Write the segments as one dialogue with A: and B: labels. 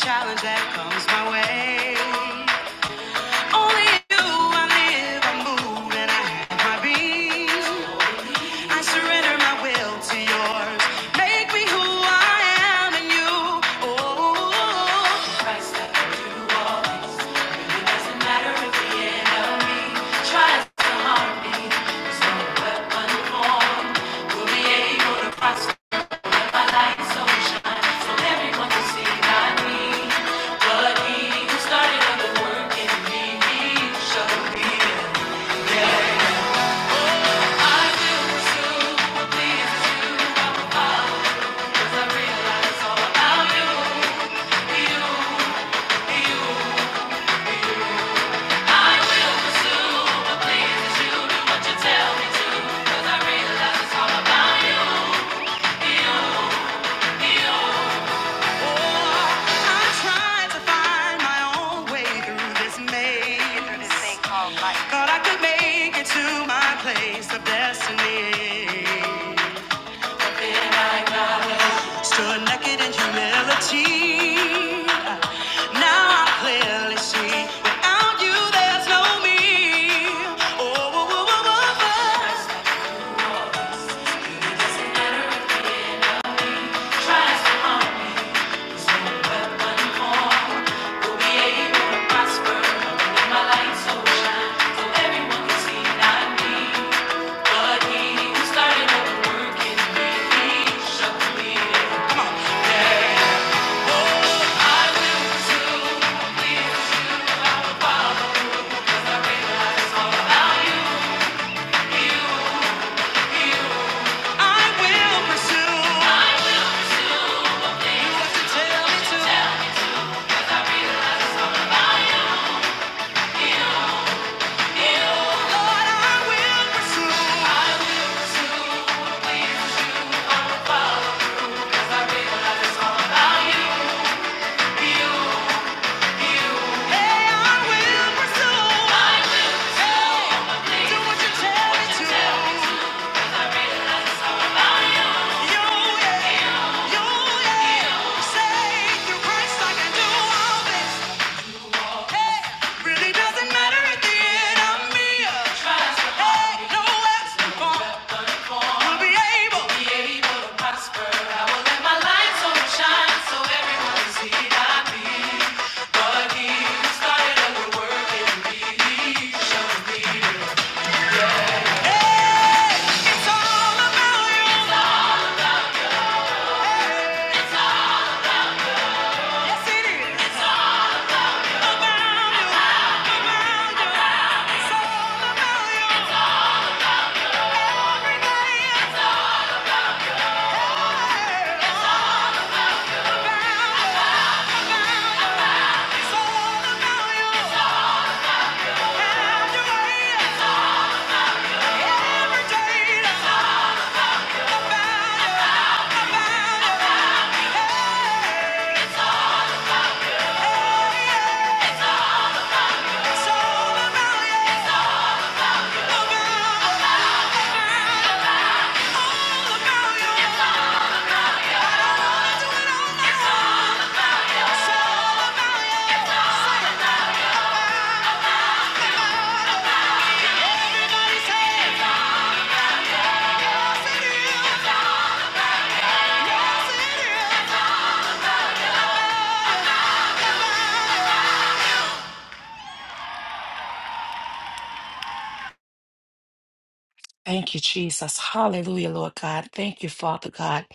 A: Challenge that comes my way. Only you, I live, I move, and I have my being. I surrender my will to yours. Make me who I am in you. Oh, try to harm me. There's no weapon formed will be able to prosper. Let my light so shine so everyone can see my need. But he who started a good work in me, he shall complete I will pursue what pleases you, 'cause I realize it's all about you. Oh, I tried to find my own way through this maze, thought I could make it to my place of destiny. Then I got Stood naked in humility. Now I clearly see. Without you, there's no me. Oh, oh, oh, oh, oh, oh. Tries to harm me, so no weapon formed will be able to prosper. Let my light so shine, so everyone can see not me, but He who started a good work in me, He shall complete it. I will pursue. It's all about you. I will pursue. Hey, I will pursue. Do what you tell me to. Hey, it's all about you. Hey. Yes, it is. It's all about you. About you. It's all about you. Every day it's all about you. It's all about you. It's all about you. Have your it's all about you. About Hey. It's all about you. About you. All about you. Everybody say, yes it is, yes it is.
B: Thank you, Jesus. Hallelujah, Lord God. Thank you, Father God.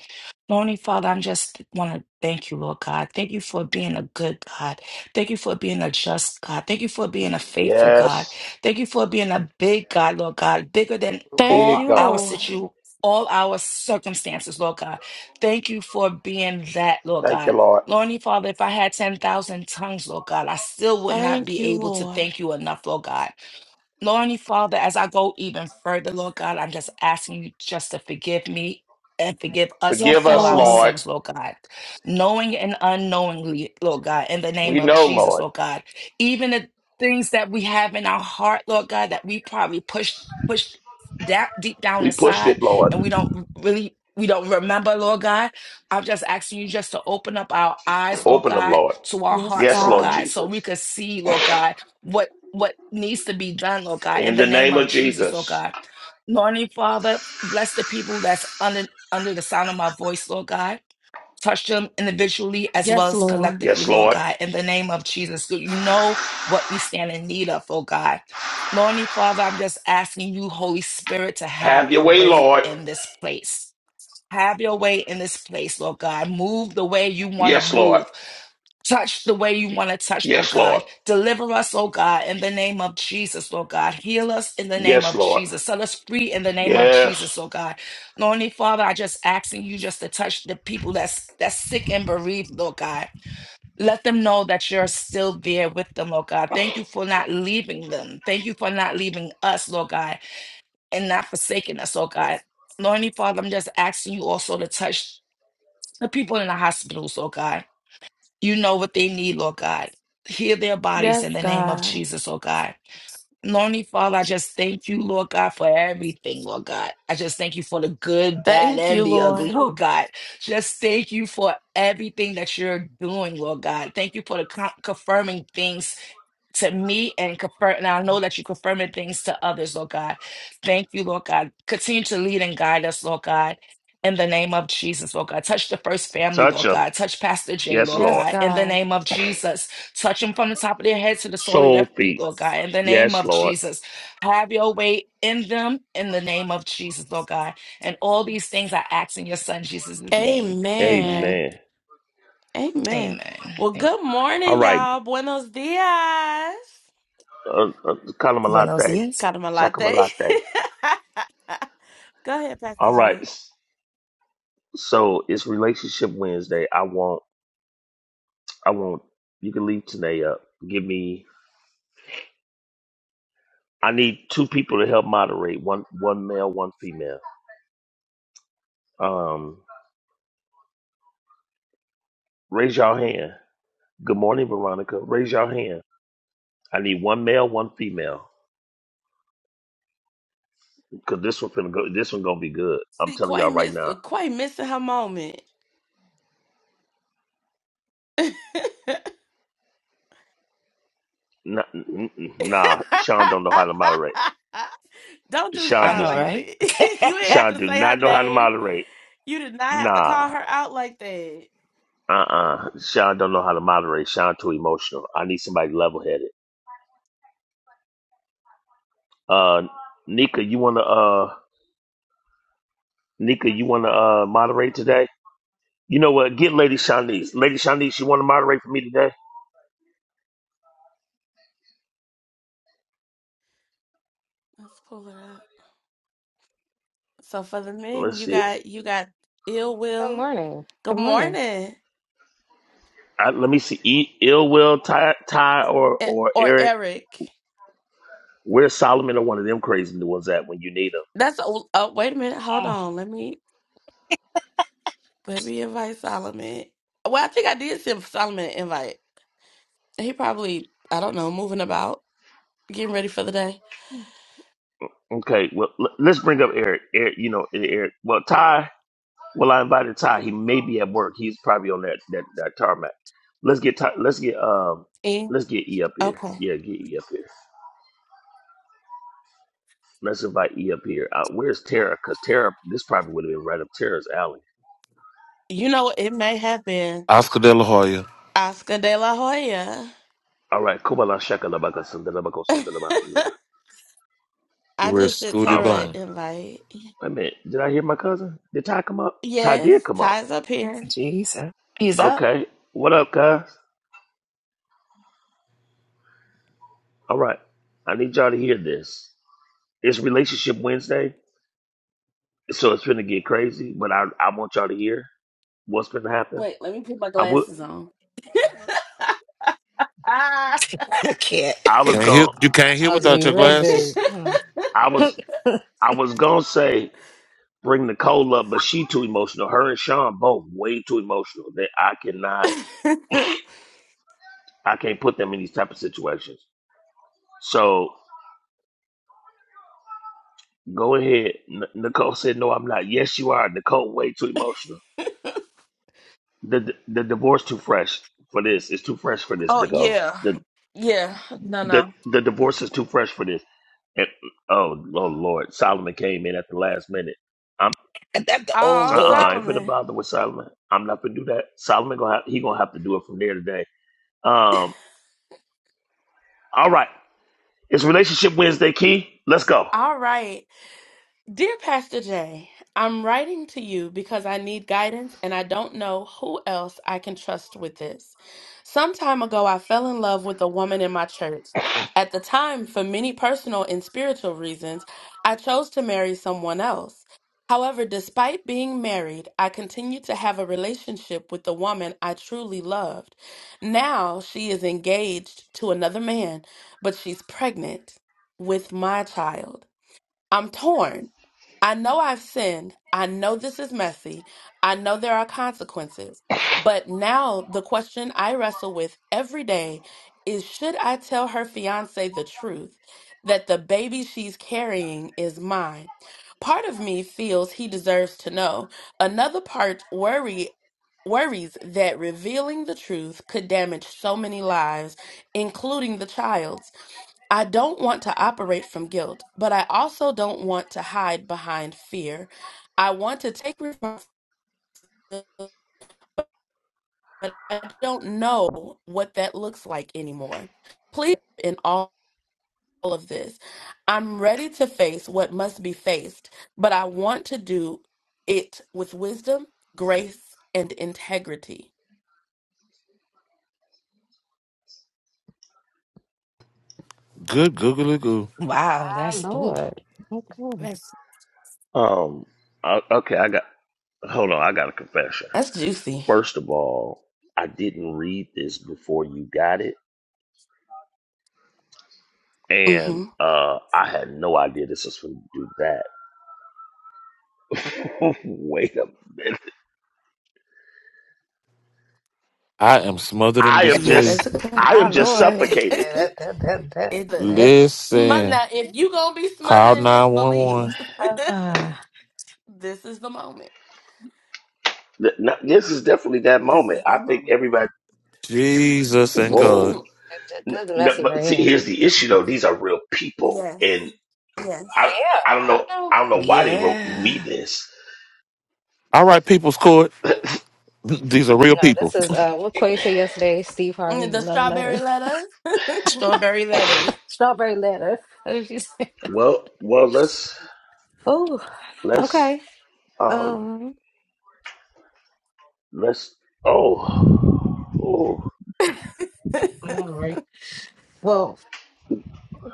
B: Morning, Father, i just want to thank you, Lord God. Thank you for being a good God. Thank you for being a just God. Thank you for being a faithful God.
C: Yes,
B: Thank you for being a big God, Lord God, bigger than all
C: big
B: our
C: God.
B: situ, all our circumstances, Lord God. Thank you for being that, Lord
C: Thank you,
B: God.
C: Lord.
B: Lordy, Father, if I had 10,000 tongues, Lord God, I still would not be able to thank you enough, Lord God. Lord, Heavenly Father, as I go even further, Lord God, I'm just asking you just to forgive me and forgive us of
C: Forgive
B: all
C: us,
B: our
C: Lord.
B: sins, Lord God, knowing and unknowingly, Lord God, in the name
C: We
B: of
C: know,
B: Jesus,
C: Lord.
B: Lord God, even the things that we have in our heart, Lord God, that we probably push push that deep down
C: We pushed it,
B: inside,
C: Lord.
B: and we don't really we don't remember, Lord God. I'm just asking you just to open up our eyes, Lord
C: Open them,
B: God,
C: Lord.
B: to our hearts,
C: Yes,
B: Lord
C: Lord
B: God, so we
C: Jesus.
B: could see, Lord God, what what needs to be done, Lord God, in
C: In
B: the
C: the
B: name
C: name
B: of
C: of
B: Jesus, Lord
C: Jesus.
B: God. Lord Father, bless the people that's under under the sound of my voice, Lord God. Touch them individually as well as
C: Yes,
B: collectively, Lord
C: Lord.
B: God, in the name of Jesus. So You know what we stand in need of, oh God. Lord Father, I'm just asking you, Holy Spirit, to have
C: Have your
B: your
C: way,
B: way
C: Lord.
B: in this place. Have your way in this place, Lord God. Move the way you want to
C: Yes, Lord.
B: move. Touch the way you want to touch, Lord
C: Yes, Lord.
B: God. Deliver us, oh God, in the name of Jesus, Lord God. Heal us in the name
C: Yes,
B: of
C: Lord.
B: Jesus. Set us free in the name of Jesus,
C: Yes.
B: oh God. Lonely Father, I just asking you just to touch the people that's that's sick and bereaved, Lord God. Let them know that you're still there with them, Lord God. Thank you for not leaving them. Thank you for not leaving us, Lord God, and not forsaking us, oh God. Lonely Father, I'm just asking you also to touch the people in the hospitals, oh God you know what they need, Lord God. Heal their bodies in the name of Jesus, Lord God. Lonely Father, I just thank you, Lord God, for everything, Lord God. I just thank you for the good, bad, and the ugly, Lord God. Just thank you for everything that you're doing, Lord God. Thank you for the con- confirming things to me and confirm. And I know that you confirming things to others, Lord God. Thank you, Lord God. Continue to lead and guide us, Lord God. In the name of Jesus, Lord God. Touch the first family,
C: Touch
B: Lord
C: them.
B: God. Touch Pastor Jay,
C: Yes,
B: Lord
C: Lord.
B: God. In the name of Jesus. Touch them from the top of their head to the sole of
C: Soul
B: their feet,
C: feet.
B: Lord God. In the name
C: Yes,
B: of
C: Lord.
B: Jesus. Have your way in them in the name of Jesus, Lord God. And all these things I ask in your son Jesus' name. Amen.
C: Amen.
B: Amen. Thank
C: All right. Uh, uh,
B: you. Buenos
C: Kalamalate.
B: dias.
C: Shakamalate. All right. So it's relationship Wednesday. I want I want you can leave today up. Give me I need two people to help moderate. One one male, one female. Um raise your hand. Good morning, Veronica. Raise your hand. I need one male, one female. Cause this one's gonna go this one gonna be good. I'm telling y'all right now. Nah, n- n- nah, Sean don't know how to moderate. Sean
B: I know,
C: does
B: right?
C: Sean do not know how to moderate. Nah. Uh uh Sean don't know how to moderate. Sean too emotional. I need somebody level headed. Uh, Nika, you wanna uh, Nika, you wanna uh, moderate today? You know what? Get Lady Shanice. Lady Shanice, you wanna moderate for me today? Let's see.
D: Good morning. Good morning.
C: I, let me see. E- Ill Will, Ty, Ty, or or Eric. Where's Solomon or one of them crazy new ones at when you need them?
D: Oh,
C: Okay. Well, l- let's bring up Eric. Eric, you know Eric. Well, Ty. Well, I invited Ty. He may be at work. He's probably on that that, that tarmac. Let's get Ty, let's get um let's get E up here. Yeah, get E up here. Let's invite E up here. Uh, where's Tara? Because Tara, this probably would have been right up Tara's alley.
E: Oscar De La Hoya
C: All right. Kubala shaka la baka sunda
E: with Scooty
C: All right.
E: Bone.
C: Wait a minute. Did I hear my cousin? Did Ty come up? Ty did come up.
B: Jesus. He's up.
C: Okay. What up, guys? All right. I need y'all to hear this. It's Relationship Wednesday, so it's gonna get crazy. But I, I want y'all to hear what's gonna happen. I would.
B: I can't.
C: I was
E: Can't hear
C: gonna.
E: you can't
D: this
E: hear
D: must
E: without
D: be
E: your
D: real good.
E: glasses.
D: you
C: I was.
D: My
C: I was gonna say. bring Nicole up, but she too emotional. Her and Sean both way too emotional. That I cannot, I can't put them in these type of situations. So go ahead. N- Nicole said, "No, I'm not." Yes, you are. Nicole way too emotional. The the, the divorce too fresh for this. It's too fresh for this, Nicole. The the the divorce is too fresh for this. And, oh, oh Lord, Solomon came in at the last minute. I'm
B: That's the old
C: uh uh
B: Lord.
C: I ain't finna bother with Solomon. I'm not gonna do that. Solomon gonna have, he gonna have to do it from there today. Um, all right. It's Relationship Wednesday, Key. Let's go.
E: Good googly goo.
B: Wow, that's ooh.
D: Lord. Okay.
C: Um. o- Okay, I got. Hold on, I got a confession. First of all, I didn't read this before you got it, and uh, I had no idea this was going to do that. Wait a minute.
E: I am smothered in
C: I am
E: disbelief.
C: just, I
B: My
C: am just
B: Lord.
C: suffocated.
D: yeah, that that that that that,
E: Listen. Call nine one one.
D: Uh,
C: Th- no, This is definitely that moment. I think everybody.
E: Jesus and God.
C: Whoa.
D: that, that-
C: N-
D: that's
C: No,
D: messy
C: but
D: right
C: see,
D: here.
C: here's the issue though. These are real people, and
D: Oh,
C: I, I don't
D: yeah.
C: know,
D: I know.
C: I don't know why they wrote me
B: Yeah.
C: this
E: All right, people's court. These are real
D: No,
E: people.
D: this is uh, what Quay said yesterday Steve Harvey love letters.
B: Strawberry letters.
D: strawberry letter. What did you say?
C: Well, well, let's
D: Oh,
C: let's
D: okay.
C: um
D: Um,
C: let's oh oh
D: I know, right? Well,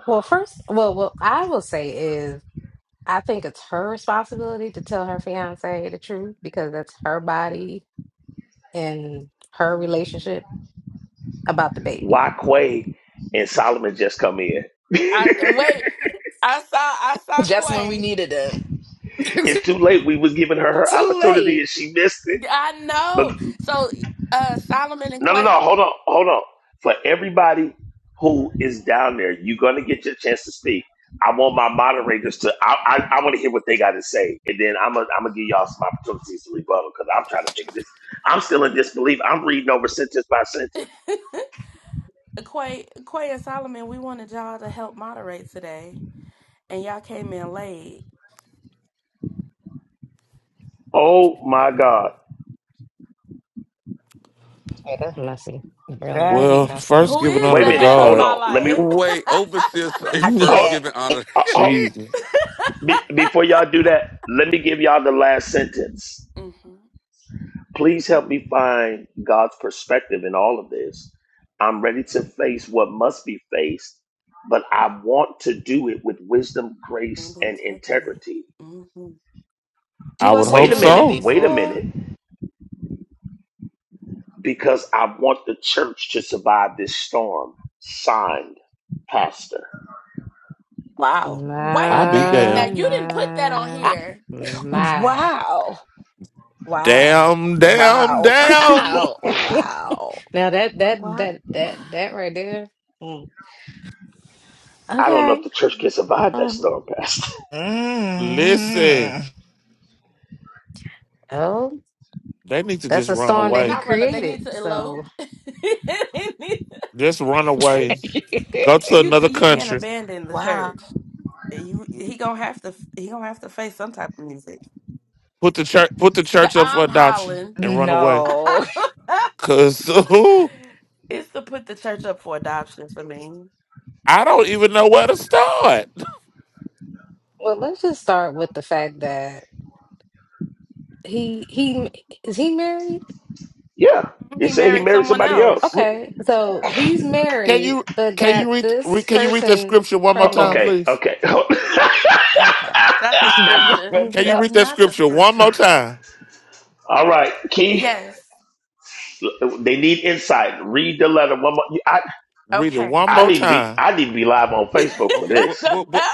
D: well, first, well, what I will say is. I think it's her responsibility to tell her fiance the truth because that's her body and her relationship about the baby.
C: Quay and Solomon just come in. it's
B: Just when we needed them.
C: too late. We was giving her her
B: Too
C: opportunity
B: late.
C: and she missed it. But no, no, no. Hold on, hold on. For everybody who is down there, you're gonna get your chance to speak. I want my moderators to. I I, I want to hear what they got to say, and then I'm gonna I'm gonna give y'all some opportunities to rebuttal because I'm trying to figure this. I'm still in disbelief. I'm reading over sentence by sentence. Oh my God.
D: Yeah, that's messy. Real
B: Very
D: messy.
E: Well,
B: much.
E: first
D: Mhm.
E: giving honor
C: Wait a
E: to
C: minute. Hold
E: God.
C: on. Let me.
F: Wait, overseer say
B: I
F: first
C: Hold,
B: can't.
F: giving honor.
C: uh, hold-
E: Jesus.
C: be, before y'all do that, let me give y'all the last sentence. Please help me find God's perspective in all of this. I'm ready to face what must be faced, but I want to do it with wisdom, grace, and integrity.
B: He
E: I would
B: wasn't
C: Wait
E: hope
C: a
B: doing that
C: minute.
E: so.
C: Wait a
B: before.
C: minute. Because I want the church to survive this storm. Signed, Pastor.
B: Wow.
E: I'll be
D: My,
E: damn.
D: my,
B: I-
D: my.
B: Wow. Wow.
E: Damn, damn,
B: Wow.
E: damn.
B: Wow. Wow.
D: now that, that,
B: Wow.
D: that, that, that right there. mm.
C: I don't know if
D: Okay.
C: the church can survive that
D: Um,
C: storm, Pastor.
E: Listen.
B: Mm.
D: oh,
E: They need to
D: that's
E: just
D: a
E: run
D: storm that he
E: away.
D: created. So,
E: Just run away Go to another country.
B: wow.
E: Put the church put the church up for adoption and run away.
B: No.
E: Cause I don't even know where to start.
D: well, let's just start with the fact that he, he, is he married?
C: Yeah, he said he married somebody else.
E: Re-
D: Okay, so he's
E: Can
D: married
E: you
D: but
E: can
D: got
E: you read re-
D: this
E: can you read that
D: person
E: scripture one more time,
C: Okay,
D: pregnant.
E: please?
C: okay.
D: Okay.
B: Not the
E: Can
D: Mm-hmm.
E: you
B: scripture.
E: read that scripture one more time?
C: All right, Key. They need insight. Read the letter one more. I
E: Read it one
C: I
E: more
C: need to be
E: time.
C: I need to be live on Facebook for
F: okay, what
C: this.
F: what what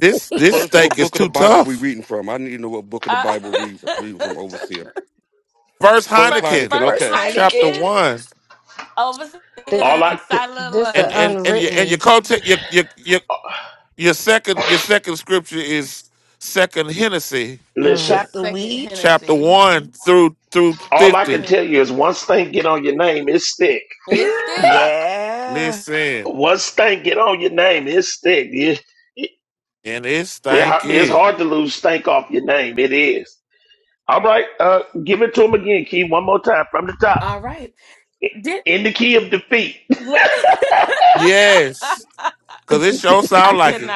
E: This this
F: first what
E: steak is
F: book of the
E: too
F: Bible we
E: tough.
F: reading from? I need to know what book of the Bible we reading from overseer.
E: First
F: First
E: Heineken,
F: Heineken,
B: First
F: okay.
E: chapter
B: Heineken,
E: one,
D: Th-
C: All I
D: th- this
E: and
D: the
E: and and your and your
D: unwritten.
E: context your your your your second your second scripture is second Hennessy
D: Mm,
C: listen.
B: chop the weed.
E: chapter 1 through through
C: All I can
E: 50.
C: tell you is once thing get on your name, it stick.
B: Yeah.
E: Listen,
C: Once stank get on your name, it stick. It,
E: and it
C: it, it's
E: stanky.
C: hard to lose stank off your name. It is. All right, uh, give it to him again, Key. One more time from the top in the key of defeat.
E: Yes, because it sure sound like it.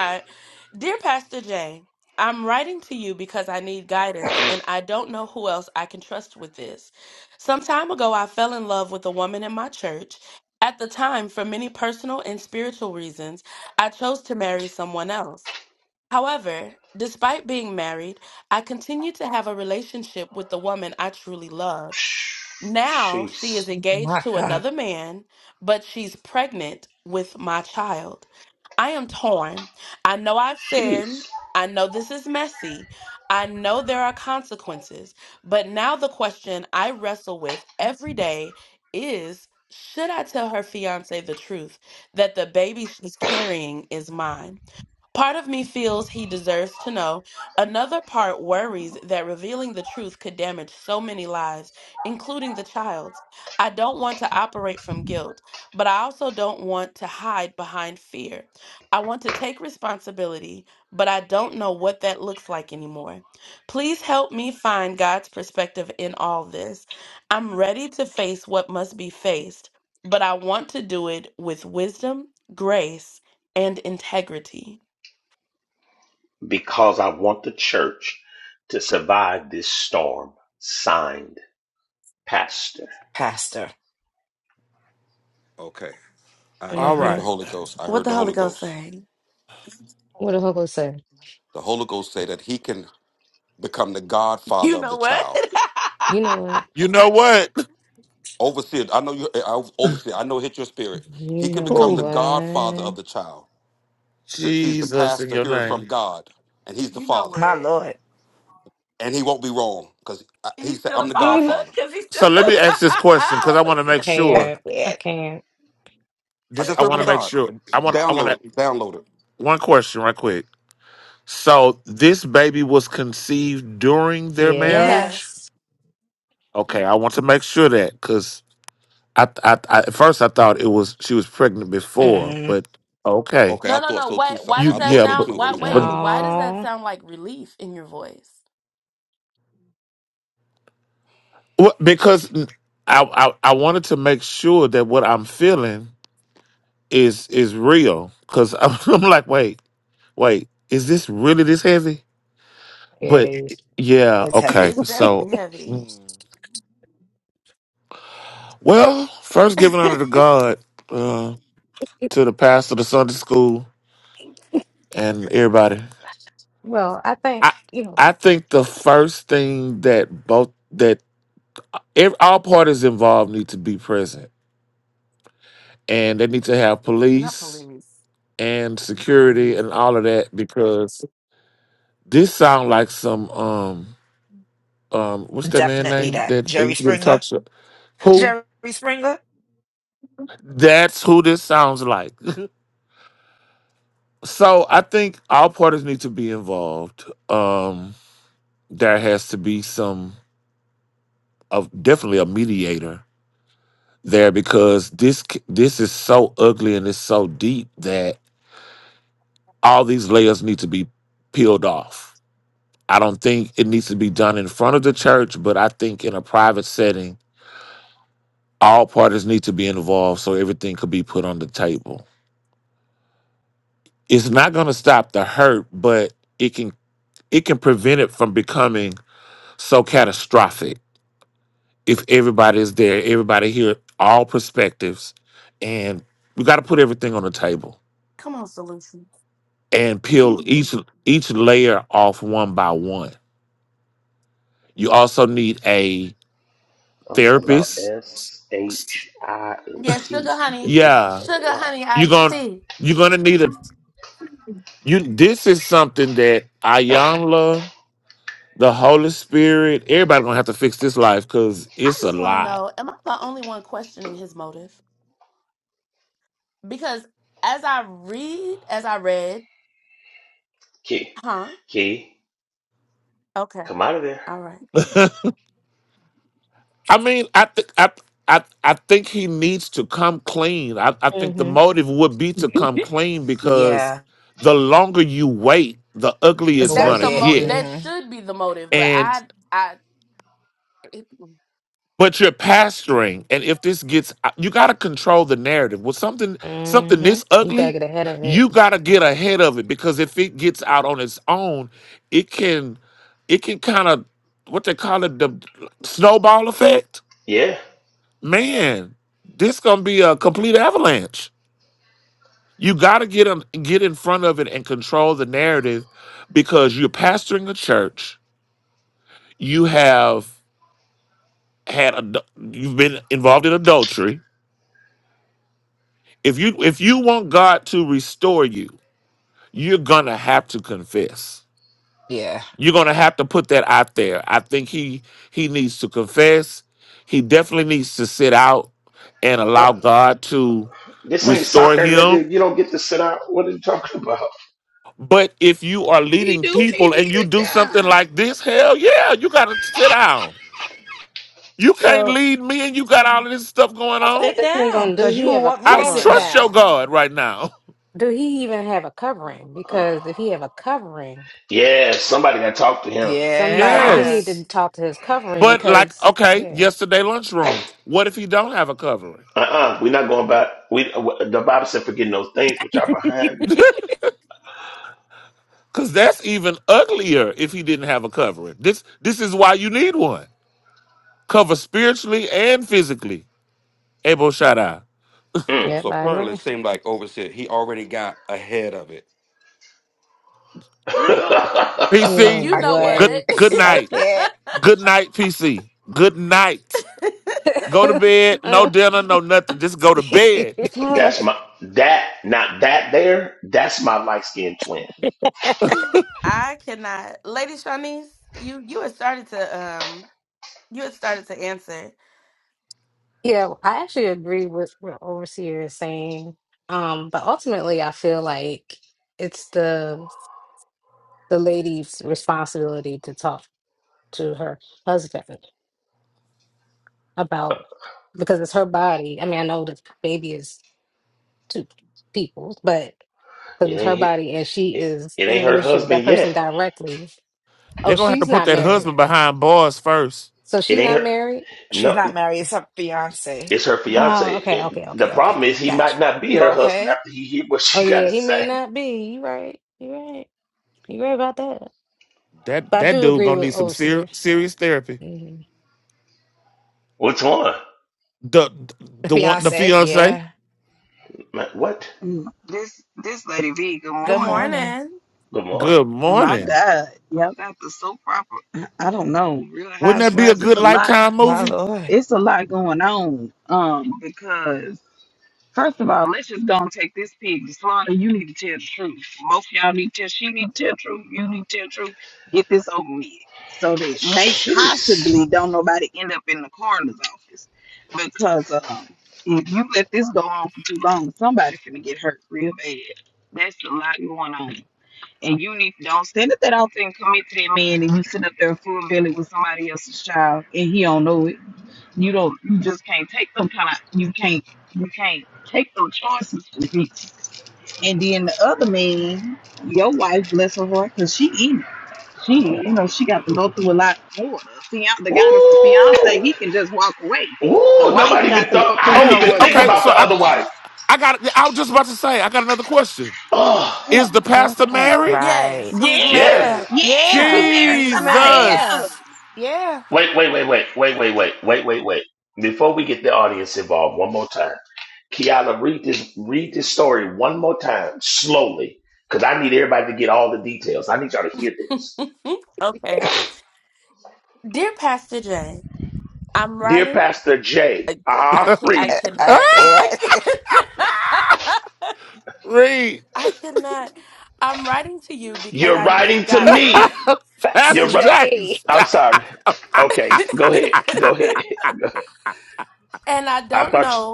C: Jeez.
B: My God,
C: Jeez. Because I want the church to survive this storm. Signed, Pastor.
B: Pastor.
F: Okay. I, I
E: All
F: heard
D: hmm
F: the
E: right.
F: Holy Ghost. I heard the Holy Ghost.
D: What the hook say?
F: The Holy Ghost say that he can become the godfather of the child.
D: You know what?
E: You know what?
F: Overseer, I know you eh, I- overseer, I know it hit your spirit.
D: You
F: He can
D: know
F: become the
E: Oh,
F: godfather of
D: what?
F: the child. Since he's the
E: Jesus in
F: pastor
E: your
F: hearing from
E: name.
F: God and he's the father.
B: My Lord.
F: And he won't be wrong because he said, I'm the
D: Mm,
F: godfather.
E: So let me ask this question because I want to
D: I
E: make
B: That's
E: sure.
D: can't. I
B: it.
D: can't.
F: I
E: This
F: just
E: I
F: heard
E: want
F: from
E: to make
F: God.
E: sure. I want I want
F: Download it.
E: to
F: Download it.
E: one question right quick. So this baby was conceived during their
B: Yeah.
E: marriage?
D: Yes.
E: Okay, I want to make sure that because I, I, I at first I thought it was she was pregnant before,
D: Mm-mm.
E: but okay,
F: Okay, I thought so too, sir.
E: you
F: I thought
E: yeah,
F: so
E: but
F: too. Over, I
E: but
F: thought it before.
D: No,
E: well, because I, I I wanted to make sure that what I'm feeling is is real, because I'm, I'm like, wait, wait, is this really this heavy?
D: it
E: But
D: is.
E: yeah,
B: It's
E: okay,
B: heavy.
E: so well, first giving honor to God, uh, to the pastor, the Sunday school, and everybody.
D: Well, I think,
E: I
D: you know,
E: I think the first thing that both that ev- all parties involved need to be present and they need to have police and security and all of that because this sound like some um um what's that man
B: Definitely
E: name
B: that.
E: that they
B: Jerry
E: used to go to talk
B: Springer.
E: show who
B: Jerry Springer.
E: that's who this sounds like so i think all parties need to be involved um there has to be some of definitely a mediator there because this c- this is so ugly and it's so deep that. all these layers need to be peeled off. I don't think it needs to be done in front of the church, but I think in a private setting, all parties need to be involved so everything could be put on the table. It's not going to stop the hurt, but it can it can prevent it from becoming so catastrophic if everybody is there, everybody hear all perspectives, and we got to put everything on the table and peel each each layer off one by one. You also need a
C: I'm talking about
E: therapist
C: S H I N T because this is
E: Yeah,
C: a lot.
E: you're gonna you're gonna need a you. This is something that Ayanla, the Holy Spirit, everybody gonna have to fix this life because it's a lot.
C: Key, key, come out of there.
E: I mean, I think I. I, I think he needs to come clean. I, I think the
D: hmm
E: motive would be to come clean because
B: Yeah.
E: the longer you wait, the uglier
D: the
B: It's
E: it's
B: going to
D: worst
E: gonna
D: is
B: get,
D: going to be,
E: get.
B: mm-hmm.
E: but you're pastoring and if this gets uh, you got to control the narrative with something something
D: hmm
E: this
D: you got to
E: ugly
D: get ahead of it.
E: you got to get ahead of it because if it gets out on its own it can it can kind of what they call it the snowball effect
C: Yeah.
E: man this gonna be a complete avalanche you got to get in- get in front of it and control the narrative because you're pastoring a church you have had a, you've been involved in adultery If you if you want God to restore you, you're gonna have to confess.
B: Yeah.
E: You're gonna have to put that out there. I think he he needs to confess. He definitely needs to sit out and allow
C: What?
E: God to
C: This ain't
E: restore
C: soccer,
E: him.
C: nigga. You don't get to sit out. What are you talking about?
E: But if you are
G: He
E: leading
G: do
E: people
G: need to
E: and you
G: sit
E: do something
G: down.
E: like this, hell yeah, you gotta sit down. You can't
D: So
E: lead me and you got all of this stuff going
D: I think
E: on.
D: it
B: Sit
D: depends
B: down
D: on do
B: because you
D: he
B: will
D: have a
B: want me
E: I
B: to
E: don't
B: sit
E: trust
D: covering?
E: your
B: down.
E: God right now.
D: Do he even have a covering? Because if he have a covering,
C: Yeah, somebody got to talk to him.
D: somebody
C: I,
D: he
B: Yeah.
D: need
E: Yes.
D: to talk to his covering
E: But like,
D: because
E: okay,
D: yeah,
E: yesterday lunchroom. What if he don't have a covering?
C: uh-uh. We're not going back. We, the Bible said, forget those things which are behind.
E: Cause that's even uglier if he didn't have a covering. This this is why you need one. Cover spiritually and physically. Able shout out.
D: yep,
F: So
D: I
F: apparently,
D: agree.
F: it seemed like over said he already got ahead of it.
C: Mm.
D: You know
E: PC,
B: I can't.
E: good
D: what?
E: good
B: I
E: night. Good night, PC. Good night. Go to bed. No
D: Uh,
E: dinner, no nothing. Just go
B: can't.
E: to bed.
D: uh,
C: That's my that not that there. That's my light skinned twin.
D: yeah, I actually agree with what Overseer is saying. Um, but ultimately I feel like it's the the lady's responsibility to talk to her husband about because it's her body. I mean, I know the baby is two people, but because
C: It
D: it's her
C: ain't
D: body and she
C: it,
D: is
C: it
D: in a
C: ain't her
D: relationship with that
C: husband yet.
D: person directly. Oh,
E: They're gonna have to
D: she's
E: put
D: not
E: that
D: married.
E: husband behind bars first.
D: So
C: It
D: she
C: ain't
D: not
C: her.
D: married?
B: She's
C: No,
B: not married. It's her fiance.
C: it's her
D: Oh,
C: fiance.
D: okay,
C: And
D: okay,
C: the
D: okay,
C: problem
D: okay.
C: is he
D: Gotcha.
C: might not be her husband
B: Okay.
C: after he hear what
D: Oh
C: she got
D: yeah,
C: to
D: he may
C: say.
D: not be. You right. You right. You right about that.
E: That
D: But I
E: that
D: do
E: dude
D: agree
E: gonna
D: with
E: need some
D: Overseer,
E: ser-
D: so
E: serious therapy.
D: mhm.
C: What's on?
E: The the one the
B: Fiance.
E: fiance.
B: Yeah.
C: Ma- What?
G: Mm, This this lady V, good
B: Good
G: morning.
B: morning,
C: Lamar.
E: Good
G: And my
E: morning.
G: God, y'all got the soap proper. I don't know. Real
E: Wouldn't that be a
G: Housewives, it's
E: good
G: a lot.
E: lifetime
B: my
E: movie?
B: Lord.
G: It's a lot going on. Um, because. First of all, let's just go and take this pig to slaughter. You need to tell the truth. Both y'all need to tell. She need to tell the truth. You need to tell the truth. Get this over with, so that may
C: Jeez.
G: possibly don't nobody end up in the coroner's office, because um, if you let this go on for too long, somebody finna get hurt real bad. That's a lot going on, and you need don't stand up that often and commit to that man, and you sit up there full belly with somebody else's child, and he don't know it. You don't. You just can't take them kind of. You can't. You can't take those choices from people. And then the other man, your wife, bless her heart, because she eat. She, you know, she got to go through a lot more. The, fian- the guy that's the fiance,
C: Ooh.
G: he can just walk away. The
C: Ooh.
G: wife
C: Nobody even
G: got to
C: thought.
G: go
C: I
G: through
C: didn't
E: Oh,
G: so
C: even
E: th-
G: much
C: think
E: okay.
C: about
G: more.
E: So
C: the
E: I,
C: other wife.
E: I got. I was just about to say. I got another question.
C: Oh.
G: Mm,
E: Is the
G: mm,
E: pastor
G: mm.
E: married?
B: Right.
G: Yes,
B: Yeah,
C: Yes.
G: yes, he
B: yeah,
G: married somebody
B: yeah,
G: else.
E: Jesus.
B: yeah,
C: Wait, wait, wait, wait, wait, wait, wait, wait, wait, wait. Before we get the audience involved, one more time. Kiala, read this read this story one more time, slowly, because I need everybody to get all the details. I need y'all to hear this. Dear Pastor Jay, uh-huh, read.
B: yeah. I can't.
E: Read.
C: You're writing to me.
B: That's the
C: You're
E: Pastor
C: ri-
B: day.
E: James.
C: I'm sorry. Okay, go ahead. Go ahead. Go ahead. I thought you-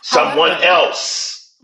C: someone else.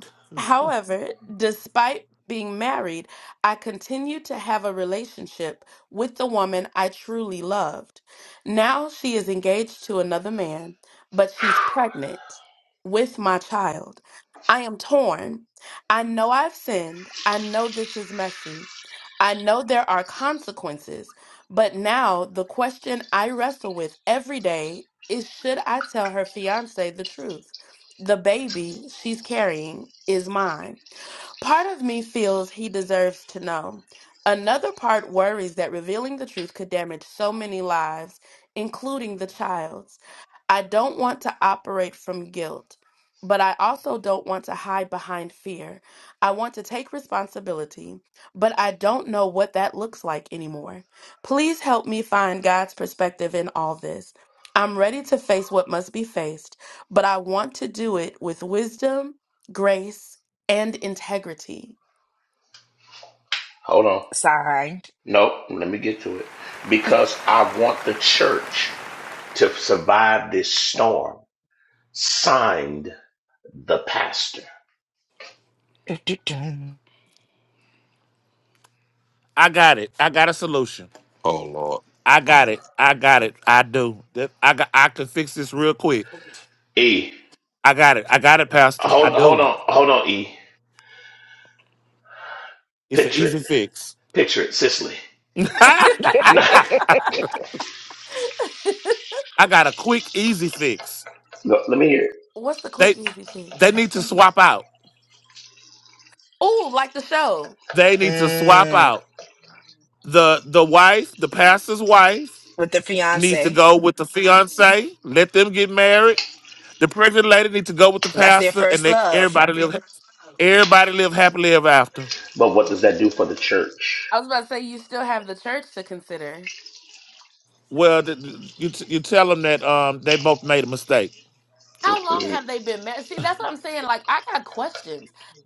C: Hold on.
B: Signed.
C: Nope. Let me get to it. Because I want the church. to survive this storm. Signed the pastor.
B: Du-du-dum.
E: I got it. I got a solution.
F: Oh Lord.
E: I got it. I got it. I do. That- I got. I can fix this real quick.
C: E.
E: I got it. I got it, Pastor. I
C: Hold hold
E: do.
C: on hold on E.
E: It's an
C: Picture
E: easy
C: it.
E: fix.
C: Picture it, Sicily.
E: I got a quick, easy fix.
C: No, no, let me hear it.
E: They they need to swap out. They need to swap
B: Mm,
E: out. The the wife, the pastor's wife,
B: with the
E: needs to
B: fiance.
E: go with the fiance. Let them get married. The pregnant lady needs to go with the
B: That's their
E: pastor, and
B: first
E: they,
B: love.
E: everybody live everybody live happily ever after.
C: But what does that do for the church?
E: Well, th- th- you t- you tell them that um they both made a mistake.
C: Mm,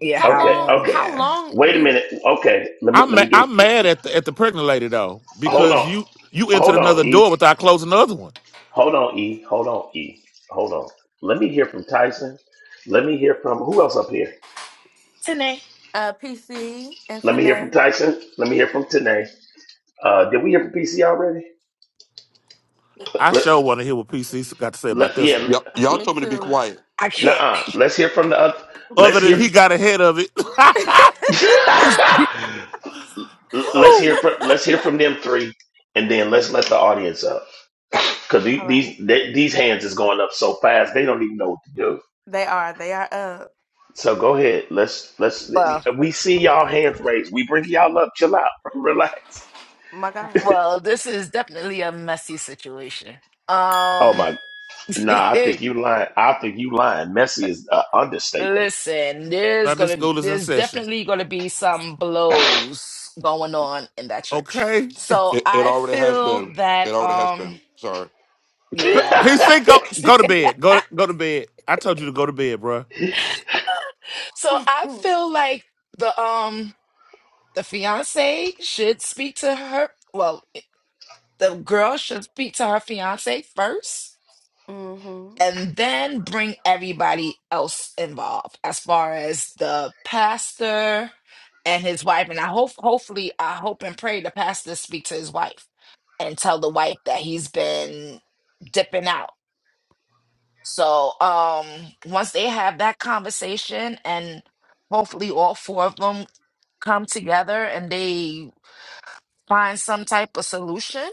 B: Yeah, how
C: Okay,
B: long?
C: okay.
B: Yeah.
C: Wait a minute. Okay, let me
E: I'm
C: let me
E: ma-
C: do it.
E: I'm mad at the at the pregnant lady though
C: Hold
E: because
C: on.
E: you you entered
C: Hold
E: another
C: on,
E: door
C: E.
E: without closing the other one.
C: Hold on, E. Hold on, E. Hold on. Let me hear from Tyson. Let me hear from who else up here?
B: Today.
C: Let me hear from Tyson. Let me hear from Tanae. Uh, did we hear from PC already?
E: I sure want to hear what PC got to say about
C: Let,
E: this
C: yeah,
E: one.
F: Yep. Y'all told me to be quiet.
B: I
C: nah.
B: can't.
C: Let's hear from the other.
E: Other
C: Let's
E: than
C: hear.
E: he got ahead of it.
C: let's hear
E: Whew.
C: from let's hear from them three, and then let's let the audience up because these they, these hands is going up so fast they don't even know what to do. So go ahead. Let's let's.
B: Well,
C: We see y'all hands raised. We bring y'all up. Chill out. Relax.
B: well, this is definitely a messy situation.
C: Oh
B: Um,
C: my. Nah, I think you lying. I think you lying. Messy is an understatement.
B: Listen, there's
E: Sunday
B: gonna
E: school is in
B: there's
E: session.
B: definitely gonna be some blows going on in that church.
E: Okay.
B: So
F: It, it
B: I
F: already has
B: feel
F: been. It
B: that
F: already has
B: um
F: been. Sorry.
E: P-
B: yeah, no.
E: PC, go go to bed. Go to go to bed. I told you to go to bed, bruh.
B: So I feel like the um the fiance should speak to her well the girl should speak to her fiance first and then bring everybody else involved as far as the pastor and his wife and i hope hopefully i hope and pray the pastor speak to his wife and tell the wife that he's been dipping out so um once they have that conversation and hopefully all four of them come together and they find some type of solution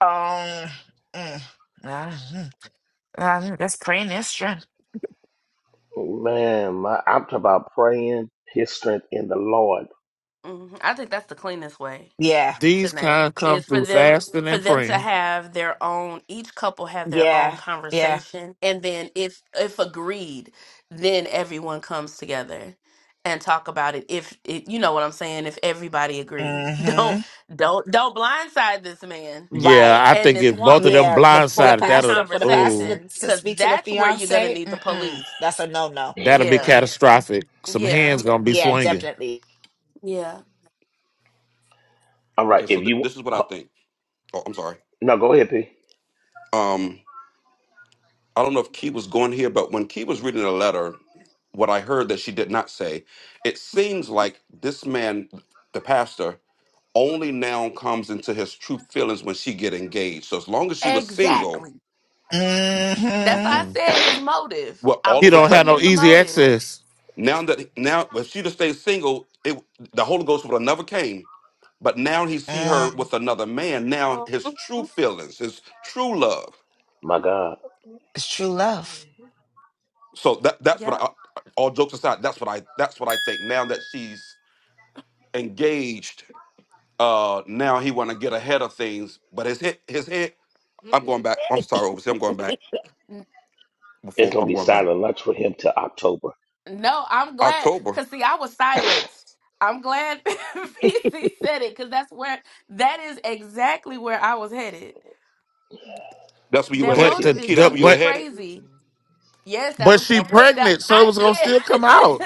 B: um mm, ah, mm, ah, that's praying is strength
C: Man, my, I'm talking about praying his strength in the Lord.
B: yeah
E: These kind come through fasting and praying.
B: Yeah. Yeah. hmm Right.
E: Yeah, I think if both of them
B: Yeah. The for the
E: blindsided, that'll
B: pastor for the pastor
E: oh
B: to, to speak to the fiance. Mm-mm. That's a no no.
E: that'll be
B: Mm-mm.
E: catastrophic. Some hands gonna be
B: Yeah.
E: swinging.
B: Definitely.
C: All right,
F: Okay.
C: if
F: So th-
C: you
F: this is what I think. Oh, I'm sorry.
C: no, go ahead, P.
F: Um, I don't know if Key was going here, but when Key was reading the letter, what I heard that she did not say, it seems like this man, the pastor, only now comes into his true feelings when she get engaged. So as long as she was single,
B: hmm
E: Mm-mm.
F: well, all
E: He
F: of a
E: don't have
F: sudden
E: no easy access.
F: now that now if she just stayed single, it the Holy Ghost would have never came. But now he see her
B: Mm.
F: with another man. Now his true feelings, his true love.
C: My God,
B: It's true love.
F: So that that's what I. All jokes aside, that's what I that's what I think. Now that she's engaged, uh, now he want to get ahead of things. But his head, his head. I'm going back. I'm sorry, overseas. I'm going back
C: it's
F: before
C: gonna
F: I'm
C: be
F: going back.
C: silent lunch for him till October.
F: October. That's where you were headed,
E: But the,
F: Key.
C: Jesus
F: That's
E: the
F: where
C: Christ,
F: you were
E: but
F: headed,
E: but she pregnant, so it was gonna still come out.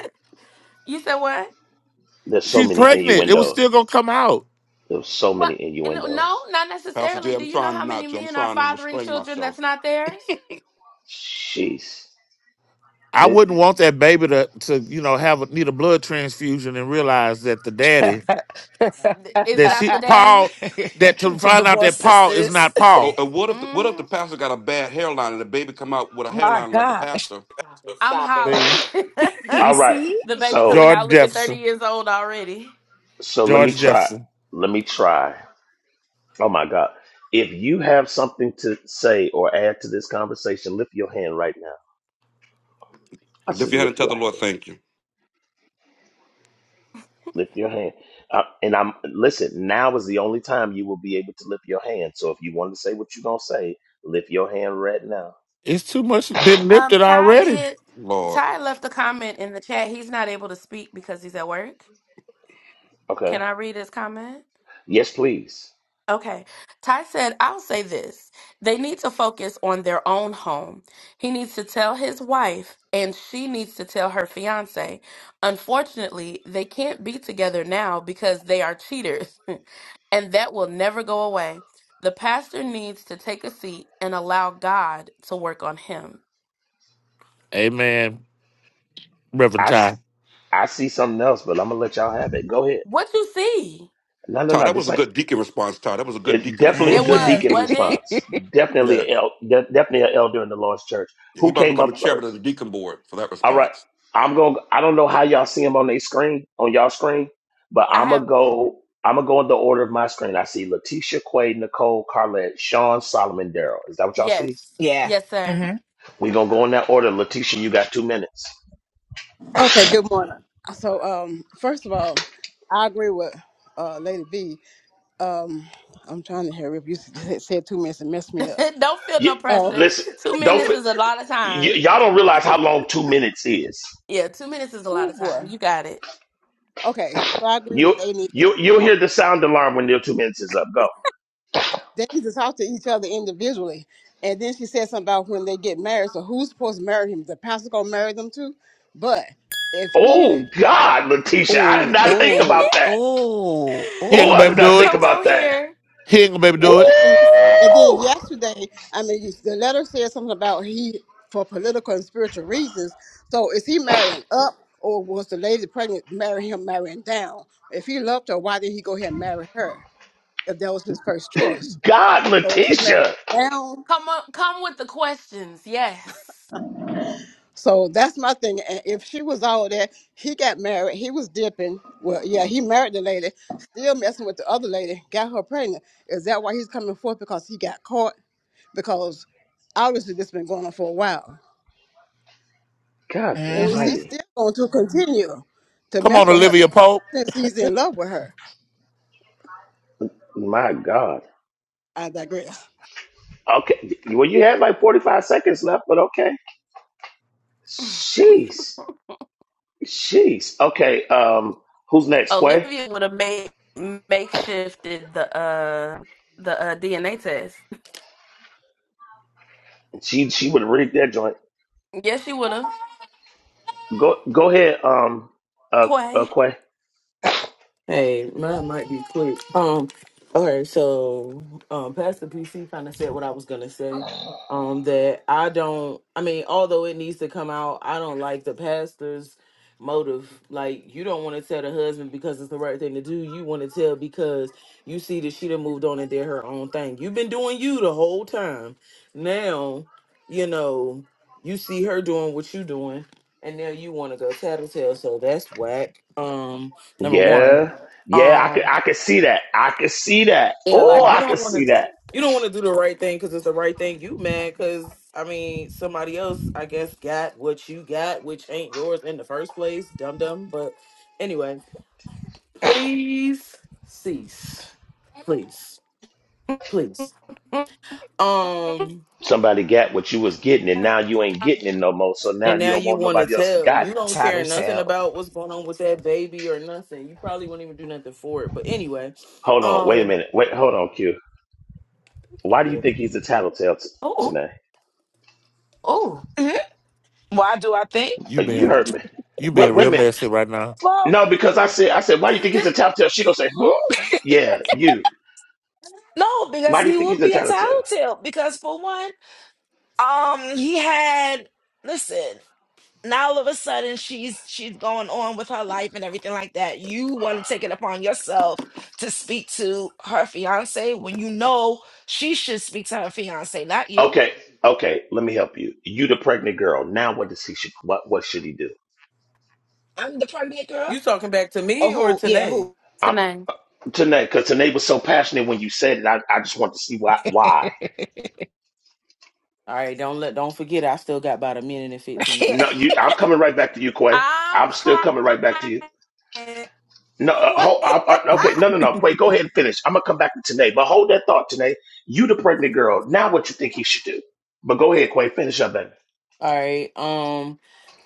C: there's so
E: She
C: many
E: pregnant. It was
C: innuendos.
E: still gonna come out.
C: There's so many innuendos.
F: Pastor J. I'm trying not to. I'm trying to restrain myself.
C: Jeez.
E: I
C: This,
E: wouldn't want that baby to to you know have a, need a blood transfusion and realize that the daddy that she Paul that to find out
B: Divorce
E: that Paul is not
B: sisters.
F: Oh,
E: Paul.
F: and what if the, what if the pastor got a bad hairline and the baby come out with a
B: My
F: hairline like the
B: gosh,
F: pastor?
D: Stop it.
E: See
C: all right,
B: PC.
C: so
E: George Jefferson,
C: so let me
E: George
C: try.
E: Jefferson.
C: Let me try. Oh my God, if you have something to say or add to this conversation, lift your hand right now. I
F: Lift
C: said,
F: your hand and
C: lift
F: tell
C: your
F: the Lord,
C: hand.
F: thank you,
C: Lift your hand. Uh, and I'm listen. Now is the only time you will be able to lift your hand. So if you want to say what you're gonna say, lift your hand right now.
E: It's too much been lifted already.
F: Lord.
C: Okay. Yes, please.
E: Amen, Reverend
C: I
E: Ty.
C: s- I see something else, but I'm gonna let y'all have it. Go ahead. No, no,
F: Todd,
C: no.
F: that
C: This
F: was a
C: ain't.
F: good deacon response. Todd, that was a good
C: It,
F: deacon
C: definitely a good
F: response.
B: hmm
C: deacon response.
F: Yeah,
C: Definitely a el- de- definitely an elder in the Lord's church.
F: Yeah, he
C: Who
F: about to
C: came
F: become a
C: up
F: chairman of
C: first?
F: the deacon board for that
C: All right.
F: response.
C: I'm going to I don't know how y'all see them on their screen, on y'all screen, but I'm going to go I'm going to go in the order of my screen. I see Letitia Quay, Nicole, Carlette, Sean, Solomon, Daryl. Is that what y'all see?
B: Yeah. hmm
C: We're going to go in that order. Letitia, you got 2 minutes.
H: Okay, good morning. So, um, first of all, I agree with uh, Lady B. Um, I'm trying to hurry up. You said said two minutes and messed me up.
C: You,
H: Oh,
C: listen, don't f- y- y'all don't realize how long 2 minutes is.
H: oh boy. Okay, so I agree
C: You
H: that they need to
C: you you'll
H: talk.
C: hear the sound alarm when your 2 minutes is up. Go.
H: They need to talk to each other individually. And then she said something about when they get married. So who's supposed to marry him? The pastor gonna marry them too? But if he
C: Oh god, Letitia, I did
B: Ooh,
C: not think about
B: ooh,
C: that.
B: ooh,
E: He ain't
C: Oh,
B: ooh.
E: gonna be
C: I
E: able
C: did
E: to
C: not
E: do
C: think
E: it.
C: about that.
E: He ain't gonna be able to do it.
H: And, and then
C: Ooh!
H: yesterday, I mean, you- the letter said something about he for political and spiritual reasons. So is he marrying up, or was the lady pregnant marrying him marrying down? If he loved her, why did he go ahead and marry her? If that was his first choice,
C: God,
H: so is he marrying
C: Letitia.
H: down So that's my thing. And if she was all there, he got married. He was dipping. Well, yeah, he married the lady, still messing with the other lady, got her pregnant. Is that why he's coming forth? Because he got caught? Because obviously this been going on for a while.
C: God the
H: And is
B: hmm
H: he
C: mighty.
H: still going to continue to
E: Come
H: mess
E: on,
H: with her
E: Olivia Pope.
H: since he's in love with her?
C: My God.
H: I digress.
C: Okay. Well, you had like 45 seconds left, but okay. Jeez. Jeez. Okay. Um, who's next? Quay? She she would have rigged that joint. Go go ahead, um uh, uh Quay.
I: Hey, mine might be quick. Um, okay, so um, Pastor PC kind of said what I was gonna say. Um, that I don't. I mean, although it needs to come out, I don't like the pastor's motive. Like, you don't want to tell the husband because it's the right thing to do. You want to tell because you see that she done moved on and did her own thing. You've been doing you the whole time. Now, you know, you see her doing what you doing, and now you want to go tattletale. So that's whack. Um, number one.
C: Yeah. Yeah, I could
I: Um,
C: I could see that. I could see that.
I: yeah,
C: Oh,
I: like you
C: I could
I: don't want
C: see
I: to,
C: that.
I: you don't want to do the right thing because it's the right thing. You mad because I mean somebody else, I guess, got what you got, which ain't yours in the first place. Dum dum. But anyway, please cease, please, please. Um,
C: Somebody got what you was getting and now you ain't getting it no more. So now
I: and
C: you
I: now
C: don't
I: you
C: want
I: want to
C: nobody else to
I: tell
C: got
I: you
C: it.
I: don't care nothing
B: tattletale.
I: about what's going on with that baby or nothing. You probably won't even do nothing for it. But anyway,
C: Hold on, wait a
I: um,
C: minute. Wait, hold on, Q. Why do you
I: yeah.
C: think he's a tattletale t- tonight?
B: Mhm. Why do I think?
E: You
C: Uh, You
E: being
C: heard me.
E: you being
C: What? Wait a
E: real
C: minute.
E: messy right now.
B: Well,
C: No, because I said, I said, why do you think he's a tattletale? She gonna say, huh? Yeah, you.
B: no, because
C: Why do you
B: he
C: think he's
B: would
C: a
B: be a
C: tattletale?
B: tattletale. Because for one, um, he had listen. Now all of a sudden she's she's going on with her life and everything like that. You want to take it upon yourself to speak to her fiance when you know she should speak to her fiance, not you.
C: Okay, okay. Let me help you. You the pregnant girl. Now, what does he should? What? What should he do?
B: I'm the pregnant girl.
I: You talking back to
B: Oh,
I: me or
B: who?
I: to
B: Yeah,
I: Nay?
B: who?
C: I'm Tanae, because Tanae was so passionate when you said it. I, I just want to see why. Why?
I: All right, don't let don't forget I still got about a minute and
B: I
I: fifteen
B: can't.
C: No,
I: seconds.
C: you. I'm coming right back to you, Quay. I'm still coming right back to you. No, uh, hold, I, I, okay, no, no, no. Wait, go ahead and finish. I'm gonna come back to Tanae, but hold that thought, Tanae. You the pregnant girl. Now, what you think he should do? But go ahead, Quay. Finish up, baby.
I: All right. Um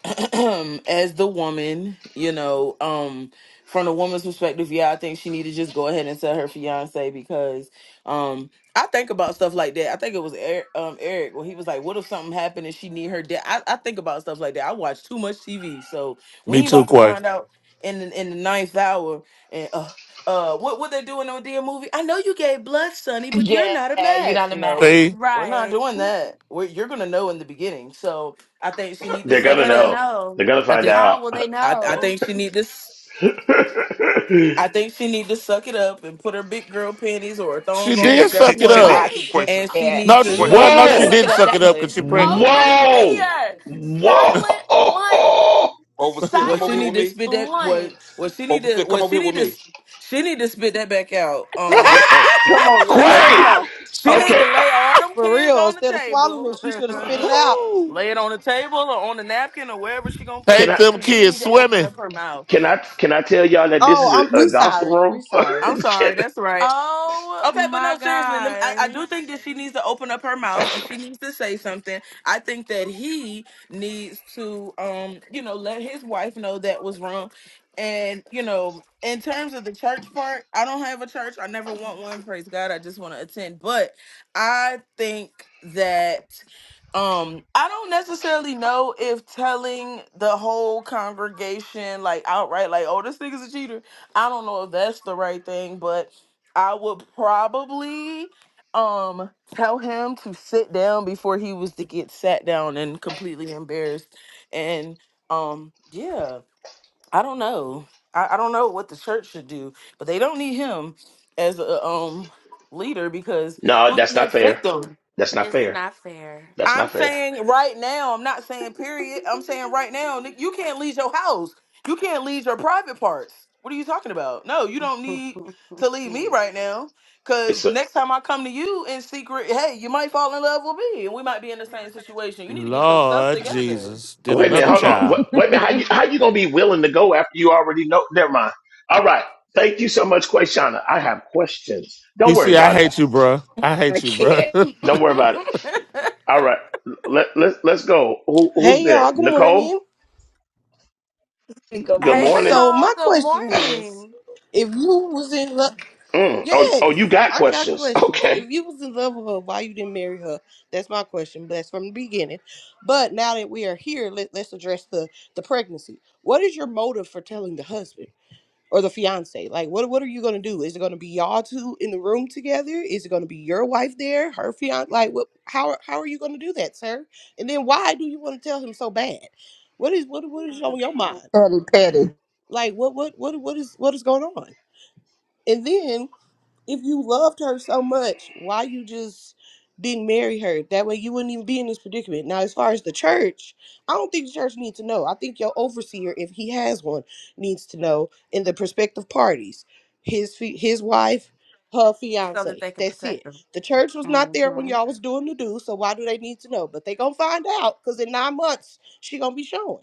I: as the woman, you know, um, from a woman's perspective, yeah, I think she need to just go ahead and tell her fiance because um I think about stuff like that. I think it was Eric um Eric when he was like, What if something happened and she need her dad? I, I think about stuff like that. I watch too much TV. So we
E: Me
I: ain't
E: too,
I: about to
E: Quay.
I: find out in the in the ninth hour and uh uh what what they doing on dear movie? I know you gave blood, Sonny, but you're
B: Yeah,
I: not a
B: you're
I: match.
B: not a match.
I: No,
E: See,
I: we're not doing that. We're, you're gonna know in the beginning. So I think she need to
C: They're
I: suck
C: gonna
I: it up
C: know. They're gonna
I: I
C: find
I: think
C: out.
I: I, I think she need this. I think she need to suck it up and put her big girl panties or her
E: she
I: thong
F: She
I: on,
E: did
I: whichever
E: suck
F: she
E: it
F: she
I: one.
E: up.
B: I
F: did. Quay, she,
I: And she
B: can't.
I: need
E: No,
I: to.
F: Quay,
B: Well,
E: well,
B: she
E: no,
B: didn't
E: she
C: whoa,
B: suck
E: didn't
B: it up
E: suck it
B: that
E: up
B: good.
E: because she pregnant.
C: whoa, whoa,
F: overseer,
I: Well,
F: come over
I: she
F: here with
I: need to
F: me.
I: spit that. What? Well, she need to.
F: Overseer,
I: Well,
F: come over
I: she
F: here
I: need
F: with
I: to.
F: me.
I: She need to spit that back out. Um,
F: Wait, oh,
H: Come on now,
I: she need.
H: Clay. Come
C: Quay.
H: on.
I: She need to
C: Okay, uh,
I: lay all them
J: For
I: kids
J: real,
I: on the
J: instead of swallowing
I: table.
J: it, she should have spit it out.
I: lay it on the table or on the napkin or wherever she gonna put
C: can
E: Take
C: I?
I: it. She
E: them
I: really
E: kids
I: need to open
E: swimming.
I: up her mouth.
C: Can I can I tell y'all that this
J: Oh,
C: is a,
J: I'm,
C: a
J: we
C: gospel
J: sorry.
C: room?
J: We sorry.
I: I'm
C: Can-
I: sorry. That's right. Okay, but no, seriously, let me, I, I do think that she needs to open up her mouth and she needs to say something. I think that he needs to, um, you know, let his wife know that was wrong. And you know, in terms of the church part, I don't have a church. I never want one. Praise God. I just want to attend. But I think that um I don't necessarily know if telling the whole congregation like outright, like, oh, this nigga's a cheater. I don't know if that's the right thing, but I would probably um tell him to sit down before he was to get sat down and completely embarrassed. And um yeah, I don't know. I, I don't know what the church should do, but they don't need him as a um leader because
C: no,
I: who's the
C: that's not
I: next
C: fair.
I: victim?
C: That's not fair. That's not
I: I'm
C: fair.
I: saying right now, I'm not saying period. I'm saying right now, ni- you can't leave your house. You can't leave your private parts. What are you talking about? No, you don't need to leave me right now. Cause next time I come to you in secret, hey, you might fall in love with me and we might be in the same situation. You need to get yourself
E: Lord
I: together.
E: Jesus. Then
C: Wait a minute,
E: another
C: hold on. Wait,
E: child.
C: wait a minute. How you how you gonna be willing to go after you already know? Never mind. All right. Thank you so much, Quayshana. I have questions. Don't worry
E: PC, I
C: about it.
E: hate you, bruh. I
B: I
E: hate you,
B: can't
E: bruh.
C: Don't worry about it. All right. Let let's let's go. Who who's
J: Hey
C: there?
J: y'all, good
C: Nicole.
J: morning.
B: think of
C: Good
B: what it.
C: morning.
J: So my question is, if you was in love,
C: Mm. Oh
J: yes,
C: oh, you got
J: I got
C: questions?
J: questions.
C: Okay.
J: If you was in love with her, why you didn't marry her? That's my question. But that's from the beginning. But now that we are here, let, let's address the the pregnancy. What is your motive for telling the husband? or the fiance. Like, what what are you gonna do? Is it gonna be y'all two in the room together? Is it gonna be your wife there, her fiance? Like, what? How how are you gonna do that, sir? And then why do you want to tell him so bad? What is what what is on your mind?
H: Patty, Patty.
J: Like, what what what what is what is going on? And then if you loved her so much, why you just didn't marry her? That way you wouldn't even be in this predicament. Now, as far as the church, I don't think the church needs to know. I think your overseer, if he has one, needs to know in the prospective parties, his fi- his wife, her fiance. That's it. The church was not there when y'all was doing the do, so why do they need to know? But they gonna find out because in nine months she gonna be showing.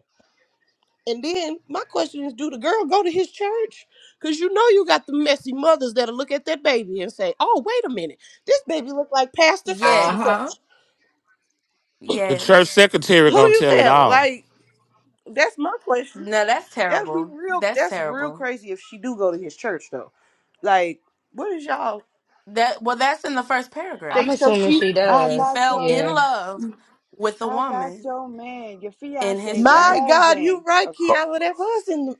J: And then my question is, do the girl go to his church? Cause you know you got the messy mothers that'll look at that baby and say, "Oh, wait a minute, this baby look like Pastor such
B: Uh
J: and
B: huh.
J: such."
E: the church secretary
J: Who
E: gonna
J: you
E: tell it
J: telling?
E: all.
J: Like that's my question. That'd be real. That's real crazy if she do go to his church though. Like, what is y'all?
D: I'm
J: They so
D: assuming
J: she.
D: she
K: I
D: does.
K: got your man.
D: Yeah.
K: I got your man, your fiance, your
J: My God, you
K: husband.
J: right,
C: Ho-
J: Kiala. That was in. The,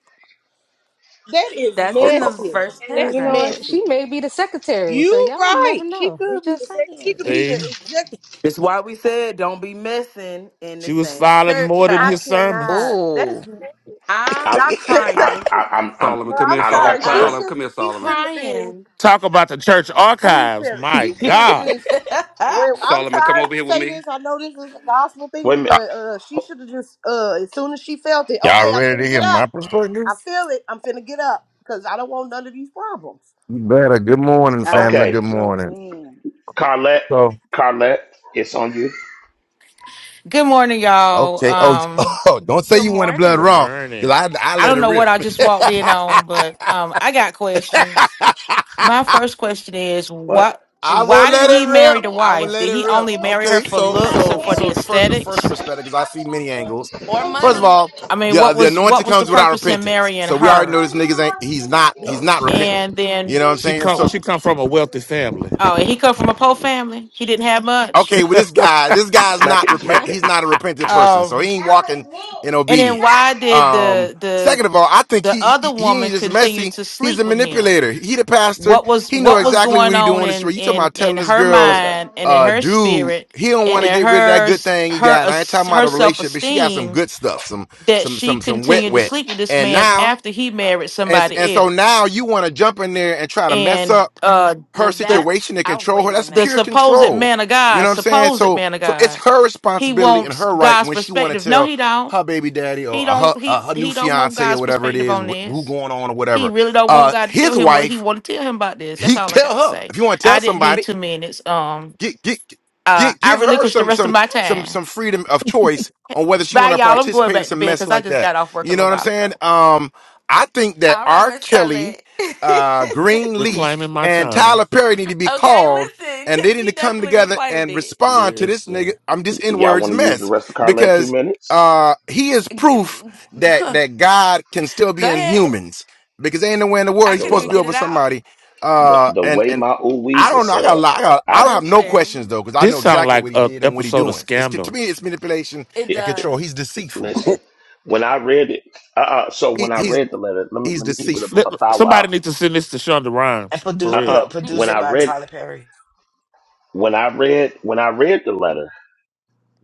J: that is
C: ho- ho-
J: messy.
D: And you
J: That's
D: know what?
J: messy.
D: She may be the secretary, so
J: You
D: y'all
J: right.
D: never
J: She
D: know. You
J: could be
D: just
J: the. sec- She could
D: saying.
J: be the
E: See?
J: exec.
I: That's why we said don't be messing in the
E: She was
I: same
E: filing
I: church
E: more than
J: I
E: his
I: house.
J: cannot.
E: sermons.
J: That's
B: Ooh.
C: I
J: I can
C: I
J: not
C: I I'm,
F: Solomon,
J: But
C: I'm
F: come
J: I'm
F: here,
C: I don't
F: Sol-
C: have
J: sorry. She
C: time.
F: Solomon,
J: should.
F: come here,
J: She
F: Solomon.
J: shouldn't have been
E: Talk about the church
J: who you
E: archives.
J: tell.
E: My
J: She should have
E: God.
J: just. Well, I'm
F: Solomon, come
J: sorry
F: over
J: to
F: here with
J: say this. I know this is a gospel
C: Wait a
J: thing,
L: Uh,
C: minute.
J: but uh, she should have just. Uh, as soon as she felt it,
L: Y'all
J: okay, I'm
L: ready to
J: finna
L: hear
J: get up.
L: my perspective?
J: I feel it. I'm finna get up because I don't want none of these problems.
L: You better. Good morning,
K: I'll
L: family.
K: take
C: Okay.
L: Good
K: your
L: morning.
K: man
C: Carlette.
L: So,
C: Carlette. It's on you.
M: Good morning, y'all.
L: okay. Oh,
M: Um,
L: oh don't say you want a blood
E: Good
L: raw
E: morning.
L: because I, I
M: I
L: let
M: don't
L: it
M: know what
L: rip.
M: I just walked in on, but um, I got questions. My first question is
C: What?
M: what?
L: I will
M: Why did
L: let it
M: he marry
L: rip.
M: the
L: I will
M: wife?
L: let
M: Did
L: it
M: he
L: rip.
M: only marry her
L: Okay.
M: for
L: So,
M: looks and
L: so,
M: for the
L: so the first, the first
M: aesthetics?
L: perspective, because I see many angles. First of all,
M: I mean,
L: the, uh,
M: what
L: the
M: was
L: anointing
M: what was the
L: comes without
M: purpose in
L: repentance.
M: marrying
L: So we already know
M: her?
L: this niggas ain't, he's not, he's not repentant.
M: And
L: You
M: then,
L: know what I'm
E: She
L: saying?
E: come
L: So.
E: she come from a wealthy family.
M: oh, and he come from a poor family. He didn't have much.
L: Okay, well, this guy, this guy's
C: Smack
L: not
C: it.
L: repent.
C: Smack
L: He's
C: it.
L: not a repentant person, so he
M: Um,
L: ain't walking in
M: and then
L: obedience.
M: why did
L: Um,
M: the the
L: second of all, I think
M: the
L: he
M: other
L: he, he
M: woman
L: ain't just
M: continue
L: messy.
M: to
L: He's
M: sleep
L: a
M: with him?
L: manipulator. He the pastor.
M: what was
L: He know
M: what was
L: exactly what
M: going
L: he
M: on
L: doing. This
M: in
L: you talking
M: in
L: about telling
M: in
L: this
M: her
C: We'll cut
L: girl's
C: it
M: mind and in
L: uh
M: her
C: out.
L: dude
M: spirit
L: he don't want
M: and
L: to
M: in
L: get rid of that
M: her
L: good
M: s-
L: thing he
M: her
L: got. And I ain't talking
M: es-
L: about
M: her
L: a relationship, but she got some
M: self-esteem
L: good stuff, some
M: that
L: some
M: she
L: some some wet
M: continued to
L: wet.
M: sleep with this
L: And
M: man
L: now
M: after he married
L: and and
M: somebody
L: so
M: else
L: now you want to jump in there and try to mess
M: and
L: up
M: uh Mhm.
L: her
M: the
L: situation and control her. That's
M: the
L: pure
M: supposed
L: control.
M: man of
L: You
M: god
L: know what I'm saying?
M: supposed
L: So,
M: man of
L: so it's
M: god
L: her
M: he
L: responsibility and
M: wants
L: her right
M: god's
L: when she want
M: perspective
L: to
M: no
L: tell
M: he don't
L: her baby daddy or
M: he
L: her
M: don't he
L: uh, her new
M: he don't want
L: fiance or
M: god's
L: whatever it
M: perspective
L: is
M: on
L: wh- who
M: this
L: going on or
M: He
L: whatever.
M: really don't want
L: Uh,
M: God to tell
L: his
M: him what he
L: wife,
M: want to tell him about this. That's
L: he
M: all I
L: tell
M: got to
L: her
M: say.
L: if you want to tell
M: I didn't
L: somebody.
M: need two minutes. Um,
L: Get get
M: uh,
L: get
M: I
L: give her
M: relinquished the
L: some
M: rest of
L: some
M: my
L: some
M: time.
L: some freedom of choice on whether she
M: Bye,
L: want to
M: y'all. I'm going
L: participate in
M: back to
L: some
M: bed
L: mess
M: because I
L: like
M: just
L: that.
M: got off work a
L: You know
M: little
L: what I'm
M: while
L: saying?
M: ago.
L: Um, I think that R. Kelly, uh, Greenleaf,
E: Reclaiming my
L: and
E: time.
L: Tyler Perry need to be called, and they need to come together and respond to this
E: Listen.
L: nigga. I'm just in
C: Y'all
L: words
C: want to use the
L: mess
C: rest of Carland two
L: because
C: minutes?
L: uh he is proof that that God can still be in humans because there ain't nowhere in the world he's
C: Go
L: supposed
C: on.
L: to be over somebody.
C: The,
L: Uh,
C: the
L: and
C: way
L: and.
C: my
L: I
C: ooh-wees are
L: don't know. I
C: set
L: got a
C: up,
L: lot. I, got, I
C: I
L: don't have no questions though, because I
E: This
L: know
E: sound
L: exactly
E: like
L: what he
E: a
L: did and what he
E: episode of
L: doing. It's to
E: Scandal.
L: me, it's manipulation
C: it,
L: and
C: it-
L: control. He's deceitful.
C: listen. When I read it, uh, uh so
L: He,
C: when I
L: he's
C: read the letter, let me
L: he's
C: let me keep it
E: Let-
C: a,
L: deceitful.
C: a thou
E: Somebody
C: wow.
E: needs to send this to Shonda
B: And
E: Rhimes for
C: Uh,
B: produced,
E: real.
C: uh
B: look, produced
C: When
B: it
C: I
B: by
C: read,
B: Tyler Perry.
C: when I read, when I read the letter,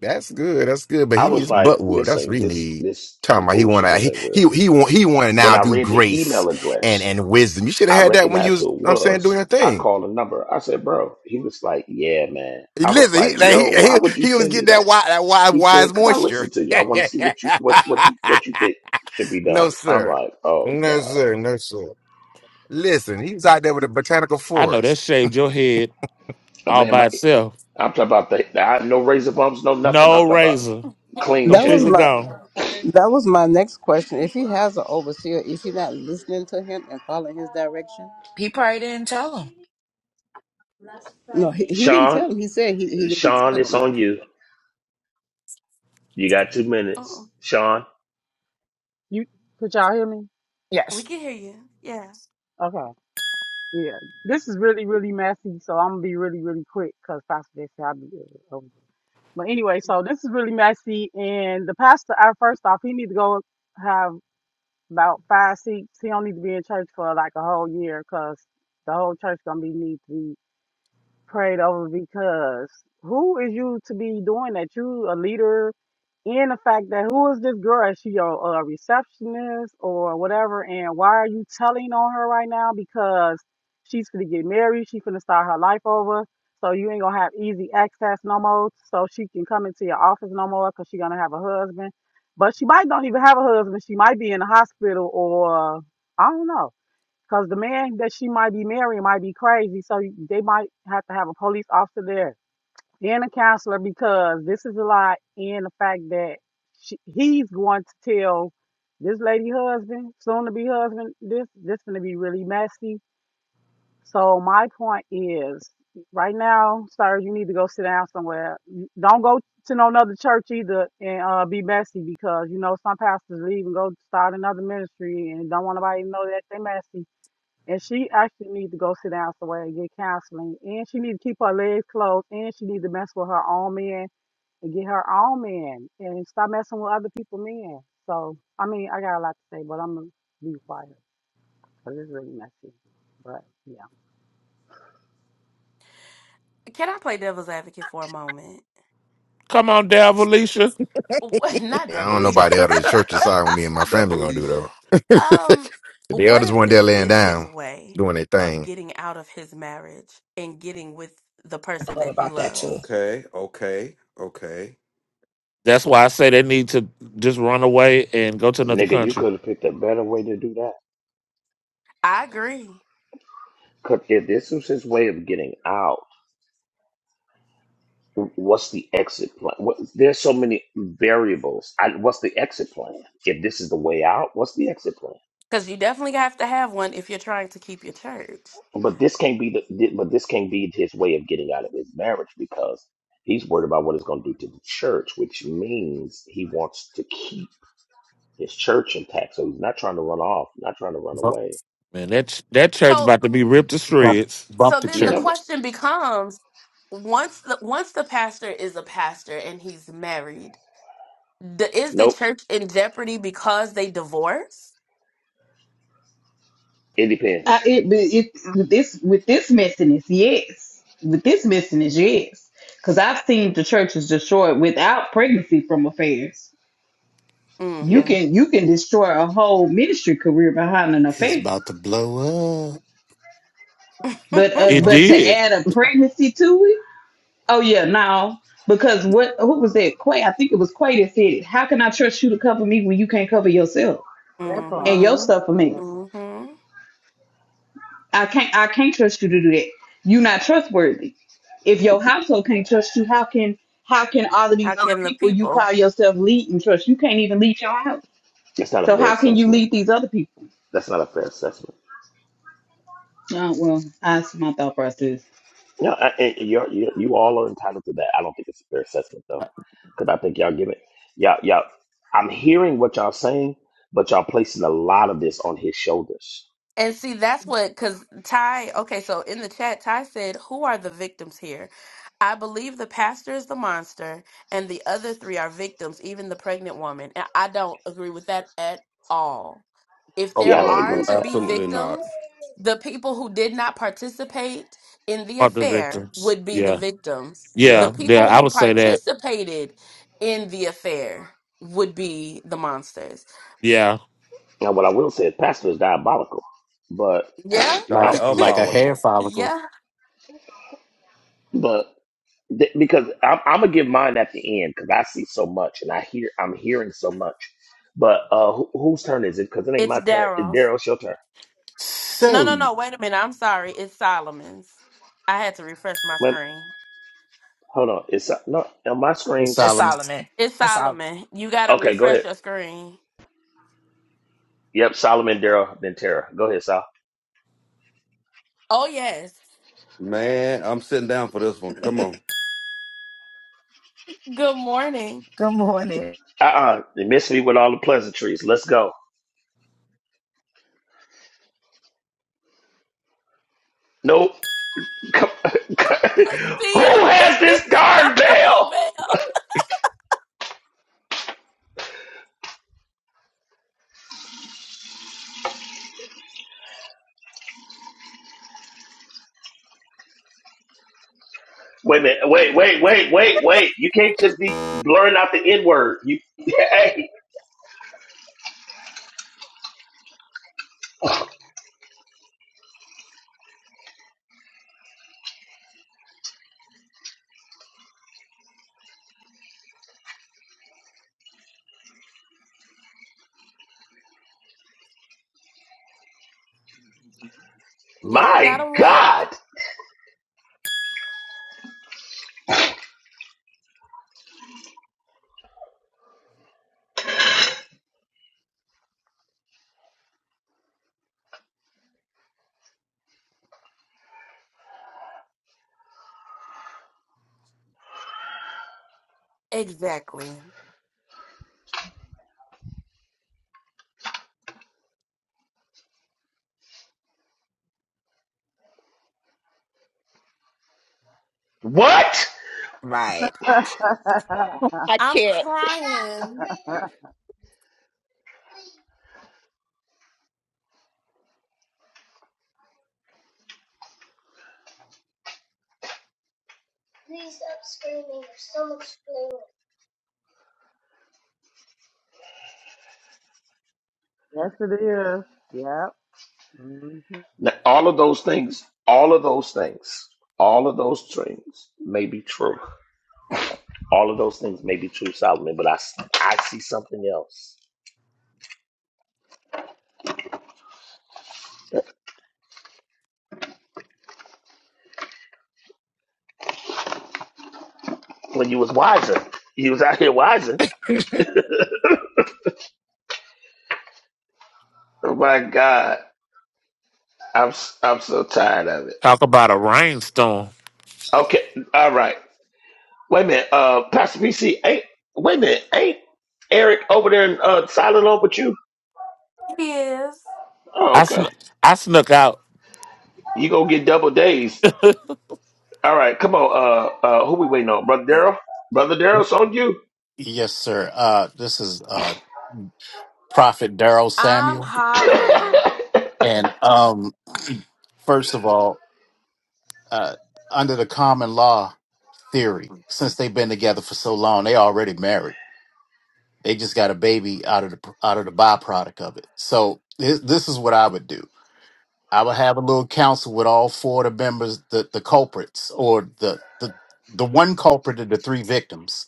L: That's good. That's good. But
C: I
L: he
C: was
L: needs
C: like,
L: butt whoop.
C: this
L: That's what
C: ain't
L: he
C: this
L: need.
C: this
L: Talking
C: some
L: about he want
C: foolishness.
L: to
C: This
L: he
C: ain't real.
L: he he want he want to
C: When
L: now
C: I
L: do
C: read the
L: grace
C: email
L: and
C: address,
L: and wisdom. You should have
C: I
L: had that when you
C: recognized
L: was.
C: who it
L: I'm saying
C: was.
L: doing your
C: I
L: thing.
C: called the number. I said, bro. He was like, yeah, man. I was
L: Listen, he
C: like,
L: like, he,
C: yo, why
L: he
C: would you
L: he was
C: send
L: getting
C: me that?
L: that wise that wise
C: He
L: wise
C: said, "Cause I
L: moisture.
C: listen to you. I want to see what you what what you what you think should be
L: no
C: done." I'm
L: sir,
C: like, "Oh
L: no
C: God,
L: sir, no sir. Listen, he was out there with a botanical
E: I know that
L: forest.
E: shaved your head
C: Uh,
E: all
C: man!"
E: by
C: My,
E: itself.
C: I'm talking about the, the I, no razor bumps, no nothing. I'm
E: No
C: talking about
E: razor,
C: clean
H: That was
C: shave.
E: completely
H: my
E: gone.
H: that was my next question. If he has an overseer, is he not listening to him and following his direction?
B: He probably didn't tell him.
H: No, he, he didn't
C: Sean,
H: tell him. He said he, he didn't
C: Sean,
H: tell
C: it's
H: him.
C: on you. You got two minutes, Sean.
N: You could y'all hear me?
B: Yes,
N: Okay. Yeah. This is really, really messy, so I'm gonna be really, really quick because Pastor Jay said I'll be uh, over. But anyway, so this is really messy and the pastor uh, first off, he need to go have about five seats. He don't need to be in church for like a whole year because the whole church gonna be need needs prayed over because who is you to be doing that? You a leader in the fact that who is this girl? Is she your uh, receptionist or whatever? And why are you telling on her right now? Because she's gonna get married. She's gonna start her life over. So you ain't gonna have easy access no more. So she can come into your office no more because she gonna have a husband. But she might don't even have a husband. She might be in the hospital or I don't know. Because the man that she might be marrying might be crazy, so you- they might have to have a police officer there and a counselor because this is a lie and the fact that she, he's going to tell this lady husband, soon to be husband, this this going to be really messy. So my point is, right now, sir, you need to go sit down somewhere. You- Don't go to no another church either and uh, be messy because you know some pastors leave and go start another ministry and don't want nobody to know that they messy and she actually needs to go sit down somewhere and get counseling. And she needs to keep her legs closed. And she needs to mess with her own men and get her own men and stop messing with other people's men. So, I mean, I got a lot to say, but I'm going to be quiet because it's really messy. But yeah,
E: Come on, down, Alicia.
L: I don't know
F: me.
L: about the elder of the church decide what me and my family gonna do
F: Devilisha.
L: though. the elders weren't there laying down, doing their thing.
B: I thought about that too.
F: Okay, okay, okay.
E: That's why I say they need to just run away and go to another
C: Nigga, you
E: country.
C: could have picked a better way to do that. Cause if this was his way of getting out, what's the exit plan? What, there's so many variables. I, what's the exit plan? If this is the way out, what's the exit plan? But this can't be the. But this can't be his way of getting out of his marriage because he's worried about what it's going to do to the church, which means he wants to keep his church intact. So he's not trying to run off, not trying to run
O: Bump,
C: away.
E: Man, that ch- that church about to be ripped to
O: bump,
E: shreds.
O: bump the
C: You
O: church
C: never. Nope. It
G: I,
C: depends.
G: it, it, with this with this messiness, yes. With this messiness, yes. Because I've seen the churches destroyed without pregnancy from affairs. You
C: Yeah,
G: can you can destroy a whole ministry career behind an
O: It's
G: affair,
O: about to blow up.
G: but uh,
E: It
G: but to
E: did.
G: add a pregnancy to it, oh yeah, no. Because what who was that? Quay, I think it was Quay that said it. How can I trust you to cover me when you can't cover yourself and your stuff a mess?
N: therapy.
G: I can't I can't trust you to do that. You're not trustworthy. If your household can't trust you, how can how can all of these other people you call yourself lead and trust? You can't even lead your house.
C: that's not a
G: So
C: fair
G: how can you
C: assessment.
G: lead these other people?
C: That's not a fair assessment.
G: Uh, well, that's my thought process.
C: No, I, I- you're, you you all are entitled to that. I don't think it's a fair assessment though, because I think y'all give it. Y'all, y'all. I'm hearing what y'all saying, but y'all placing a lot of this on his shoulders
F: Oh
C: Yeah, I don't
F: no,
C: agree
F: no,
C: with that.
F: absolutely not.
E: Part the victims. Yeah,
F: Yeah,
E: yeah, yeah. I would say that. Yeah.
C: Now, what I will say is, pastor is diabolical, but
O: like
C: I,
O: a, like a hair
F: diabolical.
O: follicle.
C: but th- because I'm, I'm gonna give mine at the end because I see so much and I hear I'm hearing so much. But uh, who, whose turn is it? Because it ain't my turn. It's Daryl's your turn.
O: So,
C: Wait, hold on. It's no on my
O: Hey,
B: And
C: screens.
O: Solomon.
B: Solomon. And Solomon.
C: Okay, go ahead. Yep, Solomon, Daryl, then Tara. Go ahead, Sol.
F: Man, I'm sitting down for this one. Come on,
B: Good morning.
C: Uh uh They miss me with all the pleasantries. Let's go. Nope. Come- who has this darn bell? Wait a minute. Wait, wait, wait, wait, wait. You can't just be blurring out the N word. You, hey, my God. What?
B: Right. I can't.
N: yes, it is. Yep. hmm
C: Now, all of those things, all of those things, all of those things may be true. All of those things may be true, Solomon, but I, s- I see something else. When you was wiser, you was out here wiser.
B: Good
C: Oh my God, I'm s- I'm so tired of it.
E: Talk about a rainstorm.
C: Okay, all right. Wait a minute, uh, Pastor PC, ain't wait a minute, ain't Eric over there in uh, silent on with you? Oh,
E: I
C: okay.
E: snuck, I snuck out,
C: You gonna get double days. All right, come on. Uh, uh, who we waiting on? Brother Daryl. Brother Daryl,
O: Yep.
C: it's on you.
O: yes, sir. Uh, this is uh, Prophet Daryl Samuel. And um, first of all, uh, under the common law theory, since they've been together for so long, they already married. They just got a baby out of the out of the byproduct of it. So this, this is what I would do. I would have a little council with all four of the members, the the culprits, or the the the one culprit and the three victims,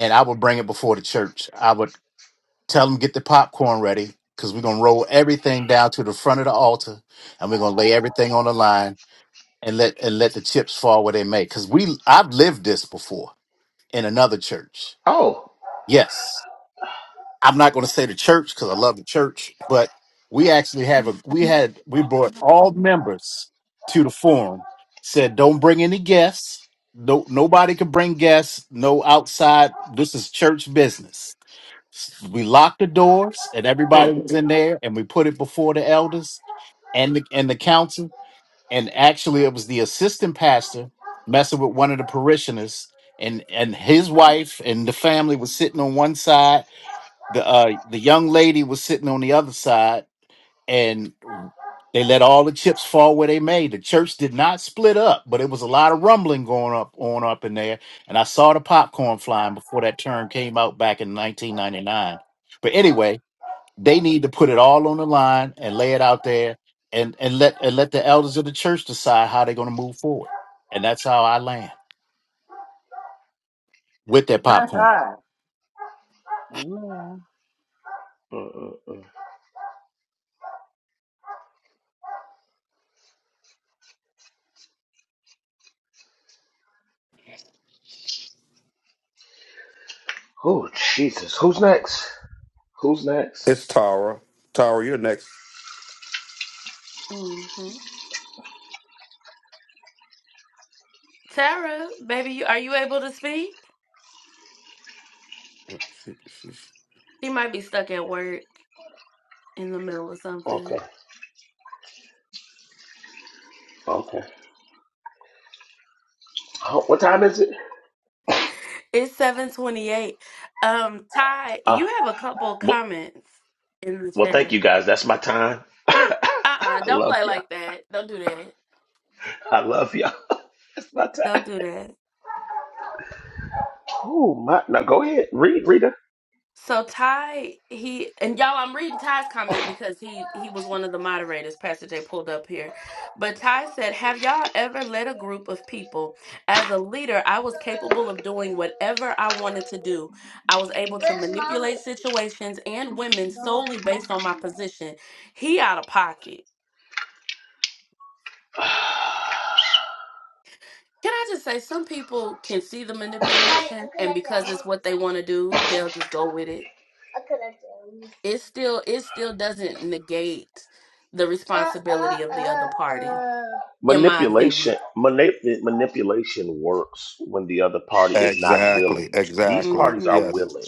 O: and I would bring it before the church. I would tell them get the popcorn ready because we're gonna roll everything down to the front of the altar, and we're gonna lay everything on the line and let and let the chips fall where they may. Because we I've lived this before in another church.
C: oh.
O: Yes, I'm not going to say the church because I love the church, but we actually have a we had we brought all members to the forum. Said don't bring any guests. No, nobody can bring guests. No outside. This is church business. We locked the doors, and everybody
C: Mm,
O: was in there, and we put it before the elders and the and the council. And actually, it was the assistant pastor messing with one of the parishioners, and and his wife and the family was sitting on one side the uh the young lady was sitting on the other side and they let all the chips fall where they may. The church did not split up, but it was a lot of rumbling going up on up in there. And I saw the popcorn flying before that term came out back in 1999. But anyway, they need to put it all on the line and lay it out there and and let and let the elders of the church decide how they're going to move forward. And that's how I land with their popcorn.
N: Amen.
C: mm, mm, mm. Oh, Jesus. Who's next? Who's next?
F: it's Tara. Tara, you're next. Oh, She, she, she.
C: Okay. Okay. Oh, what time is it? Uh, well, well, thank you guys. That's my time. I love you. I love you. That's my time. Oh my! Now go ahead, read, Rita. Manipulation, manip- manipulation works when the other party is not
F: Exactly,
C: willing. These
F: exactly.
C: parties are
F: Yes,
C: willing.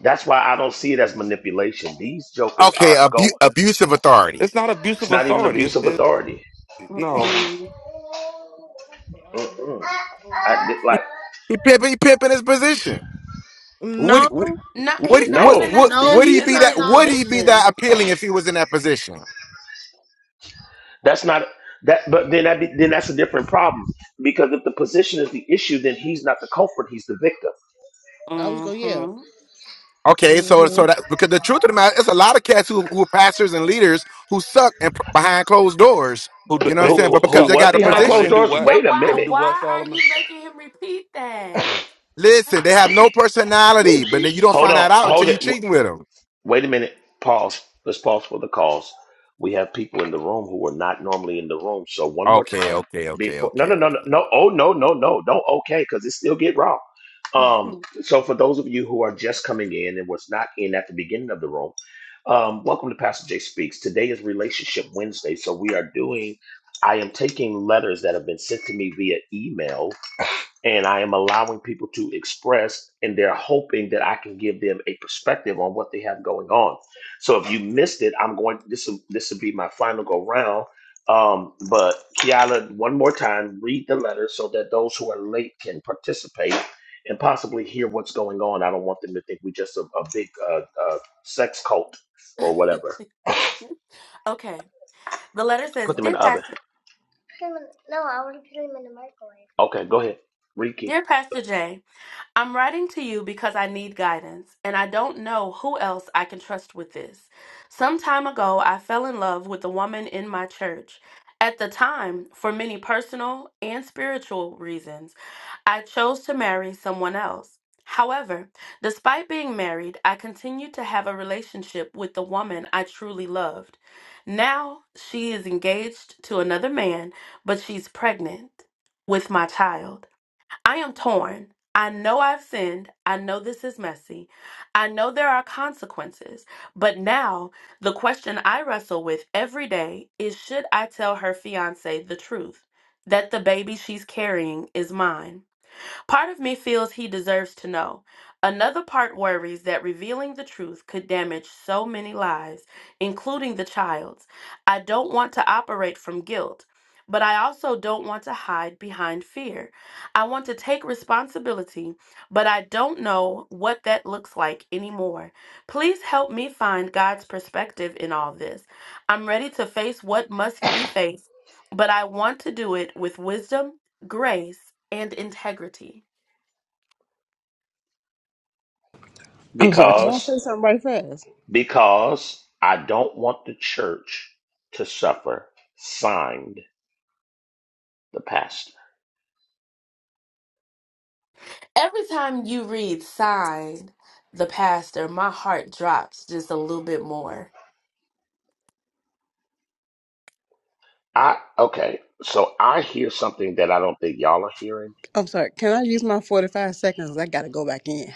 C: That's why I don't see it as manipulation. These jokers
L: Okay,
C: are going.
L: abu- abusive authority.
F: it's not
C: It's
F: abusive
C: not even
F: authority.
C: abuse
F: It's,
C: of
F: it,
C: authority.
F: no,
C: Mm-mm. I did-
L: He,
C: like
L: he pimping, he pimping his position. Would he,
J: No,
L: what what
C: no,
L: what
J: no,
L: would he
J: he's
L: be that
J: not.
L: would
J: No,
L: he be that appealing if he was in that position?
C: that's not that. But then that be, then that's a different problem because if the position is the issue, then he's not the culprit. He's the victim.
J: I was gonna. Yeah.
L: Okay, so
J: hmm
L: so that because the truth of the matter, it's a lot of cats who who are pastors and leaders who suck and p- behind closed doors.
F: who do,
L: You know what I'm
F: they
C: Who
L: saying? But
F: do?
C: who
L: because
F: So,
L: they
C: was
L: got a
C: behind
F: Solomon, they
C: closed
L: position.
F: do
C: doors?
F: what?
C: Wait a
F: They
C: minute.
F: do what? Solomon.
L: Listen, they have no personality, but then you don't
C: Hold
L: find
C: on.
L: that out
C: Hold
L: until you
C: it. W-
L: cheating with them.
C: Wait a minute. Pause. Let's pause for the calls. We have people in the room who are not normally in the room. So one more
L: Okay,
C: time
L: okay, okay,
C: before. No,
L: okay,
C: no, no, no,
L: okay.
C: no. Oh, no, no, no. Don't okay because it still get raw. Um. So for those of you who are just coming in and was not in at the beginning of the room, um, welcome to Pastor Jay Speaks. Today is Relationship Wednesday, so we are doing. I am taking letters that have been sent to me via email and I am allowing people to express, and they're hoping that I can give them a perspective on what they have going on. So if you missed it, I'm going. This will this will be my final go round. Um, but Kiala, one more time, read the letter so that those who are late can participate and possibly hear what's going on. I don't want them to think we just a, a big uh, uh, sex cult or whatever. Put them in the oven. Okay, go ahead, Ricky.
H: I'm sorry. Can I say
C: Because.
H: something right fast?
C: because I don't want the church to suffer. Signed the pastor. I okay, so I hear something that I don't think y'all are hearing.
H: I'm sorry. Can I use my 45 seconds? I got to go back in.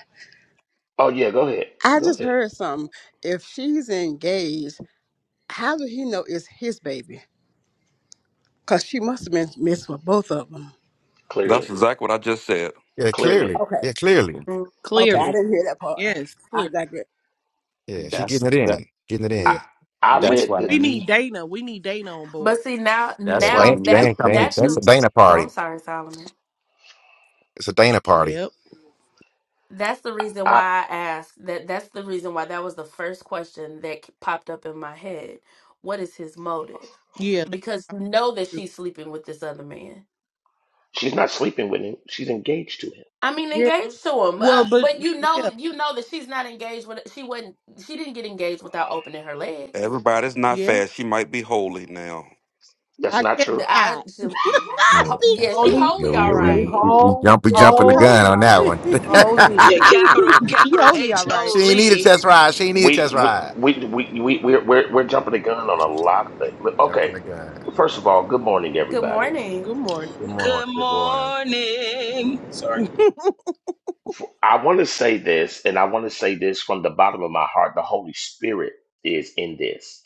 C: Oh yeah, go ahead.
H: I
C: Go
H: just
C: ahead.
H: heard something. If she's engaged, how did he know it's his baby? Because she must have been missed with both of them.
C: Clearly.
F: That's exactly what I just said.
L: Yeah,
C: Clearly.
L: clearly.
H: Okay.
L: Yeah, clearly.
H: Okay.
L: Yeah,
H: I
J: Clearly,
H: didn't hear that part.
J: yes,
H: I
J: clear.
H: digress.
L: yeah, she
O: That's
L: getting it
O: that
L: in, getting it
C: I
J: Yeah.
L: in.
C: I
J: We
O: that's
C: read
O: why
C: that
O: they
J: we
O: need
J: need Dana. We need Dana on board.
L: Yeah,
O: that's why they
L: dang,
O: need to
L: dang,
O: come to
L: dang. That's a
O: Jesus.
L: Dana party. It's a Dana party.
J: Yep.
C: I
J: Yeah.
C: she's not sleeping with him. She's engaged to him.
J: Yeah. Well, but yeah,
F: Everybody's not
J: yeah.
F: fast. She might be holy now.
C: That's
J: I
C: not
J: can't
C: true.
J: PC.
L: Yeah, Uh,
N: holy,
L: yeah we,
J: That's the
L: we
N: say
L: we
J: PC.
L: we
N: whole,
L: jump we
J: Yeah,
L: jumping
J: she
L: the
N: whole,
L: gun
J: holy
L: on
J: all
L: that
J: right.
L: one.
N: holy.
I: Yeah, capital
J: she
I: capital
J: holy all
I: H
J: right.
L: she
I: O
L: ain't need a
I: Lee.
L: test ride. She ain't need a test
C: We we
L: ride.
C: we we we we're we're, we're jumping the gun on a lot of things.
L: Jumping
C: Okay,
L: the gun.
C: first of all, good morning everybody.
J: Good morning.
L: Good
I: Good
L: morning. Good morning.
I: morning. Sorry.
C: I want to say this, and I want to say this from the bottom of my heart. The Holy Spirit is in this.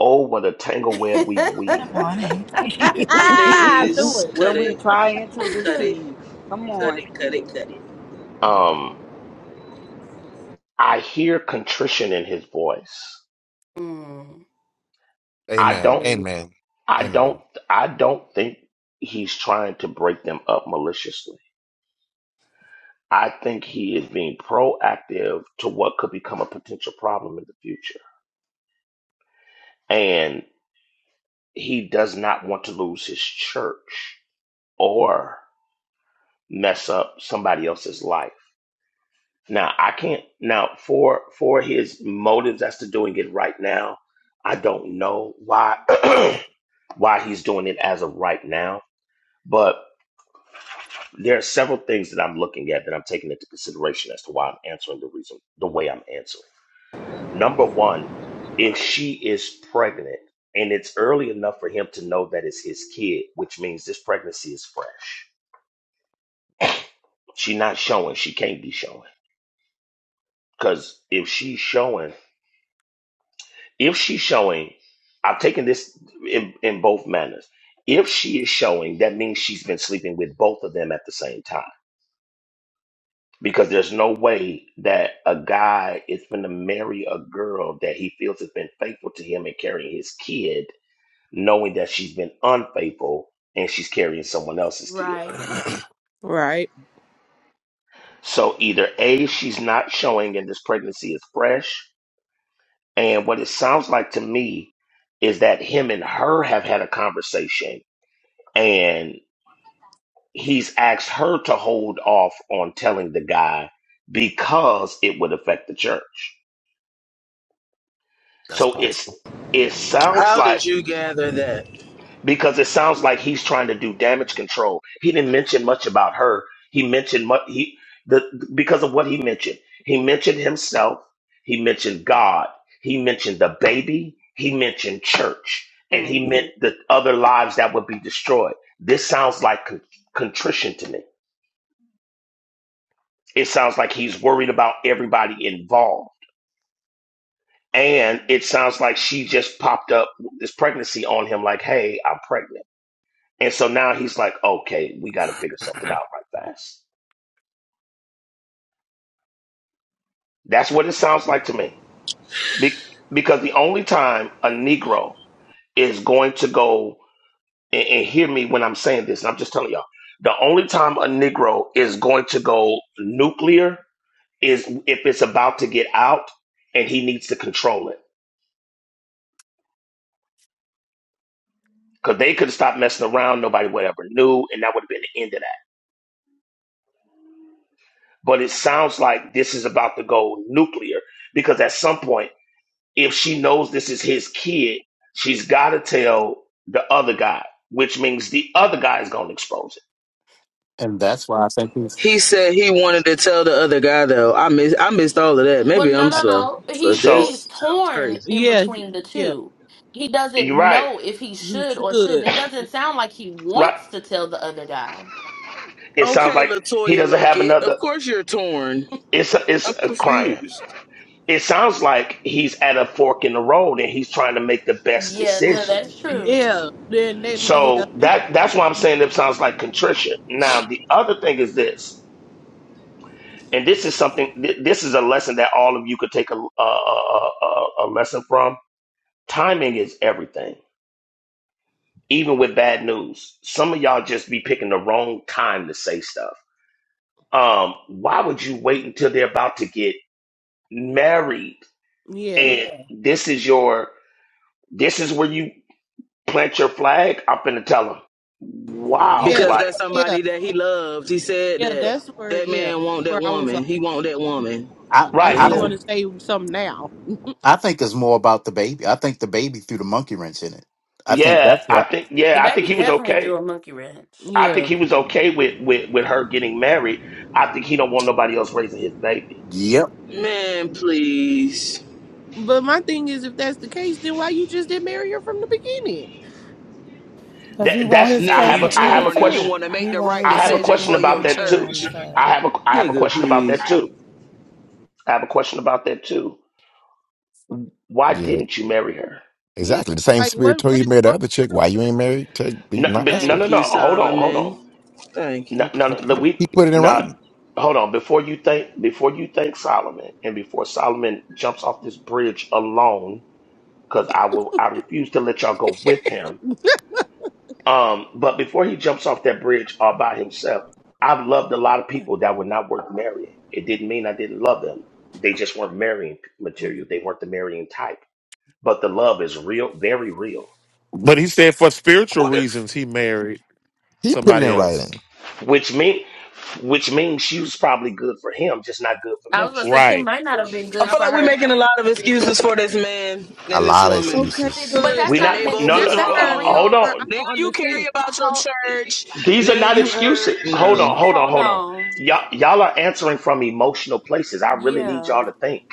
C: Oh, what a tangle web we weave.
B: morning.
J: Ah, do
I: Please
J: it.
I: cut
K: when we
I: it.
K: trying to
I: Cut it.
K: deceive. Come
I: Cut
K: on,
I: it, cut it, cut it.
C: Um, I hear contrition in his voice. I
L: Amen.
C: don't,
J: Mm,
L: Amen.
C: I
L: Amen.
C: don't, I don't think he's trying to break them up maliciously. I think he is being proactive to what could become a potential problem in the future. And he does not want to lose his church or mess up somebody else's life Now I can't now for for his motives as to doing it right now, I don't know why why he's doing it as of right now, but there are several things that I'm looking at that I'm taking into consideration as to why I'm answering the reason the way I'm answering. Number one, if she is pregnant and it's early enough for him to know that it's his kid, which means this pregnancy is fresh. She not showing, she can't be showing. Because if she's showing if she's showing, I've taken this in, in both manners. If she is showing, that means she's been sleeping with both of them at the same time. Because there's no way that a guy is going to marry a girl that he feels has been faithful to him and carrying his kid, knowing that she's been unfaithful and she's carrying someone else's kid.
J: Right.
C: So either A, she's not showing and this pregnancy is fresh. And what it sounds like to me is that him and her have had a conversation and. he's asked her to hold off on telling the guy because it would affect the church.
L: That's
C: So it's
L: possible.
C: it sounds
I: How did
C: like
I: you gather that?
C: because it sounds like he's trying to do damage control. He didn't mention much about her. He mentioned much he the because of what he mentioned. He mentioned himself. He mentioned God. He mentioned the baby. He mentioned church, and he meant the other lives that would be destroyed. This sounds like con- contrition to me. It sounds like he's worried about everybody involved. And it sounds like she just popped up this pregnancy on him, like, hey, I'm pregnant. And so now he's like, okay, we got to figure something out right fast. That's what it sounds like to me. Be- because the only time a Negro is going to go, and, and hear me when I'm saying this, and I'm just telling y'all, the only time a Negro is going to go nuclear is if it's about to get out and he needs to control it Because they could have stopped messing around. Nobody would ever knew. And that would have been the end of that. But it sounds like this is about to go nuclear because at some point, if she knows this is his kid, she's got to tell the other guy, which means the other guy is going to expose
O: and that's why I think it's
I: He said he wanted to tell the other guy though. I miss I missed all of that. Maybe I'm
O: I,
I: slow,
C: it.
I: but
C: So
I: this sounds crazy.
J: Yeah, he- yeah.
C: you're right.
J: He should.
C: Right. It sounds
I: Okay,
C: like he
I: Latoya
C: doesn't have
I: Luckett.
C: another.
I: Of course you're torn.
C: It's a, it's
I: I'm
C: a crying.
I: confused
C: It sounds like he's at a fork in the road and he's trying to make the best decision
J: Yeah. Then they. Yeah.
C: So
J: they-
C: that that's why I'm saying it sounds like contrition. Now the other thing is this, and this is something. Th- this is a lesson that all of you could take a a, a a a lesson from. Timing is everything, even with bad news. Some of y'all just be picking the wrong time to say stuff. Um, why would you wait until they're about to get married?
J: Yeah.
C: And Yeah. this is your this is where you plant your flag. I'm gonna tell them, wow,
J: Yeah.
I: because
C: like
I: that's
J: Yeah.
I: somebody that he loves. He said
J: Yeah.
I: that
J: That's where.
I: that
J: Yeah.
I: man want that
J: Where I was like,
I: woman. He want that woman.
O: I
J: why
I: The
C: right.
O: I
J: he want
O: don't
I: hell,
J: to say something now?
O: I think it's more about the baby. I think the baby threw the monkey wrench in it. I think
C: Yeah,
O: that's
C: I
O: what.
C: think yeah, I think he was okay. I
J: Yeah.
C: think he was okay with with with her getting married. I think he don't want nobody else raising his baby.
O: Yep.
I: man, please.
J: But my thing is, if that's the case, then why you just didn't marry her from the beginning?
N: Cause he
C: That
N: want
C: that's
N: his
C: I
I: Now
N: cake
C: have
I: you
N: and
C: a I
N: eat
C: have a
N: it
I: torn and you
C: question.
I: want to
N: too.
I: make
N: He
I: the
N: want
I: right
N: his
C: I have a
N: cake
I: decision
N: and
C: question
I: for
N: eat
C: about
I: your
N: it too
C: that too.
N: on the
I: church,
C: I
N: side.
C: have a I have a
I: nigga.
C: question about
I: Please.
C: that too. I have a question about that too. Why
L: Yeah,
C: didn't you marry her?
J: Yeah,
L: Exactly. The same
J: like
L: spirit
J: what
L: told
J: what
L: you to
J: is
L: marry the
J: wrong
L: other
J: with
L: chick. Why you
J: her?
L: ain't married? To be
C: No,
L: not
C: but
L: mess
C: no,
L: with
C: no,
I: Thank
L: her.
I: you,
C: no. Hold on, hold on.
I: Solomon. Thank
C: No,
I: you.
C: no, no. Look, we
L: He put it in
C: not.
L: writing.
C: Hold on. Before you think, before you think Solomon, and before Solomon jumps off this bridge alone, because I will, I refuse to let y'all go with him Um, but before he jumps off that bridge all by himself, I've loved a lot of
J: Where,
C: people that were not worth marrying. It didn't mean I didn't love them. They just weren't marrying material. They weren't the marrying type. But the love is real, very real.
E: but he said for spiritual
F: What if?
E: reasons he married
L: He put it in
E: somebody else.
L: writing.
C: Which mean, which means she was probably good for him, just not good for ministry.
E: Right.
I: I feel like we're making a lot of excuses for this man
L: A
I: and this
L: lot of
I: woman,
J: okay,
L: excuses.
J: but
C: We
I: and
C: not
I: they
C: no
I: both
C: no. no
I: was
J: that's
C: uh,
J: where that's
I: wrong.
C: hold
J: where I
C: on,
I: Now
J: don't
I: you carry
J: understand.
I: about your church.
C: these are
I: Now
C: not
I: you
C: excuses.
I: hurt.
C: Hold
I: No,
C: on, hold on, hold on. Y'all y'all are answering from emotional places. I really need y'all to think.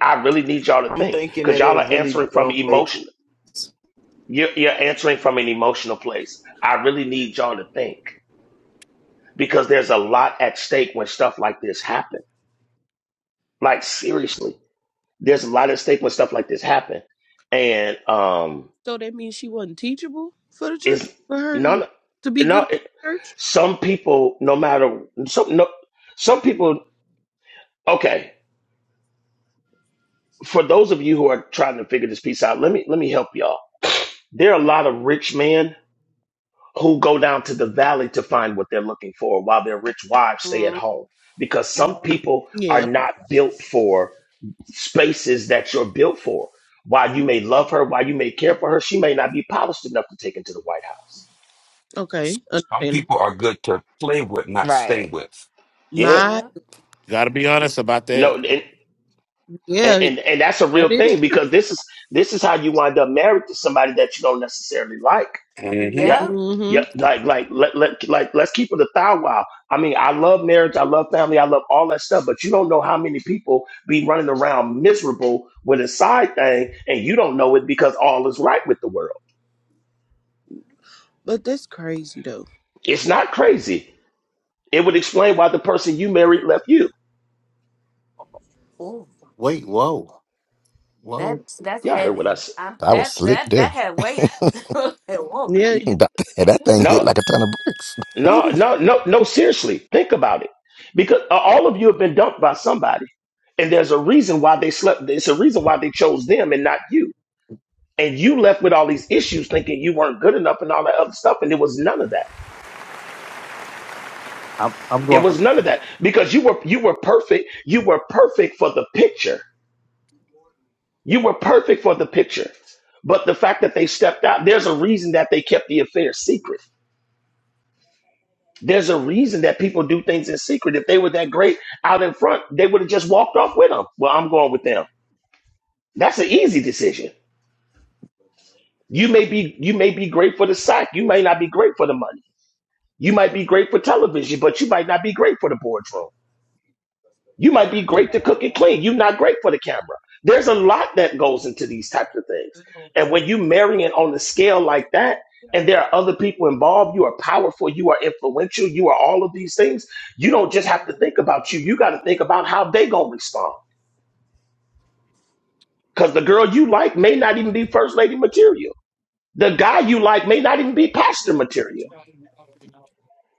C: I really need y'all to
I: I'm
C: think
I: thinking
C: because
I: that
C: y'all
I: it
C: are
I: really
C: answering from
I: don't make
C: emotion. You're, you're answering from an emotional place. I really need y'all to think because there's a lot at stake when stuff like this happen. Like seriously, there's a lot at stake when stuff like this happen, and um,
J: So that means she wasn't teachable for the church
C: it's
J: for her to
C: none,
J: to be
C: no.
J: good for
C: It,
J: the church.
C: some people, no matter some, no, some people. Okay, for those of you who are trying to figure this piece out, let me let me help y'all. There are a lot of rich men who go down to the valley to find what they're looking for while their rich wives stay at home because some people are
J: Yeah,
C: not built for spaces that you're built for while you may love her while you may care for her she may not be polished enough to take into the white house
J: okay,
F: Some
J: understandable.
F: people are good to play with, not stay
B: right.
F: with.
C: yeah
J: My
E: Got to be honest about that.
C: no and and,
J: yeah,
C: and and that's a real
J: that is
C: thing
J: true.
C: because this is this is how you wind up married to somebody that you don't necessarily like
F: hmm
C: Yeah,
J: hmm
C: yeah, like like let, let like let's keep it a thou wow. I mean, I love marriage, I love family, I love all that stuff, but you don't know how many people be running around miserable with a side thing, and you don't know it because all is right with the world.
J: But that's crazy though.
C: It's not crazy. It would explain why the person you married left you.
O: Wait. Whoa. Whoa.
C: Y'all heard what I said?
L: I was slick there.
J: Yeah.
L: that, that thing hit
C: No,
L: like a ton of bricks.
J: who
C: no,
J: you think-
C: no, no, no. Seriously, think about it, because uh, all of you have been dumped by somebody, and there's a reason why they slept. It's a reason why they chose them and not you. and you left with all these issues thinking you weren't good enough and all that other stuff and it was none of that
O: I'm I'm
C: it
O: going.
C: was none of that because you were you were perfect you were perfect for the picture you were perfect for the picture but the fact that they stepped out there's a reason that they kept the affair secret there's a reason that people do things in secret if they were that great out in front they would have just walked off with them well i'm going with them that's an easy decision you may be you may be great for the sack you may not be great for the money you might be great for television but you might not be great for the boardroom You might be great to cook and clean. You're not great for the camera. There's a lot that goes into these types of things. And when you marry it on the scale like that, and there are other people involved, you are powerful, you are influential, you are all of these things. You don't just have to think about you. You got to think about how they gonna respond. Because the girl you like may not even be first lady material. The guy you like may not even be pastor material.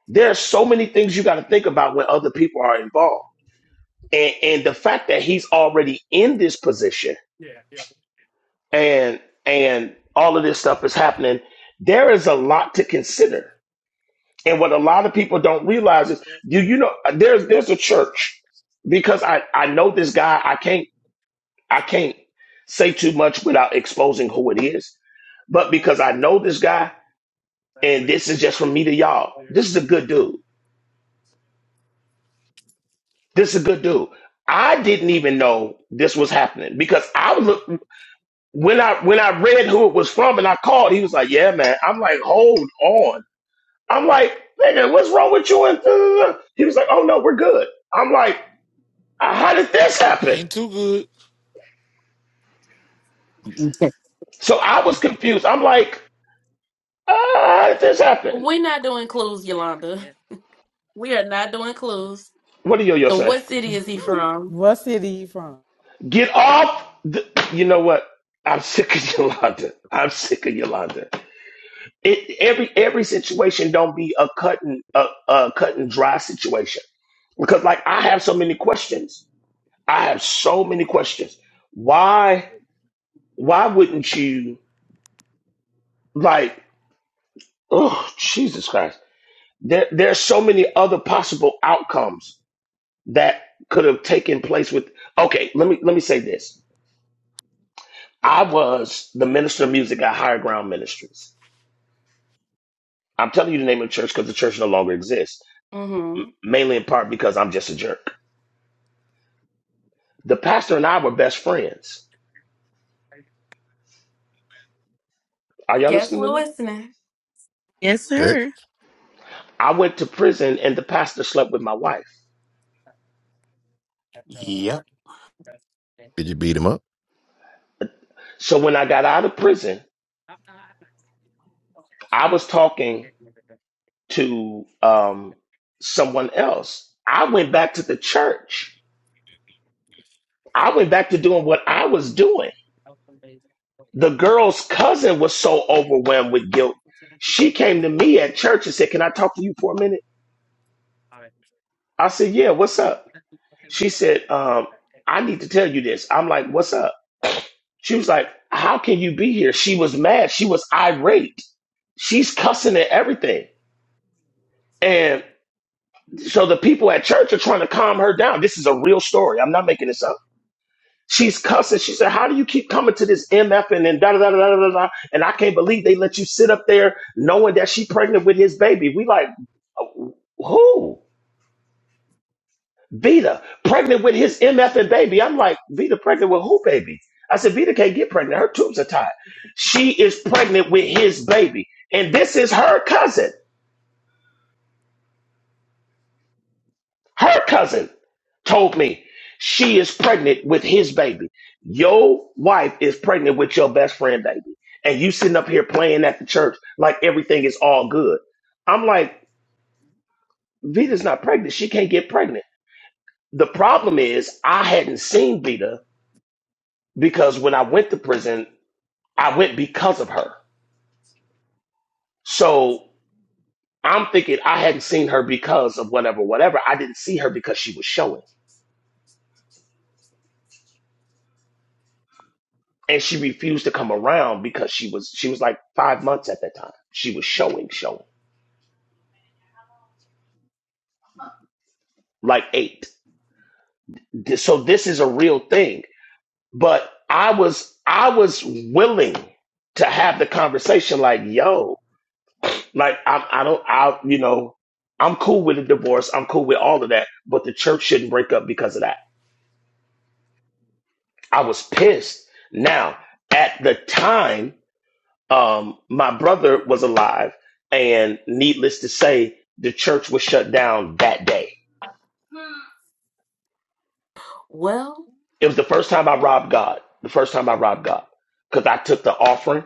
C: There are so many things you got to think about when other people are involved. And, and the fact that he's already in this position and and all of this stuff is happening there is a lot to consider and what a lot of people don't realize is do you know there's there's a church because i i know this guy i can't i can't say too much without exposing who it is but because i know this guy and this is just from me to y'all this is a good dude this is a good dude i didn't even know this was happening because i was look when i when i read who it was from and i called he was like yeah man i'm like hold on I'm like, nigga, what's wrong with you? And da, he was like, oh no, we're good. I'm like, uh, how did this
E: It
C: happen?
E: ain't too
O: you can't-
C: So I was confused. I'm like, uh, how did this happen? What do Yo-Yo say?
N: Hmm. What city you from?
C: Get off. The, you know what? I'm sick of Yolanda. I'm sick of Yolanda. It, every every situation don't be a cut and a, a cut and dry situation because like I have so many questions. I have so many questions. Why why wouldn't you like? Oh, Jesus Christ. There, there are so many other possible outcomes that could have taken place with okay, let me let me say this. I was the minister of music at Higher Ground Ministries. I'm telling you the name of the church because the church no longer exists, mainly in part because I'm just a jerk. The pastor and I were best friends. Are y'all listening to me?
J: Yes,
L: Heck,
J: sir.
C: I went to prison and the pastor slept with my wife.
O: Yep.
L: did you beat him up?
C: So when I got out of prison, I was talking to um, someone else. I went back to the church. I went back to doing what I was doing. The girl's cousin was so overwhelmed with guilt. She came to me at church and said, Can I talk to you for a minute? I said, Yeah, what's up? She said, um, I need to tell you this. I'm like, What's up? She was like, How can you be here? She was mad. She was irate. She's cussing and everything. And so the people at church are trying to calm her down. This is a real story. I'm not making this up. She's cussing. She said, How do you keep coming to this MF and then da da da da da da? da, And I can't believe they let you sit up there knowing that she pregnant with his baby. We like, who? Vita, pregnant with his MF and baby. I'm like, Vita, pregnant with who, baby? I said, Vita can't get pregnant. Her tubes are tied. She is pregnant with his baby. And this is her cousin. Her cousin told me she is pregnant with his baby. Your wife is pregnant with your best friend baby. And you sitting up here playing at the church like everything is all good. I'm like, Vita's not pregnant. She can't get pregnant. The problem is I hadn't seen Vita because when I went to prison, I went because of her. So I'm thinking I hadn't seen her because of whatever, whatever. I didn't see her because she was showing. and she refused to come around because she was she was like five months at that time she was showing showing like eight Th- so this is a real thing but i was i was willing to have the conversation like yo like i, I don't i you know i'm cool with a divorce i'm cool with all of that but the church shouldn't break up because of that i was pissed now at the time um, my brother was alive, and needless to say, the church was shut down that day. It was the first time I robbed God. The first time I robbed God because I took the offering,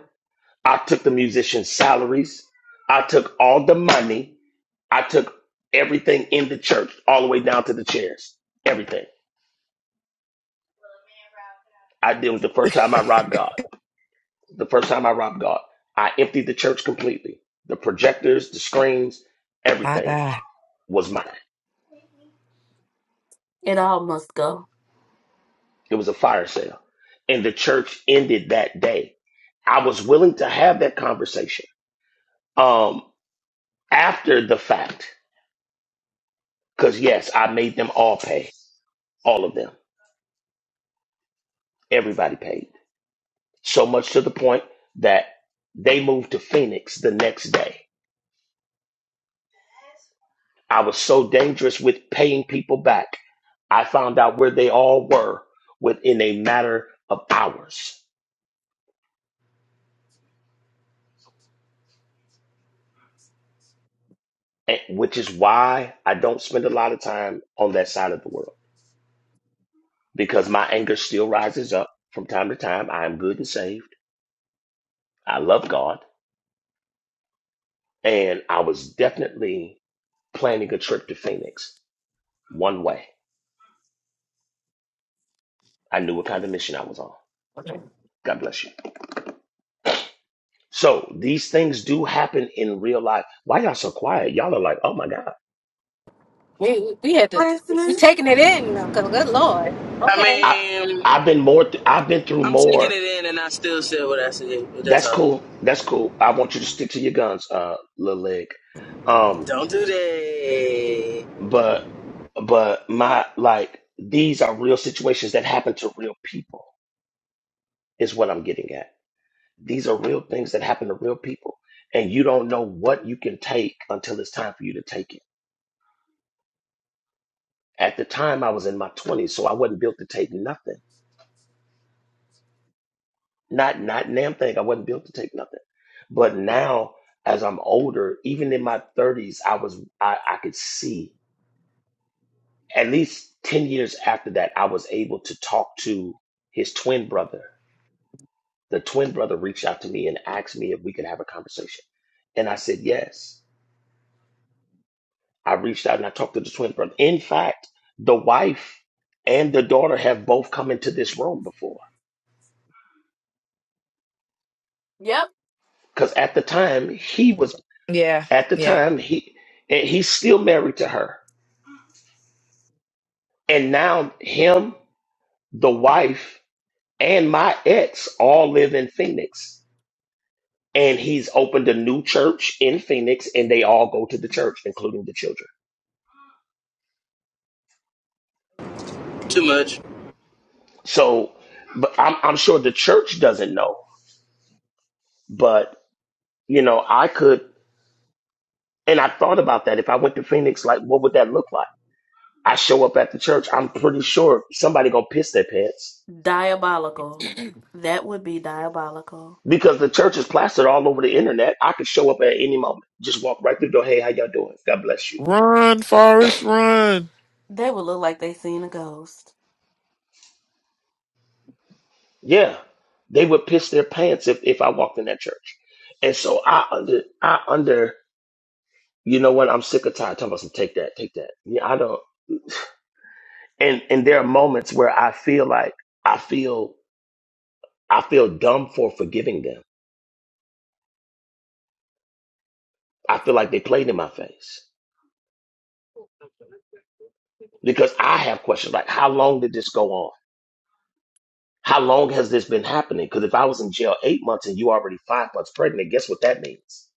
C: I took the musicians' salaries, I took all the money, I took everything in the church, all the way down to the chairs, everything. I did was the first time I robbed God. The first time I robbed God, I emptied the church completely. The projectors, the screens,
B: My
C: everything
B: God.
C: was mine. It was a fire sale. And the church ended that day. I was willing to have that conversation um, after the fact, because yes, I made them all pay, all of them. Everybody paid. So much to the point that they moved to Phoenix the next day. I was so dangerous with paying people back. I found out where they all were within a matter of hours, and- which is why I don't spend a lot of time on that side of the world because my anger still rises up from time to time. I am good and saved. I love God. And I was definitely planning a trip to Phoenix one way. I knew what kind of mission I was on.
E: good.
C: God bless you. So these things do happen in real life. Why y'all so quiet? Y'all are like, oh my God.
D: We we had to we taking it in now, 'cause good lord.
I: I
D: Okay.
C: I
I: mean,
C: I've been more th- I've been through
I: I'm taking
C: more.
I: it in, and I still said what I said. But that's
C: That's
I: all.
C: cool. That's cool. I want you to stick to your guns, uh, little leg. Um,
I: Don't do that.
C: but but my like these are real situations that happen to real people is what i'm getting at these are real things that happen to real people and you don't know what you can take until it's time for you to take it at the time i was in my 20s so i wasn't built to take nothing not not damn thing i wasn't built to take nothing but now as i'm older even in my 30s i was i, I could see at least 10 years after that i was able to talk to his twin brother the twin brother reached out to me and asked me if we could have a conversation. And I said, yes. I reached out and I talked to the twin brother. In fact, the wife and the daughter have both come into this room before. Because at the time, he was,
B: Yeah.
C: at the
B: Yeah.
C: time, he, and he's still married to her. And now him, the wife, and my ex all live in Phoenix. And he's opened a new church in Phoenix and they all go to the church, including the children.
I: Too much.
C: So, but I'm, I'm sure the church doesn't know. But, you know, I could, and I thought about that. If I went to Phoenix, like, what would that look like? I show up at the church, I'm pretty sure somebody gonna piss their pants because the church is plastered all over the internet. I could show up at any moment, just walk right through the door. Hey, how y'all doing? God bless you.
E: Run, Forrest, run.
C: Yeah, they would piss their pants if, if I walked in that church. And so I under, I under, you know what? I'm sick of tired. Talking about some take that, take that. Yeah, I don't. and and there are moments where I feel like I feel I feel dumb for forgiving them. I feel like they played in my face because I have questions like, how long did this go on? How long has this been happening? Because if I was in jail eight months and you already five months pregnant, guess what that means?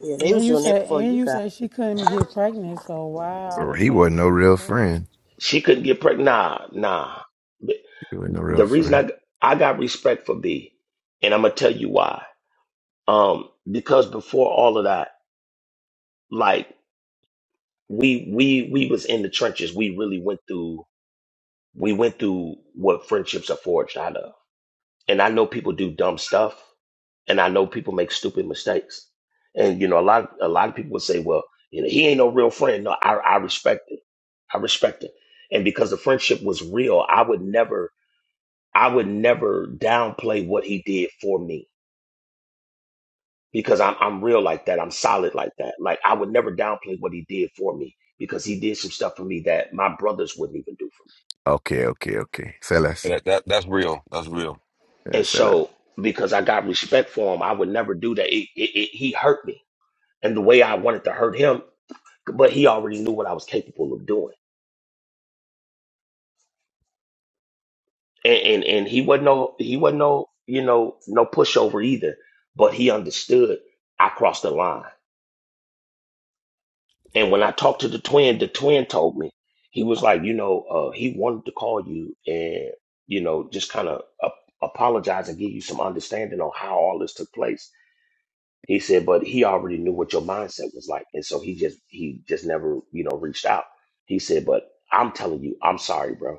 J: Yeah, they
N: And
J: was
N: you
J: doing that
N: say
J: before
N: and
J: you
N: you
J: got.
N: say she couldn't get pregnant, so why all
L: So
N: of a
L: he
N: sudden
L: wasn't no
N: she's
L: real
N: pregnant?
L: friend.
C: She couldn't get pregnant. Nah, nah. But
L: He wasn't no real
C: The reason
L: friend.
C: I I got respect for B, and I'm gonna tell you why. Um, because before all of that, like we we we was in the trenches. We really went through we went through what friendships are forged out of. And I know people do dumb stuff and I know people make stupid mistakes. And you know, a lot a lot of people would say, Well, you know, he ain't no real friend. No, I, I respect it. I respect it. And because the friendship was real, I would never I would never downplay what he did for me. Because I'm I'm real like that. I'm solid like that. Like I would never downplay what he did for me because he did some stuff for me that my brothers wouldn't even do for me.
L: Okay, okay, okay. Sellers.
F: That, that that's real. That's real.
L: Yeah,
C: And
L: sellers.
C: so, because I got respect for him, I would never do that. It, it, it, he hurt me, and the way I wanted to hurt him, but he already knew what I was capable of doing, and and, and he wasn't no he wasn't no you know no pushover either. But he understood I crossed the line, and when I talked to the twin, the twin told me he was like, you know, uh, he wanted to call you and you know just kind of uh, apologize and give you some understanding on how all this took place He said, but he already knew what your mindset was like. And so he just he just never, you know, reached out. He said, but I'm telling you, I'm sorry, bro,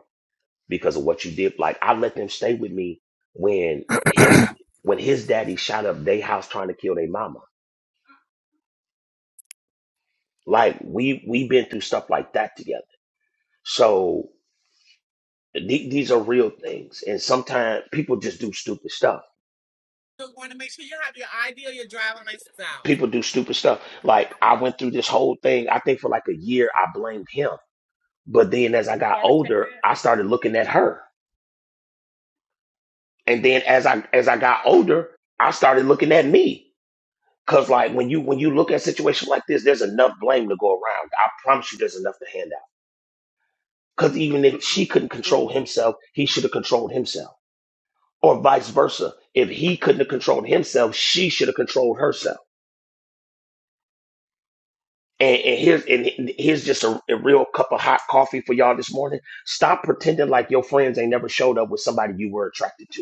C: because of what you did. Like I let them stay with me when his when his daddy shot up their house trying to kill their mama. Like we we have been through stuff like that together. So the- these are real things. And sometimes people just do stupid stuff. People do stupid stuff. Like I went through this whole thing. I think for like a year, I blamed him But then as I got older, I started looking at her. And then as I as I got older, I started looking at me. Cause like when you when you look at a situation like this, there's enough blame to go around. I promise you there's enough to hand out. Cause even if she couldn't control himself, he should have controlled himself. Or vice versa. If he couldn't have controlled himself, she should have controlled herself. And, and here's and here's just a, a real cup of hot coffee for y'all this morning. Stop pretending like your friends ain't never showed up with somebody you were attracted to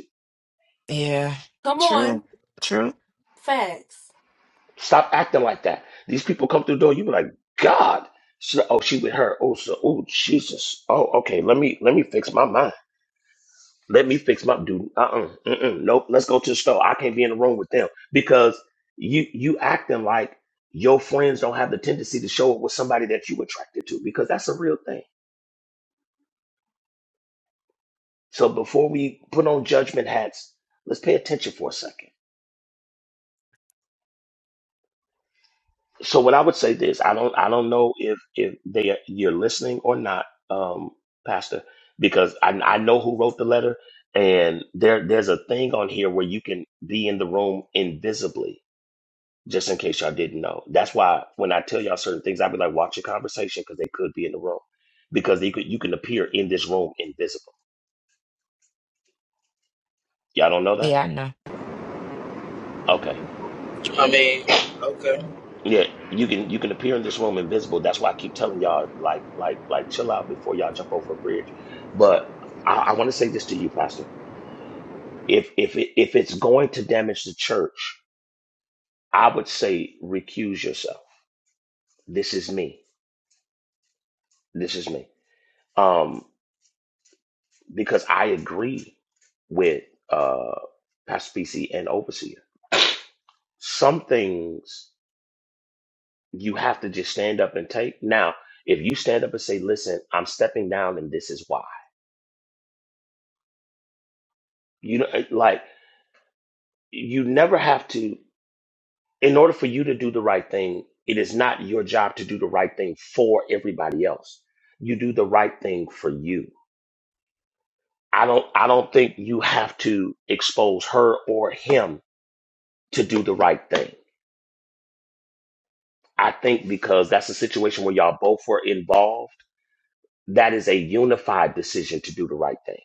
B: Yeah. True. True.
C: Stop acting like that. These people come through the door, you be like, God. She, oh, she with her. Oh, so, oh, Jesus. Oh, okay. Let me let me fix my mind. Let me fix my dude. Uh-uh. Mm-mm. Nope. Let's go to the store. I can't be in the room with them because you you acting like your friends don't have the tendency to show up with somebody that you attracted to because that's a real thing. So before we put on judgment hats, let's pay attention for a second so what I would say this, I don't I don't know if if they you're listening or not, um, Pastor, because I I know who wrote the letter, and there there's a thing on here where you can be in the room invisibly, just in case y'all didn't know. That's why when I tell y'all certain things, I'd be like, watch your conversation because they could be in the room, because you could you can appear in this room invisible. Y'all don't know that?
B: Yeah, I know.
C: Okay.
I: I mean, okay.
C: Yeah, you can you can appear in this room invisible. That's why I keep telling y'all like like like chill out before y'all jump over a bridge. But I, I want to say this to you, Pastor. If if it, if it's going to damage the church, I would say recuse yourself. This is me. This is me. Um, because I agree with uh Pastor PC and Overseer. Some things you have to just stand up and take. Now, if you stand up and say, "Listen, I'm stepping down, and this is why," you know, like. you never have to in order for you to do the right thing it is not your job to do the right thing for everybody else you do the right thing for you i don't i don't think you have to expose her or him to do the right thing i think because that's a situation where y'all both were involved that is a unified decision to do the right thing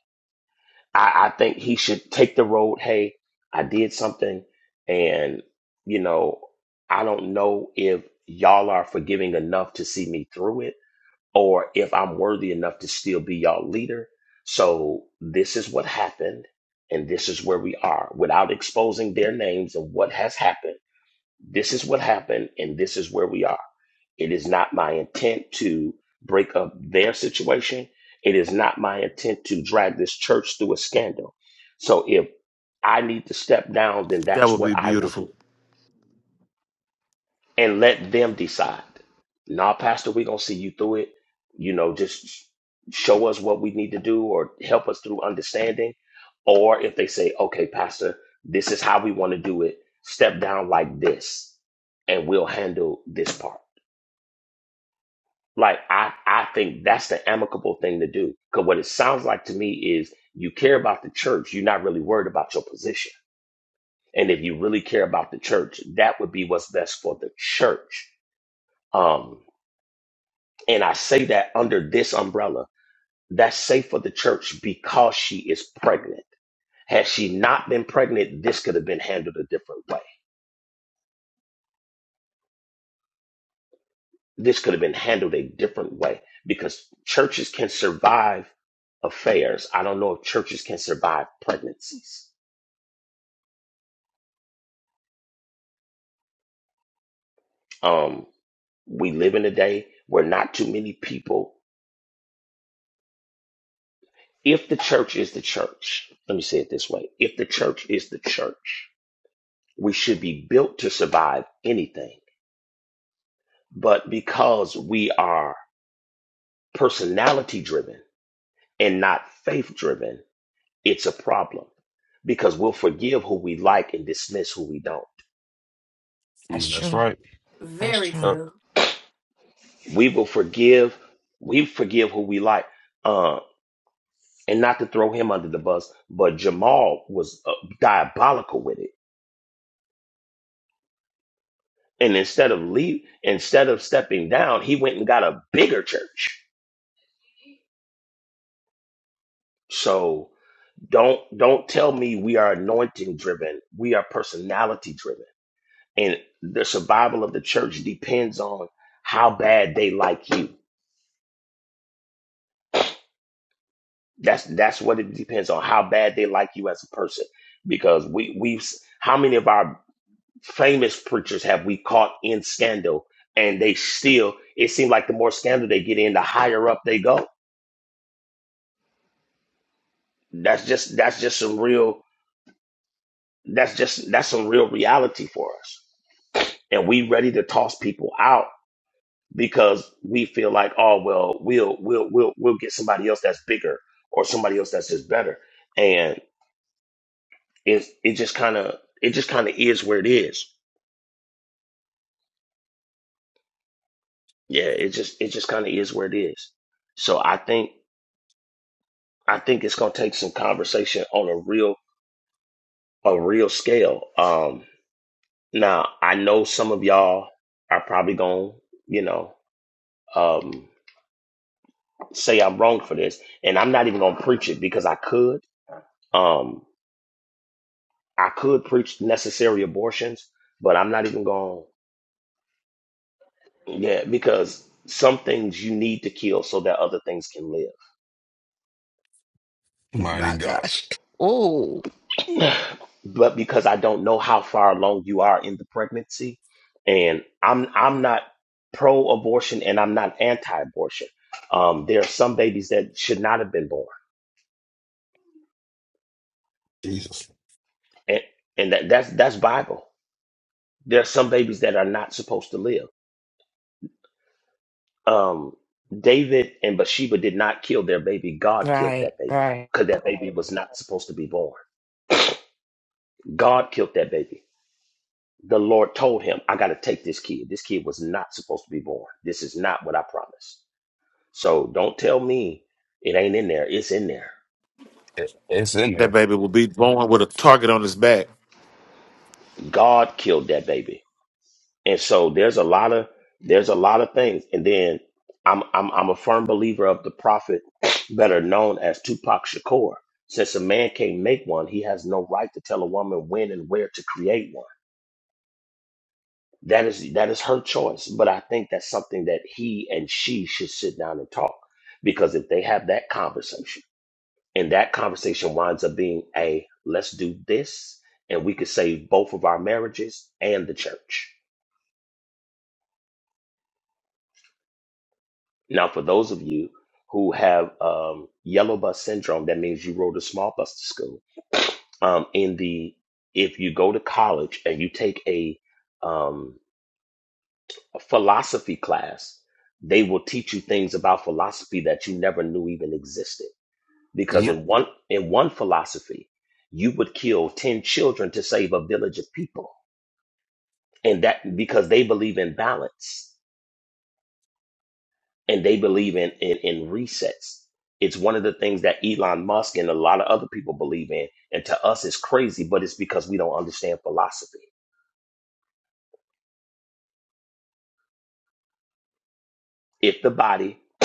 C: I, I think he should take the road. Hey, I did something, and you know, I don't know if y'all are forgiving enough to see me through it, or if I'm worthy enough to still be y'all leader. So this is what happened, and this is where we are. Without exposing their names and what has happened, this is what happened, and this is where we are. It is not my intent to break up their situation. It is not my intent to drag this church through a scandal. So if I need to step down, then
E: That
C: that's
E: would
C: what
E: be
C: I will do
E: beautiful.
C: and let them decide. Nah, Pastor, we're going to see you through it. You know, just show us what we need to do or help us through understanding. Or if they say, okay, Pastor, this is how we want to do it, step down like this and we'll handle this part. Like I, I think that's the amicable thing to do. Because what it sounds like to me is you care about the church. You're not really worried about your position. And if you really care about the church, that would be what's best for the church. Um, and I say that under this umbrella, that's safe for the church because she is pregnant. Had she not been pregnant, this could have been handled a different way. This could have been handled a different way because churches can survive affairs. I don't know if churches can survive pregnancies. Um, we live in a day where not too many people, if the church is the church, let me say it this way if the church is the church, we should be built to survive anything. But because we are personality driven and not faith driven, it's a problem because we'll forgive who we like and dismiss who we don't.
B: That's
F: That's
B: true.
F: right.
B: That's true.
F: Oh,
C: We will forgive, we forgive who we like. Uh, and not to throw him under the bus, but Jamal was uh, diabolical with it And instead of leave, instead of stepping down, he went and got a bigger church. So don't don't tell me we are anointing driven. We are personality driven. And the survival of the church depends on how bad they like you. That's that's what it depends on how bad they like you as a person. Because we we've how many of our famous preachers have we caught in scandal and they still it seems like the more scandal they get in, the higher up they go. That's just that's just some real That's just that's some real reality for us. And we ready to toss people out because we feel like, oh well, we'll we'll we'll we'll get somebody else that's bigger or somebody else that's just better. And it it just kind of it just kind of is where it is. Yeah, it just it just kind of is where it is. So I think I think it's gonna take some conversation on a real a real scale. Um, now I know some of y'all are probably gonna you know um, say I'm wrong for this, and I'm not even gonna preach it because I could. Um, I could preach necessary abortions, but I'm not even going Yeah, because some things you need to kill so that other things can
F: mighty
B: My
F: God,
B: gosh. Ooh.
C: live. but because I don't know how far along you are in the pregnancy, and I'm I'm not pro-abortion and I'm not anti-abortion. Um, there are some babies that should not have been born,
F: Jesus,
C: and and that, that's that's Bible. There are some babies that are not supposed to live um, David and Bathsheba did not kill their baby. God killed that
B: Right.
C: baby
B: Right.
C: because that baby was not supposed to be born. God killed that baby. The Lord told him, I got to take this kid. This kid was not supposed to be born. This is not what I promised. So don't tell me it ain't in there. It's in there.
F: It- it's in
E: That
F: there.
E: baby will be born with a target on his back.
C: God killed that baby. And so there's a lot of there's a lot of things. And then I'm I'm I'm a firm believer of the prophet better known as Tupac Shakur. Since a man can't make one, he has no right to tell a woman when and where to create one. That is that is her choice. But I think that's something that he and she should sit down and talk. Because if they have that conversation and that conversation winds up being a let's do this and we could save both of our marriages and the church Now, for those of you who have um, yellow bus syndrome, that means you rode a small bus to school. Um, in the if you go to college and you take a, um, a philosophy class, they will teach you things about philosophy that you never knew even existed. Because
F: Yep,
C: in one in one philosophy, you would kill ten children to save a village of people, and that because they believe in balance and they believe in, in in resets. It's one of the things that Elon Musk and a lot of other people believe in, and to us it's crazy, but it's because we don't understand philosophy. If the body,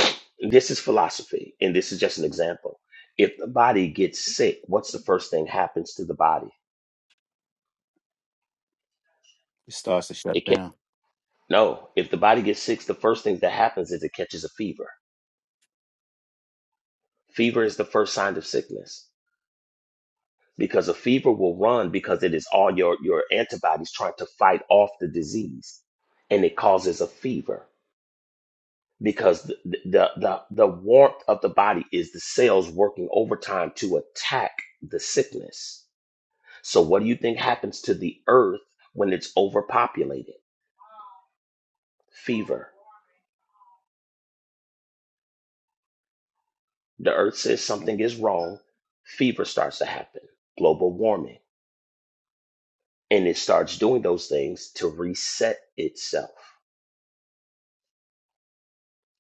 C: this is philosophy, and this is just an example. If the body gets sick, what's the first thing happens to the body?
O: It starts to shut
C: It can not
O: down.
C: no. If the body gets sick, the first thing that happens is it catches a fever. Fever is the first sign of sickness because a fever will run because it is all your, your antibodies trying to fight off the disease and it causes a fever because the, the, the, the warmth of the body is the cells working overtime to attack the sickness. So, what do you think happens to the earth when it's overpopulated? Fever. The earth says something is wrong, fever starts to happen, global warming, and it starts doing those things to reset itself.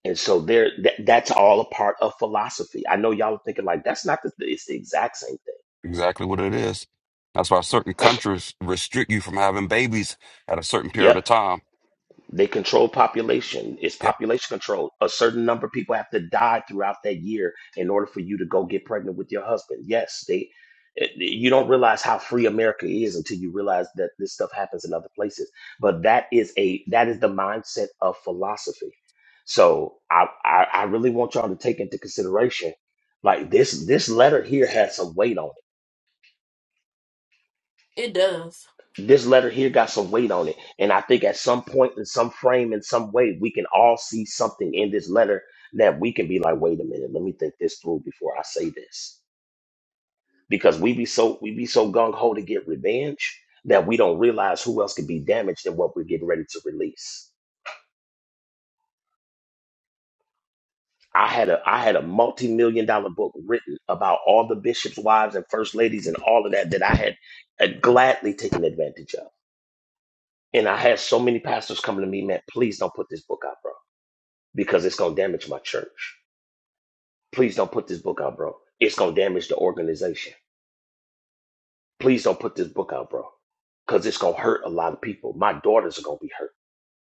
C: And so there, that that's all a part of philosophy. I know y'all are thinking like that's not the. It's the exact same thing.
F: exactly what it is. That's why certain countries restrict you from having babies at a certain period
C: Yep,
F: of time.
C: they control population. It's
F: Yep,
C: population control. A certain number of people have to die throughout that year in order for you to go get pregnant with your husband. Yes, they. it- You don't realize how free America is until you realize that this stuff happens in other places. But that is a that is the mindset of philosophy. So I I, I really want y'all to take into consideration like this this letter here has some weight on it this letter here got some weight on it. And I think at some point, in some frame, in some way, we can all see something in this letter that we can be like, wait a minute, let me think this through before I say this. Because we be so we be so gung ho to get revenge that we don't realize who else could be damaged in what we're getting ready to release. I had a I had a multi-million dollar book written about all the bishops' wives and first ladies and all of that that I had had gladly taken advantage of. And I had so many pastors coming to me, man, please don't put this book out, bro because it's going to damage my church. Please don't put this book out, bro. It's going to damage the organization. Please don't put this book out, bro, because it's going to hurt a lot of people. My daughters are going to be hurt.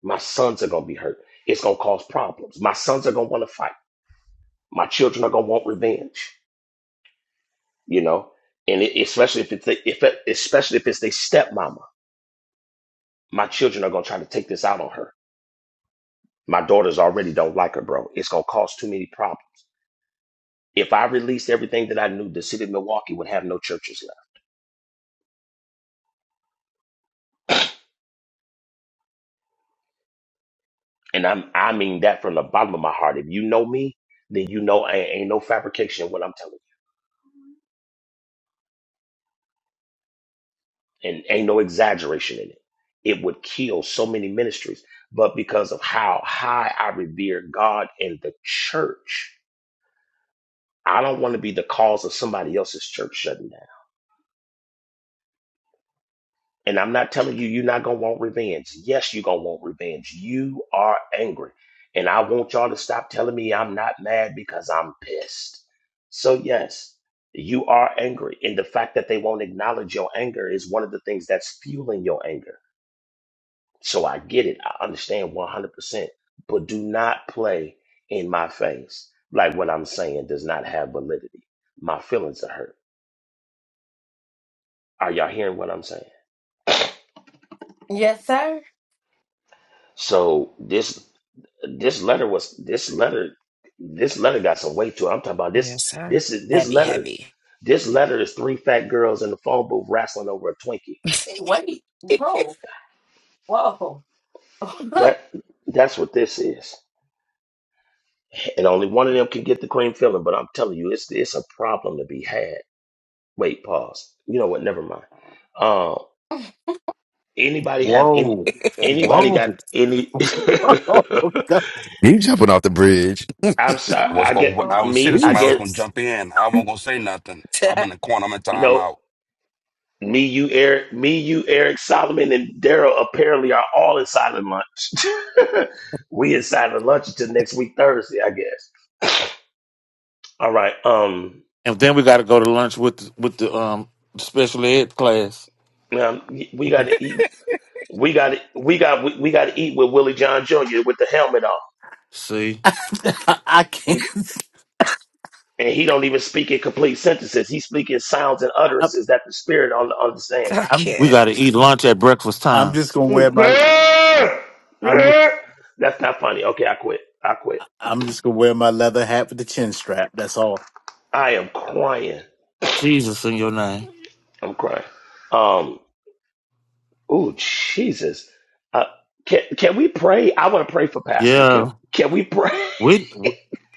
C: My sons are going to be hurt. It's going to cause problems. My sons are going to want to fight. My children are going to want revenge, you know? And it, especially if it's the, if it, especially if it's their stepmama, my children are gonna try to take this out on her. My daughters already don't like her, bro. It's gonna cause too many problems. If I released everything that I knew, the city of Milwaukee would have no churches left and I'm I mean that from the bottom of my heart. If you know me, then you know I ain't no fabrication in what I'm telling you, and ain't no exaggeration in it. It would kill so many ministries, but because of how high I revere God and the church, I don't want to be the cause of somebody else's church shutting down. And I'm not telling you, you're not going to want revenge. Yes, you're going to want revenge. You are angry. And I want y'all to stop telling me I'm not mad because I'm pissed. So, yes, you are angry. And the fact that they won't acknowledge your anger is one of the things that's fueling your anger. So, I get it. I understand 100%. But do not play in my face. Like what I'm saying does not have validity. My feelings are hurt. Are y'all hearing what I'm saying? So, this. This letter was this letter this letter got some weight to it. I'm talking about this
B: Yes, sir.
C: this is this
B: Heavy,
C: letter
B: heavy.
C: this letter is three fat girls in the phone booth wrestling over a Twinkie. That that's what this is. And only one of them can get the cream filling, but I'm telling you, it's it's a problem to be had. Wait, pause. You know what? Never mind. Um anybody have any
O: Whoa.
C: anybody
O: Whoa.
C: got any
O: Oh, God,
L: He jumping off the bridge.
C: I'm
F: I
C: sorry,
F: was
C: I
F: going. I
C: get
F: was
C: me,
F: sitting.
C: I
F: Somebody was
C: get
F: going to
O: Jesus.
F: jump in. I wasn't going to say nothing. I'm in
B: That
F: the corner. I'm in
C: no
F: timeout.
C: Me, you, Eric, me, you, Eric, Solomon, and Daryl apparently are all in silent lunch. we in silent lunch until next week Thursday, I guess. All right. Um,
E: And then we got to go to lunch with the, with the um special ed class.
C: um we got to eat. We got to we got we, we got to eat with Willie John Jr. with the helmet on.
E: See,
O: I can't.
C: We and he don't even speak in complete sentences. He speak in sounds and
O: I'm,
C: utterances that the spirit un- understands.
B: I
O: I'm
E: we
B: can't.
E: got to eat lunch at breakfast
O: I'm
E: time.
O: just gonna wear my I'm
C: That's not funny. Okay, I quit. I quit.
O: I'm just gonna wear my leather hat with the chin strap. That's all.
C: I am crying.
E: Jesus in your name.
C: I'm crying. Um. Oh, Jesus. Uh, can can we pray? I want to pray for Pastor. Can
E: Yeah,
C: can we pray?
E: we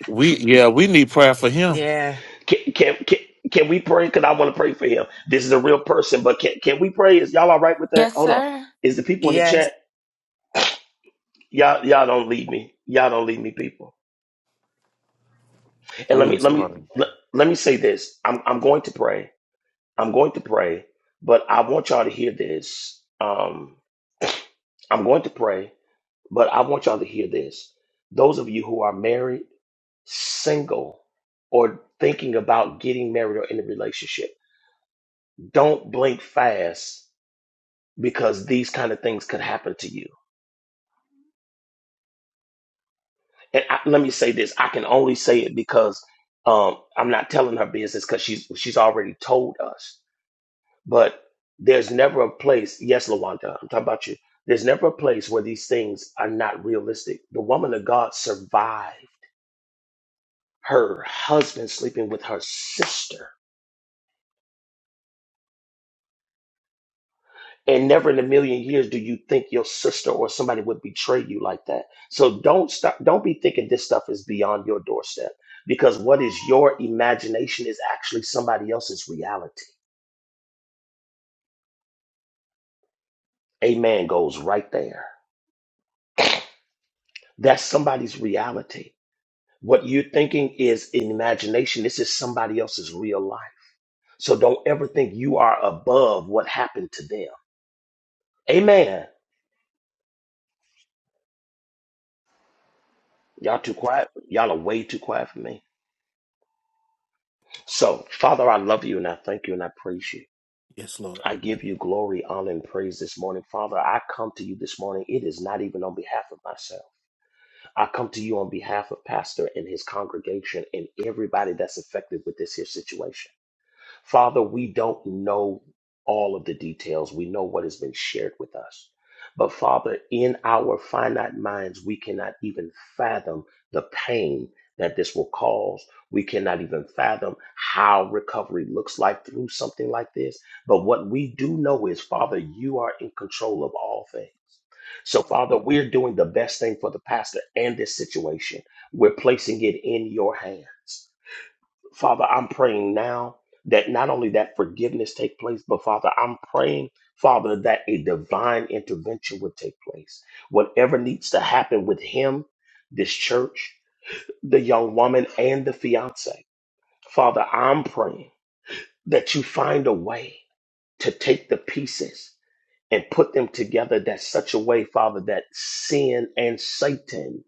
E: we yeah we need prayer for him.
B: Yeah.
C: Can can can, can we pray? Because I want to pray for him. This is a real person, but can can we pray? Is y'all all right with that? Hold on. Is the people in the chat?
B: Yes.
C: Y'all y'all don't leave me. Y'all don't leave me, people. And let me
E: Please
C: let me
E: pray.
C: let, let me say this. I'm I'm going to pray. I'm going to pray, but I want y'all to hear this. Um, I'm going to pray, But I want y'all to hear this. Those of you who are married, single, or thinking about getting married or in a relationship, don't blink fast because these kind of things could happen to you. And I, let me say this: I can only say it because um, I'm not telling her business because she's she's already told us. But there's never a place. Yes, Lawanda, I'm talking about you. There's never a place where these things are not realistic. The woman of God survived her husband sleeping with her sister. And never in a million years do you think your sister or somebody would betray you like that. So don't stop don't be thinking this stuff is beyond your doorstep because what is your imagination is actually somebody else's reality. Amen goes right there. That's somebody's reality. What you're thinking is in imagination. This is somebody else's real life. So don't ever think you are above what happened to them. Amen. Y'all too quiet. Y'all are way too quiet for me. So, Father, I love you and I thank you and I praise you.
O: Yes, Lord.
C: I give you glory, honor, and praise this morning. Father, I come to you this morning. It is not even on behalf of myself. I come to you on behalf of Pastor and his congregation and everybody that's affected with this here situation. Father, we don't know all of the details. We know what has been shared with us. But Father, in our finite minds, we cannot even fathom the pain that this will cause. We cannot even fathom how recovery looks like through something like this. But what we do know is, Father, you are in control of all things. So, Father, we're doing the best thing for the pastor and this situation. We're placing it in your hands. Father, I'm praying now that not only that forgiveness take place, but Father, I'm praying, Father, that a divine intervention would take place. Whatever needs to happen with him, this church, the young woman, and the fiance, Father, I'm praying that you find a way to take the pieces and put them together that such a way, Father, that sin and Satan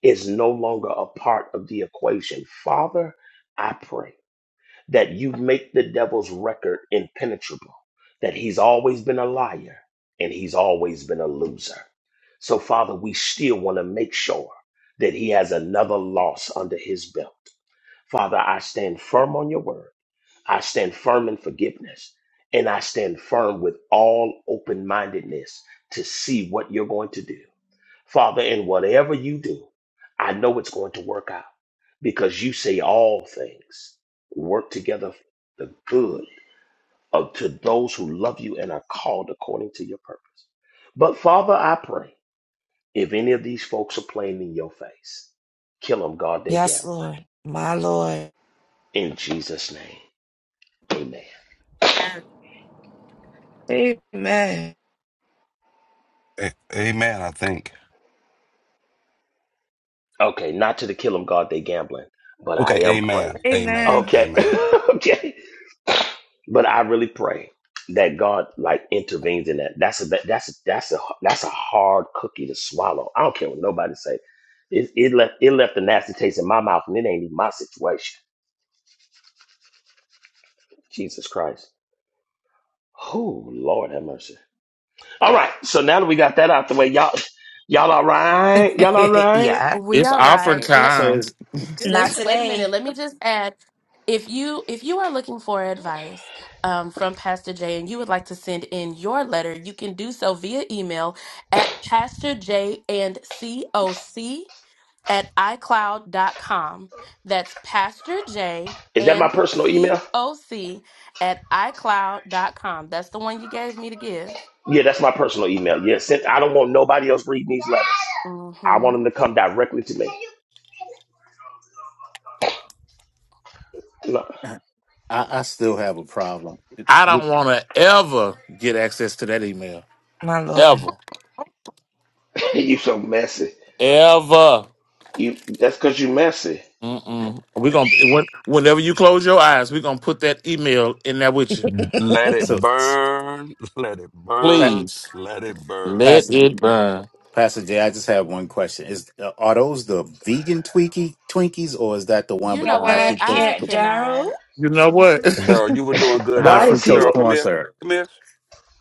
C: is no longer a part of the equation. Father, I pray that you make the devil's record impenetrable, that he's always been a liar and he's always been a loser. So, Father, we still want to make sure that he has another loss under his belt. Father, I stand firm on your word. I stand firm in forgiveness. And I stand firm with all open mindedness to see what you're going to do. Father, in whatever you do, I know it's going to work out because you say all things work together for the good of to those who love you and are called according to your purpose. But Father, I pray if any of these folks are playing in your face, kill them, God, they
B: Yes,
C: gambling.
B: Lord. My Lord.
C: In Jesus' name, amen.
D: Um,
B: Amen.
F: A- amen, I think.
C: Okay, not to the kill them, God, they gambling, but I
F: Okay,
C: am praying.
F: amen. Amen.
B: Amen.
C: Okay,
F: Amen.
C: okay. But I really pray that God like intervenes in that. That's a that- that's a, that's a that's a hard cookie to swallow. I don't care what nobody say. It, it left it left a nasty taste in my mouth, and it ain't even my situation. Jesus Christ. Oh Lord have mercy. All right, so now that we got that out the way, y'all y'all all right? Y'all all right?
B: yeah.
E: It's offering
O: So
E: time.
O: is.
B: Not today.
C: Is that my personal email? Yeah, that's my personal email. Yeah, since I don't want nobody else reading these letters. I want them to come directly to me. No,
O: I, I still have a problem. It-
E: I don't want to ever get access to that email.
B: My Lord.
E: Ever,
C: you so messy.
E: ever.
C: You that's because you messy.
E: Mm-mm. We're gonna when- whenever you close your eyes, we're gonna put that email in there with you.
F: Let it
O: So, s-
F: burn. Let it
O: Pa-
F: burn.
E: Please
F: Let it burn.
E: let
O: Pastor,
E: it burn.
O: Pastor Jay, I just have one question: Is uh, are those the vegan Twinkie Twinkies, or is that the one with the high
B: I
O: fructose
B: can't,
O: the
B: Daryl.
E: You know what?
F: Daryl, you were doing good,
O: high
C: Why
F: Daryl.
C: is he?
O: fructose
F: Daryl, come
O: corn
F: here.
O: syrup?
F: Come here.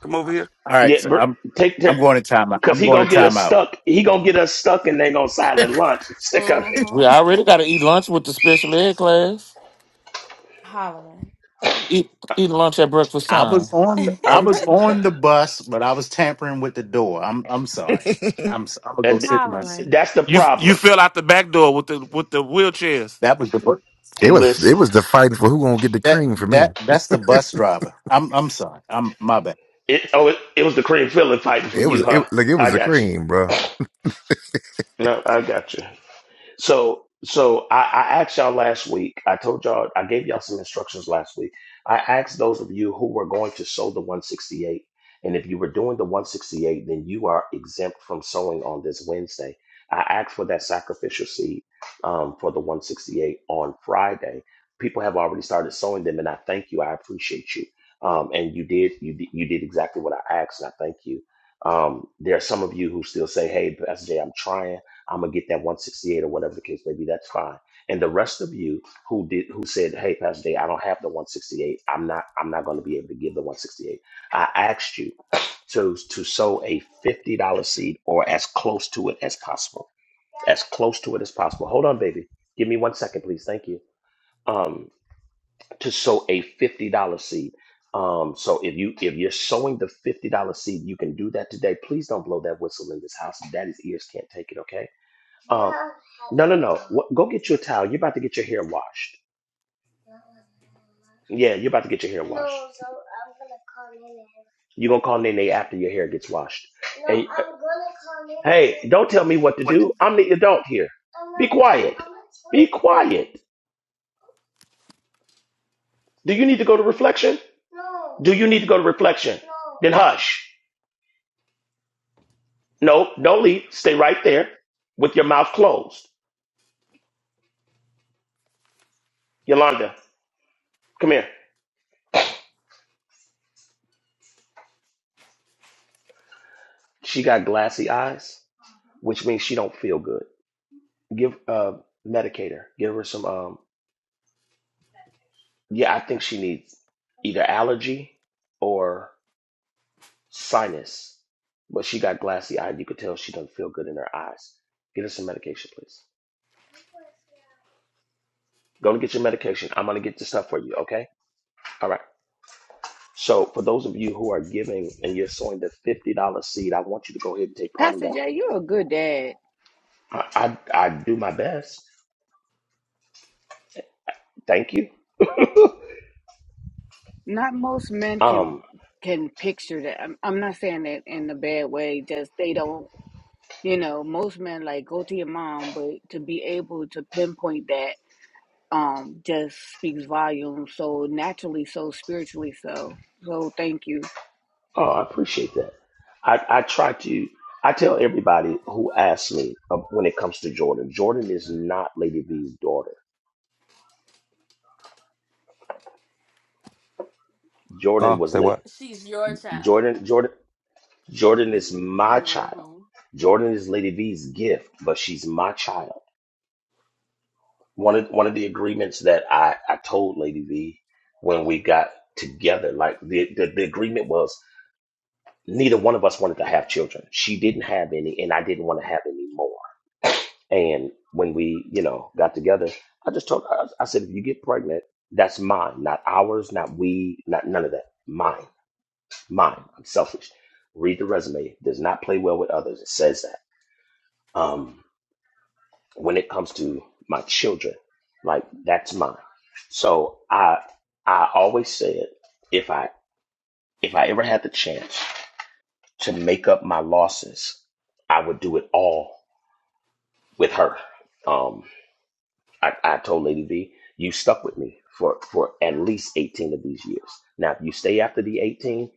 F: Come over here.
O: All right,
C: Yeah,
O: so
C: br-
O: I'm
C: take
O: I'm going to time out.
C: because
O: I'm
C: he
O: going to
C: gonna get us
O: time out.
C: stuck. He gonna get us stuck, and they gonna silent lunch. Sick of it.
E: we already gotta eat lunch with the special ed class. Eat eat lunch at breakfast
O: I
E: time.
O: was on I
C: I,
O: was on the bus, but I was tampering with the door. I'm I'm sorry. I'm s- I'm gonna go
C: and
O: sit in my seat.
C: that's the
E: You you
C: problem.
E: fell out the back door with the with the wheelchairs.
O: That was the bu-
L: It was it
C: Listen,
L: was the fighting for who gonna get the
O: that
L: cream for me.
O: that that's the bus driver. I'm I'm sorry. I'm my bad.
C: it oh, it, it was the cream filling fighting for
L: It
C: you,
L: was it
C: huh?
L: like it
C: I
L: was a
C: got you.
L: cream, bro.
C: No, I got you. So so I, I asked y'all last week. I told y'all I gave y'all some instructions last week. I asked those of you who were going to sow the 168, and if you were doing the 168, then you are exempt from sowing on this Wednesday. I asked for that sacrificial seed um, for the 168 on Friday. People have already started sowing them, and I thank you. I appreciate you. Um, and you did you did, you did exactly what I asked, and I thank you. Um, there are some of you who still say, "Hey, Pastor Jay, I'm trying." I'm gonna get that 168 or whatever the case may be. That's fine. And the rest of you who did who said, "Hey, Pastor Day, I don't have the 168. I'm not. I'm not going to be able to give the 168." I asked you to to sow a fifty dollar seed or as close to it as possible, as close to it as possible. Hold on, baby. Give me one second, please. Thank you. Um, to sow a fifty dollar seed. Um, so if you if you're sowing the fifty dollar seed, you can do that today. Please don't blow that whistle in this house. Daddy's ears can't take it. Okay um, no, no, no. What, go get you a towel. You're about to get your hair washed. Yeah, you're about to get your hair washed. You're going to call Nene after your hair gets washed. And- Hey, don't tell me what to do. I'm the adult here. Be quiet. Be quiet. Do you need to go to reflection? Do you need to go to reflection? Then hush. No, don't leave. Stay right there with your mouth closed. Yolanda, come here. She got glassy eyes, which means she don't feel good. give uh medicator give her some um yeah i think she needs either allergy or sinus but she got glassy eyed you could tell she doesn't feel good in her eyes get her some medication please go and get your medication i'm gonna get the stuff for you okay all right so for those of you who are giving and you're sowing the $50 seed i want you to go ahead and take part in
K: Pastor
C: that
K: Jay, you're a good dad.
C: i i, I do my best thank you
K: Not most men can
C: um
K: can picture that. I'm, I'm not saying that in a bad way. Just they don't. You know, most men like go to your mom, but to be able to pinpoint that um just speaks volumes. So naturally, so spiritually, so so thank you.
C: Oh, I appreciate that. I, I try to, I tell everybody who asks me uh, when it comes to Jordan, Jordan is not Lady V's daughter. Jordan
F: Uh,
C: was
F: say
C: late.
F: what?
C: Jordan, Jordan, Jordan is my child. Jordan is Lady V's gift, but she's my child. One of, one of the agreements that I, I told Lady V when we got together, like the, the, the agreement was neither one of us wanted to have children. She didn't have any, and I didn't want to have any more. And when we, you know, got together, I just told her, I I said, if you get pregnant, that's mine, not ours, not we, not none of that. Mine, mine. I'm selfish. Read the resume. It does not play well with others. It says that. Um, when it comes to my children, like that's mine. So I, I always said, if I, if I ever had the chance to make up my losses, I would do it all with her. Um, I, I told Lady V, you stuck with me for, for at least 18 of these years. Now, if you stay after the 18,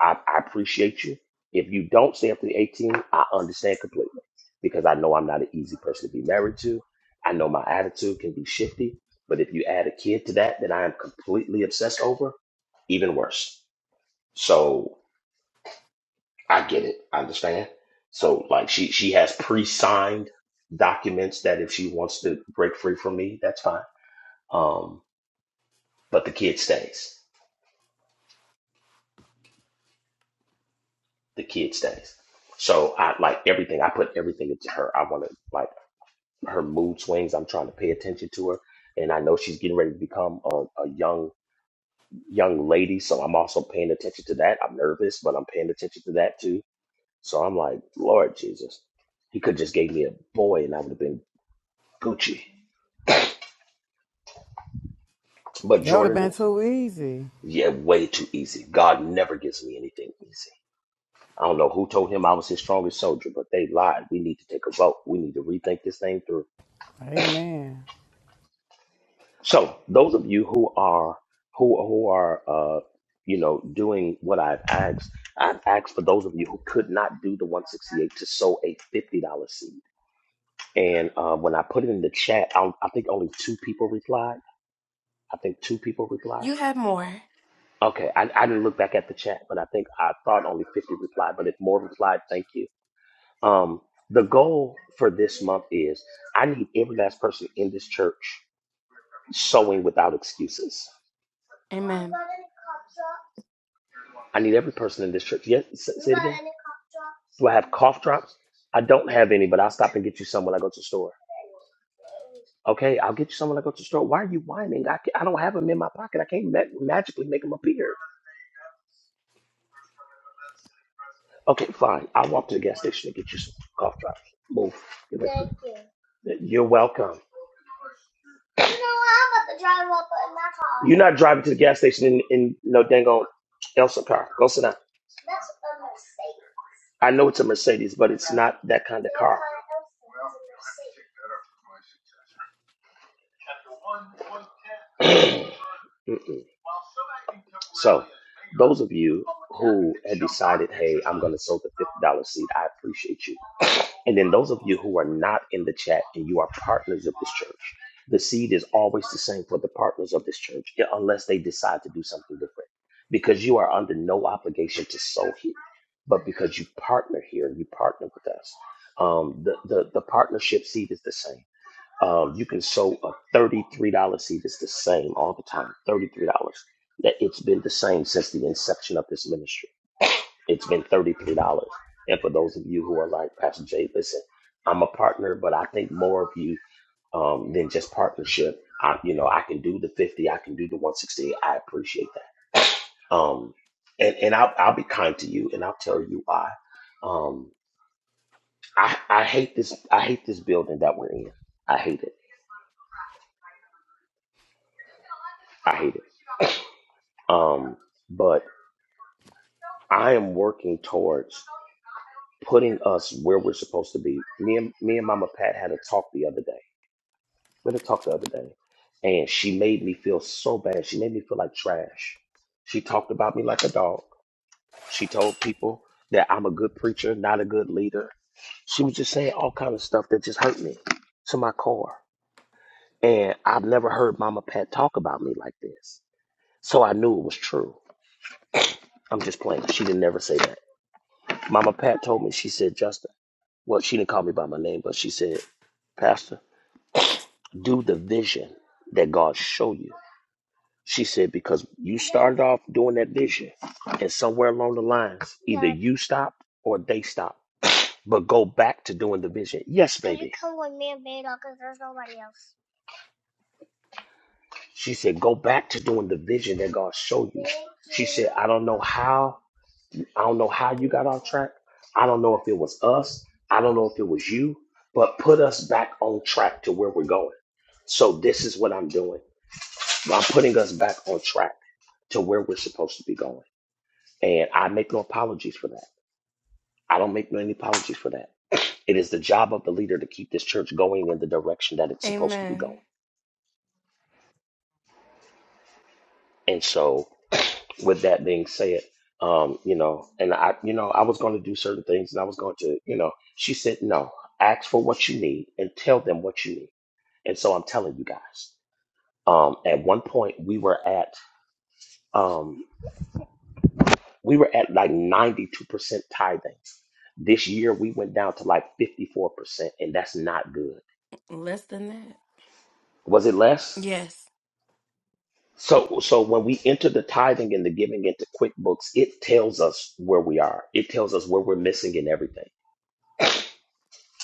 C: I, I appreciate you. If you don't stay after the 18, I understand completely because I know I'm not an easy person to be married to. I know my attitude can be shifty, but if you add a kid to that that I am completely obsessed over, even worse. So I get it. I understand. So like she she has pre-signed documents that if she wants to break free from me, that's fine. Um, but the kid stays. The kid stays. So I like everything. I put everything into her. I want to like her mood swings. I'm trying to pay attention to her, and I know she's getting ready to become a, a young young lady. So I'm also paying attention to that. I'm nervous, but I'm paying attention to that too. So I'm like, Lord Jesus, he could just gave me a boy, and I would have been Gucci. But
N: That would have
C: Jordan
N: been
C: is
N: too easy.
C: yeah, way too easy. God never gives me anything easy. I don't know who told him I was his strongest soldier, but they lied. We need to take a vote. We need to rethink this thing through.
N: Amen.
C: So those of you who are who who are uh, you know doing what I've asked, I've asked for those of you who could not do the 168 to sow a fifty dollar seed. And uh, when I put it in the chat, I, I think only two people replied. I think two people replied. Okay, I, I didn't look back at the chat, but I think I thought only 50 replied. But if more replied, thank you Um, the goal for this month is I need every last person in this church sowing without excuses. I need every person in this church. Yes, say say it again. Do I have cough drops? I don't have any, but I'll stop and get you some when I go to the store. Okay, I'll get you some when I go to the store. Why are you whining? I, ca- I don't have them in my pocket. I can't ma- magically make them appear. Okay, fine. I'll walk to the gas station and get you some cough drops. Move. Get away from me. You're welcome. You're not driving to the gas station in, in no dang old Elsa car. Go sit down. I know it's a Mercedes, but it's not that kind of car. Mm-mm. So, those of you who had decided, hey, I'm going to sow the $50 seed, I appreciate you. And then those of you who are not in the chat and you are partners of this church, the seed is always the same for the partners of this church, yeah, unless they decide to do something different. Because you are under no obligation to sow here, but because you partner here and you partner with us, um, the, the the partnership seed is the same. Um, you can sow a thirty-three dollar seed; it's the same all the time. Thirty-three dollars. That it's been the same since the inception of this ministry it's been $33. And for those of you who are like, Pastor Jay, listen, I'm a partner, but I think more of you um, than just partnership. I, you know, I can do the 50, I can do the 160. I appreciate that. Um, and and I'll, I'll be kind to you and I'll tell you why. Um, I, I hate this. I hate this building that we're in. I hate it. I hate it. Um, but I am working towards putting us where we're supposed to be. Me and me and Mama Pat had a talk the other day with her talk the other day, and she made me feel so bad. She made me feel like trash. She talked about me like a dog. She told people that I'm a good preacher, not a good leader. She was just saying all kind of stuff that just hurt me to my core. And I've never heard Mama Pat talk about me like this. So I knew it was true. I'm just playing. She didn't never say that. Mama Pat told me, she said, Justin, well, she didn't call me by my name, but she said, Pastor, do the vision that God showed you She said, because you started off doing that vision, and somewhere along the lines, either you stop or they stop. But go back to doing the vision. Yes, baby. She said, go back to doing the vision that God showed you. She said, I don't know how. I don't know how you got off track. I don't know if it was us. I don't know if it was you, but put us back on track to where we're going. So this is what I'm doing. I'm putting us back on track to where we're supposed to be going. And I make no apologies for that. I don't make any apologies for that. It is the job of the leader to keep this church going in the direction that it's supposed to be going. And so, with that being said, um, you know, and I, you know, I was going to do certain things, and I was going to, you know, she said, no, ask for what you need and tell them what you need. And so, I'm telling you guys. Um, at one point, we were at um, we were at like 92 percent tithing. This year, we went down to like 54 percent, and that's not good Was it less? So so when we enter the tithing and the giving into QuickBooks, it tells us where we are. It tells us where we're missing in everything.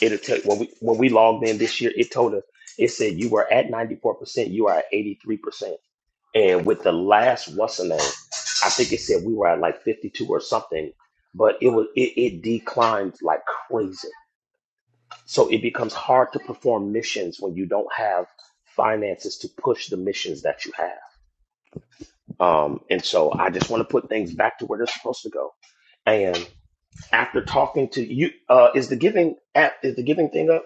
C: It'll tell when we when we logged in this year, it told us it said you were at 94%, you are at 83%. And with the last what's the name, I think it said we were at like 52 or something, but it was it, it declined like crazy. So it becomes hard to perform missions when you don't have finances to push the missions that you have. Um, and so I just want to put things back to where they're supposed to go. And after talking to you, uh, is the giving app, is the giving thing up?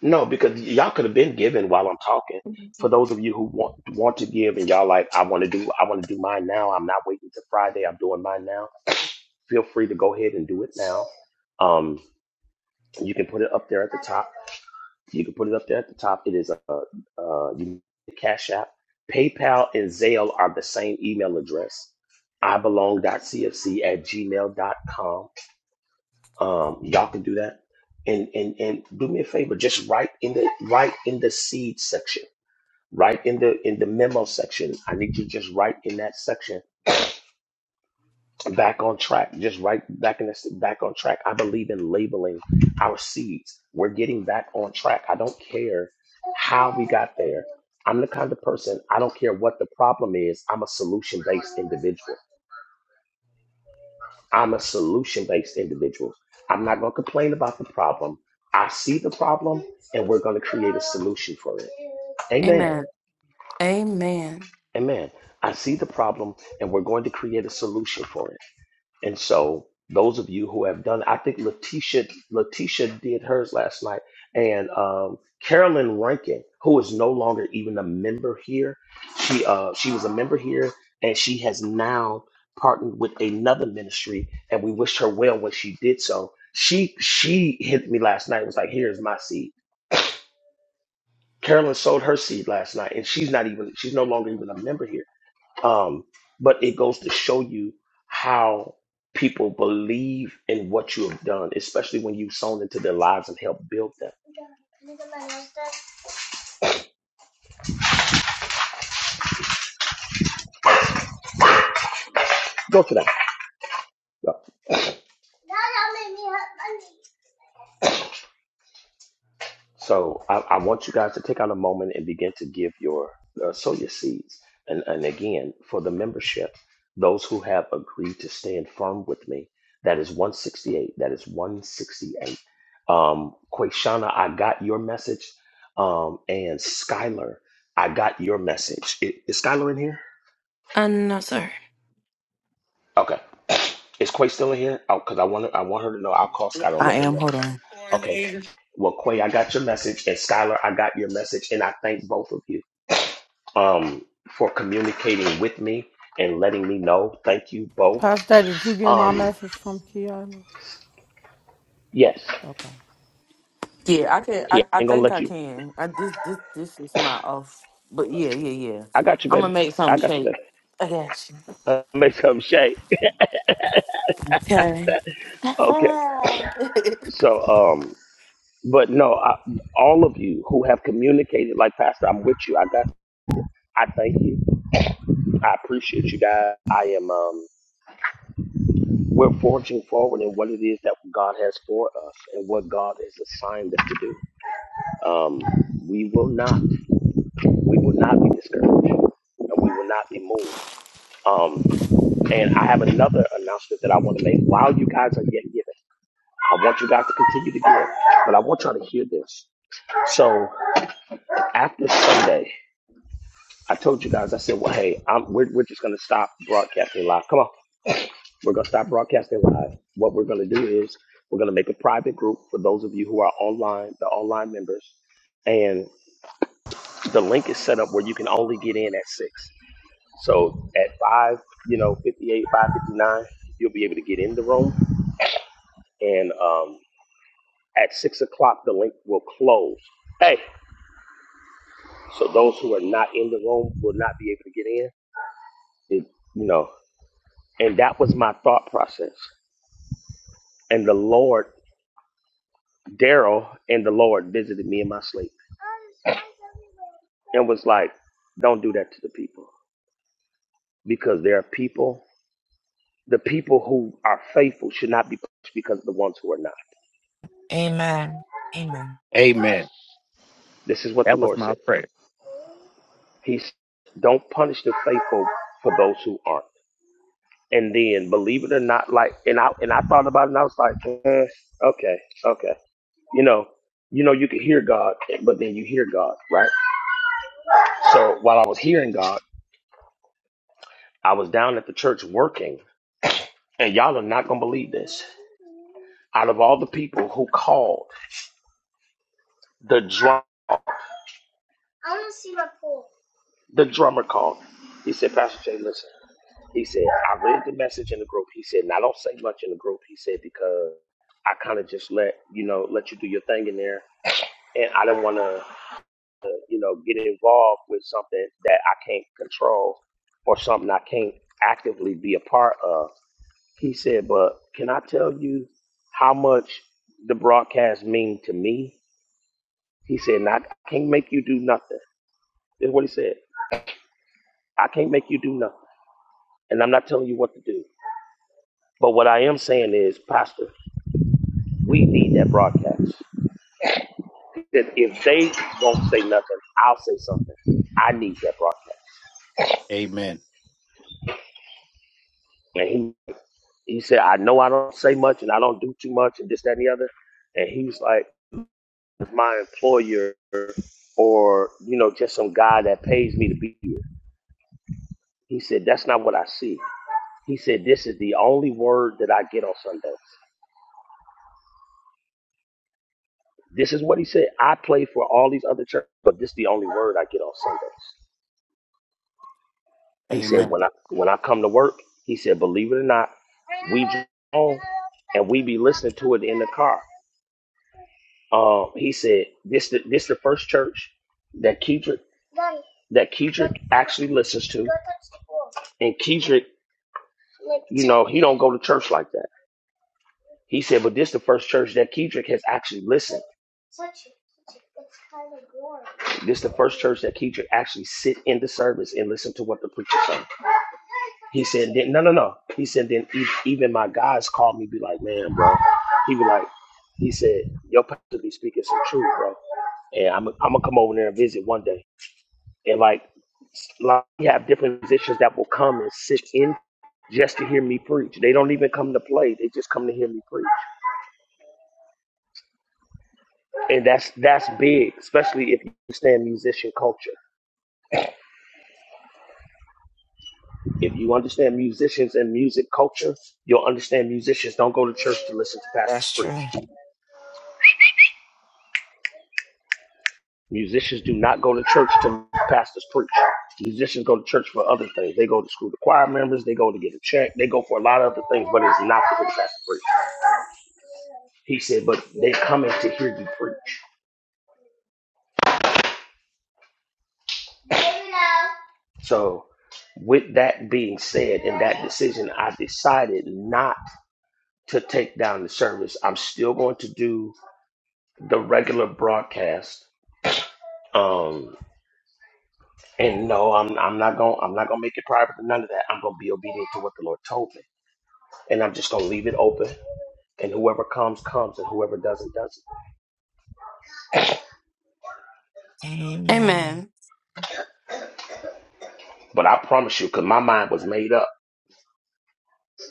C: No, because y'all could have been giving while I'm talking. For those of you who want want to give and y'all like, I want to do, I want to do mine now. I'm not waiting till Friday. I'm doing mine now. Feel free to go ahead and do it now. Um, you can put it up there at the top. You can put it up there at the top. It is a uh, you Cash App, PayPal, and Zelle are the same email address. I belong dot cfc at gmail gmail.com. Um, y'all can do that. And, and and do me a favor, just write in the write in the seed section, write in the in the memo section. I need you to just write in that section back on track just right back in this back on track i believe in labeling our seeds we're getting back on track i don't care how we got there i'm the kind of person i don't care what the problem is i'm a solution based individual i'm a solution based individual i'm not going to complain about the problem i see the problem and we're going to create a solution for it amen amen i see the problem and we're going to create a solution for it And so those of you who have done, I think Letitia Letitia did hers last night, and um, Carolyn Rankin, who is no longer even a member here, she uh, she was a member here, and she has now partnered with another ministry, and we wished her well when she did so. She she hit me last night, was like, "Here's my seed." Carolyn sold her seed last night, and she's not even she's no longer even a member here um, but it goes to show you how people believe in what you have done, especially when you've sown into their lives and helped build them. Go to that. Yeah. So I, I want you guys to take out a moment and begin to give your uh, sow your seeds. And and again, for the membership, those who have agreed to stand firm with me, that is 168. That is 168. Um, Quashana, I got your message. Um, and Skylar, I got your message. I- Is, Skylar in here? Okay. Is Quay still in here? Oh, because I want I want her to know. I'll call Skylar and
I: I
C: let him know.
I: am.
C: I
I: Hold on.
C: got- Okay. Well, Quay, I got your message, and Skylar, I got your message, and I thank both of you. um, for communicating with me and letting me know. Thank you both.
N: Pastor, did you get my
C: Um,
N: message from Kiala?
C: yes,
N: Okay.
I: Yeah, I can.
C: he
I: I, I
C: ain't gonna
I: think
C: let
I: I
C: you.
I: can. I this this this is my off. But yeah, yeah, yeah.
C: I got you,
I: I'm gonna
C: baby.
I: make something
C: I got you,
I: shake.
C: baby.
I: I got you.
C: Uh, make some shake.
I: Okay. I
C: Okay. So, um, but no, I, all of you who have communicated, like Pastor, I'm with you. I got. I thank you. I appreciate you guys. I am. Um, we're forging forward in what it is that God has for us and what God has assigned us to do. Um, we will not. we will not be discouraged and we will not be moved. Um, and I have another announcement that I want to make while you guys are yet giving. I want you guys to continue to give, but I want y'all to hear this. So after Sunday, I told you guys, I said, well, hey, I'm, we're, we're just going to stop broadcasting live. Come on. We're going to stop broadcasting live. What we're going to do is we're going to make a private group for those of you who are online, the online members. And the link is set up where you can only get in at six. So at five, you know, 58, 559, you'll be able to get in the room. And um, at six o'clock, the link will close. Hey, so those who are not in the room will not be able to get in. It, you know, and that was my thought process. And the Lord, Daryl, and the Lord visited me in my sleep and was like, "Don't do that to the people, because there are people. The people who are faithful should not be pushed because of the ones who are not."
B: Amen. Amen.
O: Amen.
C: This is what the
O: That was
C: Lord
O: my
C: said.
O: prayer.
C: He said, don't punish the faithful for those who aren't. And then, believe it or not, like, and I and I thought about it, and I was like, eh, okay, okay, you know, you know, you could hear God, but then you hear God, right? So while I was hearing God, I was down at the church working, and y'all are not gonna believe this. Out of all the people who called, the drum, the drummer called. He said, Pastor Jay, listen. He said, I read the message in the group. He said, and I don't say much in the group. He said, because I kind of just let, you know, let you do your thing in there. And I didn't want to, uh, you know, get involved with something that I can't control or something I can't actively be a part of. He said, but can I tell you how much the broadcast mean to me? He said, and I can't make you do nothing. Is what he said. I can't make you do nothing. And I'm not telling you what to do. But what I am saying is, Pastor, We need that broadcast. That if they don't say nothing, I'll say something. I need that broadcast.
O: Amen.
C: And he he said, I know I don't say much and I don't do too much and this, that, and the other. And he was like, "It's my employer or, you know, just some guy that pays me to be here. He said, That's not what I see. He said, This is the only word that I get on Sundays. This is what he said. I play for all these other churches, but this is the only word I get on Sundays. He said,
O: Amen.
C: when I when I come to work, he said, believe it or not, we drive home and we be listening to it in the car. Um, he said, this the, this the first church that Kedrick that Kedrick actually listens to, and Kedrick, you know, he don't go to church like that. He said, but this the first church that Kedrick has actually listened. This the first church that Kedrick actually sit in the service and listen to what the preacher saying. He said, then, no, no, no. He said, then e- even my guys called me, be like, man, bro. He was like, he said, your pastor be speaking some truth, bro. And I'm, I'm going to come over there and visit one day. And like, like, we have different musicians that will come and sit in just to hear me preach. They don't even come to play. They just come to hear me preach. And that's that's big, especially if you understand musician culture. If you understand musicians and music culture, you'll understand musicians don't go to church to listen to pastors
B: That's
C: preach.
B: true.
C: Musicians do not go to church to pastors preach. Musicians go to church for other things. They go to school to choir members. They go to get a check. They go for a lot of other things, but it's not to hear the pastor preach. He said, but they're coming to hear you preach. So, with that being said, and that decision, I decided not to take down the service. I'm still going to do the regular broadcast. Um, and no, I'm I'm not gonna I'm not gonna make it private or none of that. I'm gonna be obedient to what the Lord told me. and I'm just gonna leave it open. And whoever comes, comes, and whoever doesn't, doesn't.
B: Amen.
C: But I promise you, because my mind was made up.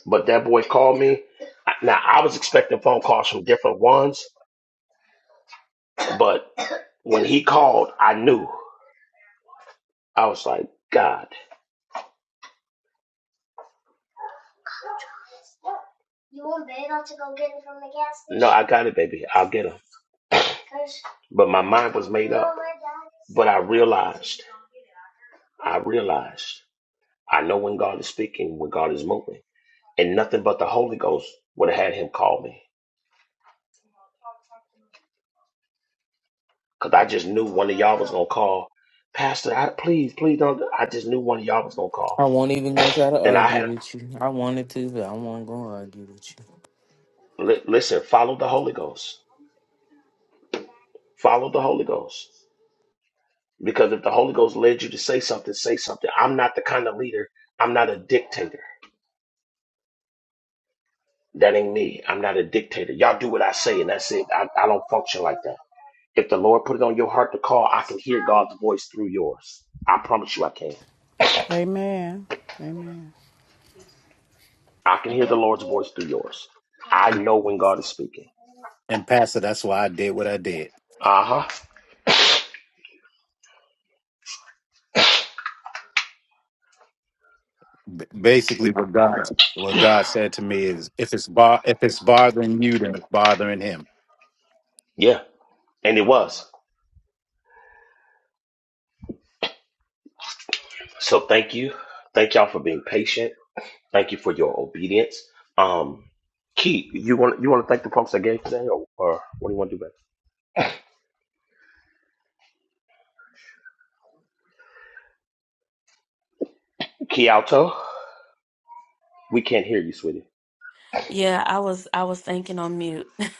C: But that boy called me. Now, I was expecting phone calls from different ones, but when he called, I knew. I was like, God. You want babe not to go get him from the gas station? No, I got it, baby. I'll get him. But my mind was made up. But I realized, I realized, I know when God is speaking, when God is moving. And nothing but the Holy Ghost would have had him call me. Cause I just knew one of y'all was gonna call, Pastor. I please, please don't. I just knew one of y'all was gonna call,
I: won't even gonna try to
C: and I
I: argue
C: had
I: with you. I wanted to, but I won't gonna argue with you.
C: li- listen. Follow the Holy Ghost. Follow the Holy Ghost. Because if the Holy Ghost led you to say something, say something. I'm not the kind of leader. I'm not a dictator. That ain't me. I'm not a dictator. Y'all do what I say, and that's it. I, I don't function like that. If the Lord put it on your heart to call, I can hear God's voice through yours. I promise you, I can.
N: Amen. Amen.
C: I can hear
O: And,
C: the Lord's voice through yours. I
O: and,
C: know when God is speaking.
O: and Pastor, that's why I did what I did.
C: Uh huh.
O: B- basically, what God what God said to me is, if it's bo- if it's bothering you, then it's bothering Him.
C: Yeah. And it was. So thank you. Thank y'all for being patient. Thank you for your obedience. Um Key, you want you want to thank the folks that gave today or, or what do you want to do back? Key Alto, we can't hear you, sweetie.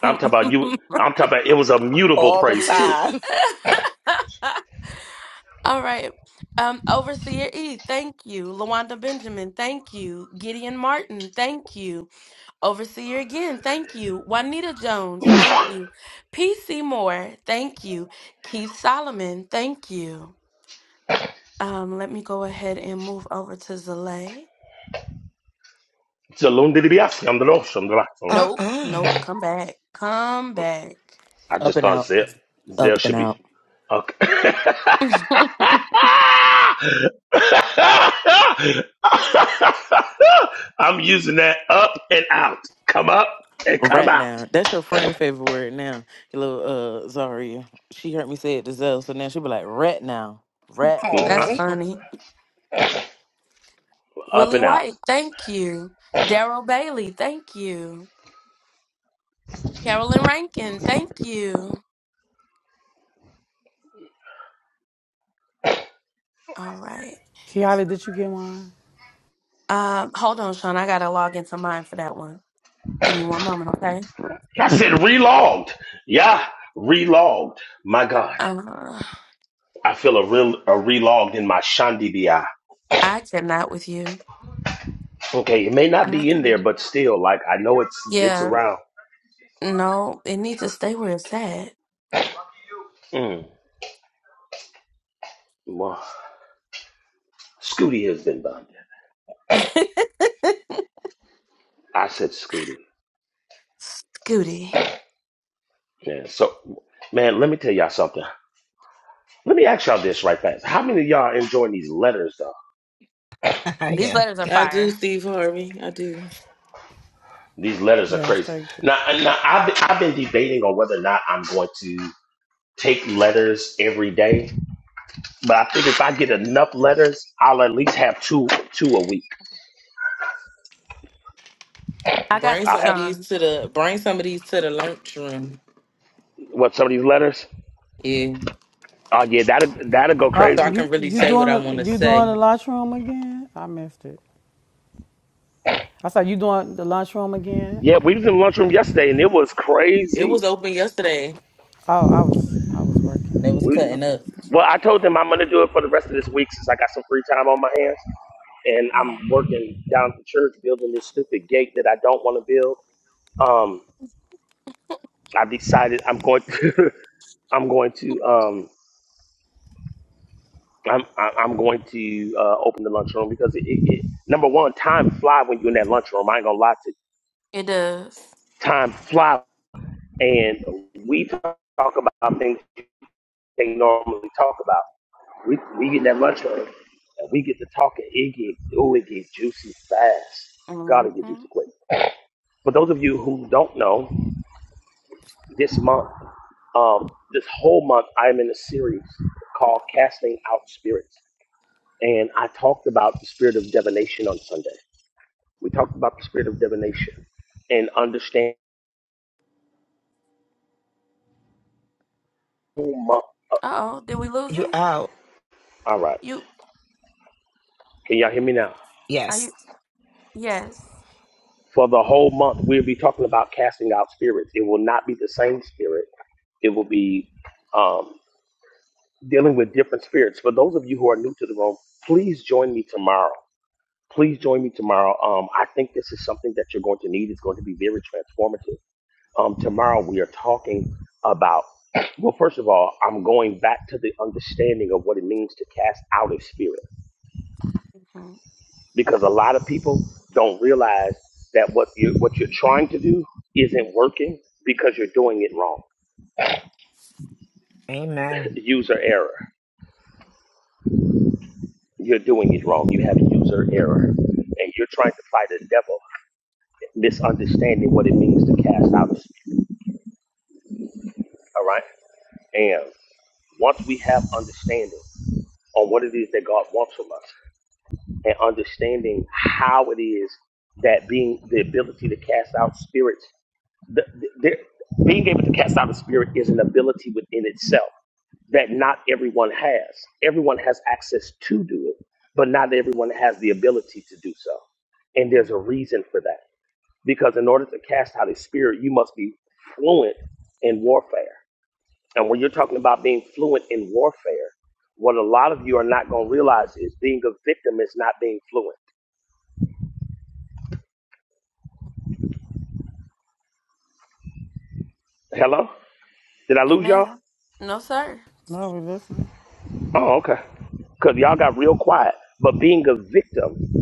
C: I'm talking about you I'm talking about it was a mutable
B: All the
C: praise too.
B: time.
C: Shalom didibiasi, I'm the Lord, I'm the Lord.
B: Uh-uh.
C: I
I: Up
C: just
I: and
C: thought
I: out.
C: Zell Zell
I: Up and
C: should be
I: out.
C: okay. I'm using that up and out. Come up and come
I: Right
C: out.
I: now. That's your friend favorite word now. Your little uh Zaria. She heard me say it to Zell, so now she'll be like, rat now. Rat
C: Mm, uh,
I: now.
B: Oh.
C: Up and out.
N: Kiala, did you get mine?
C: I said relogged. Yeah, relogged. My God, I feel a real a relogged in my Shandi BI. Okay, it may not be in there, but still, like I know it's it's around. Mm, well, Scooty has been bonded. I said Scooty. Yeah. So, man, let me tell y'all something. Let me ask y'all this right fast. How many of y'all enjoying these letters though?
B: yeah.
I: I do, Steve Harvey. I do.
C: These letters are
N: Yes,
C: crazy.
N: thank you.
C: Now, now I've been, I've been debating on whether or not I'm going to take letters every day, but I think if I get enough letters, I'll at least have two two a week.
I: Bring
C: I
I: some of
C: have
I: these to the bring some of these to the lunchroom.
C: what some of these letters.
I: Yeah.
C: Oh yeah, that'll that'll go
N: Uh,
I: So I
C: crazy.
N: you
I: can really
N: you
I: say
N: doing
I: what I
N: the
I: want to
N: you doing the
I: say.
N: lunchroom again? I missed it. I said you doing the lunchroom again?
C: Yeah, we was in the lunchroom yesterday and it was
I: It
C: crazy.
I: was open yesterday.
N: Oh, I was I was working.
I: and
N: I
I: They was
N: didn't
C: We,
N: get,
I: cutting
N: okay.
I: up.
C: well, I told them I'm gonna do it for the rest of this week since I got some free time on my hands. and I'm working down at the church building this stupid gate that I don't want to build. Um, I've decided I'm going to I'm going to um I'm I- I'm going to uh, open the lunchroom because it, it, it number one time fly when you're in that lunchroom. I ain't gonna lie to you. time fly, and we talk about things they normally talk about. We we get in that lunchroom and we get to talking. It get oh it get juicy fast. God it get juicy quick. For those of you who don't know, This month, um, this whole month, I'm in a series called Casting Out Spirits. And I talked about the spirit of divination on Sunday. We talked about the spirit of divination and understand the whole month. Oh,
B: You out.
C: All right. Can y'all hear me now?
B: Yes.
C: For the whole month, we'll be talking about casting out spirits. It will not be the same spirit. It will be um, dealing with different spirits. For those of you who are new to the room, please join me tomorrow. please join me tomorrow. Um, I think this is something that you're going to need. It's going to be very transformative. Um, tomorrow we are talking about. Well, first of all, I'm going back to the understanding of what it means to cast out a spirit, because a lot of people don't realize that what you what you're trying to do isn't working because you're doing it wrong.
B: Amen.
C: User error. You're doing it wrong. You have user error, and you're trying to fight a devil misunderstanding what it means to cast out a spirit. All right, and Once we have understanding on what it is that God wants from us and understanding how it is that being the ability to cast out spirits, the, the, there- being able to cast out a spirit is an ability within itself that not everyone has. Everyone has access to do it, but not everyone has the ability to do so. And there's a reason for that. Because in order to cast out a spirit, you must be fluent in warfare. And when you're talking about being fluent in warfare, what a lot of you are not going to realize is being a victim is not being fluent. Hello? Did I lose y'all?
N: No, we listening.
C: Oh, okay. Because y'all got real quiet. But being a victim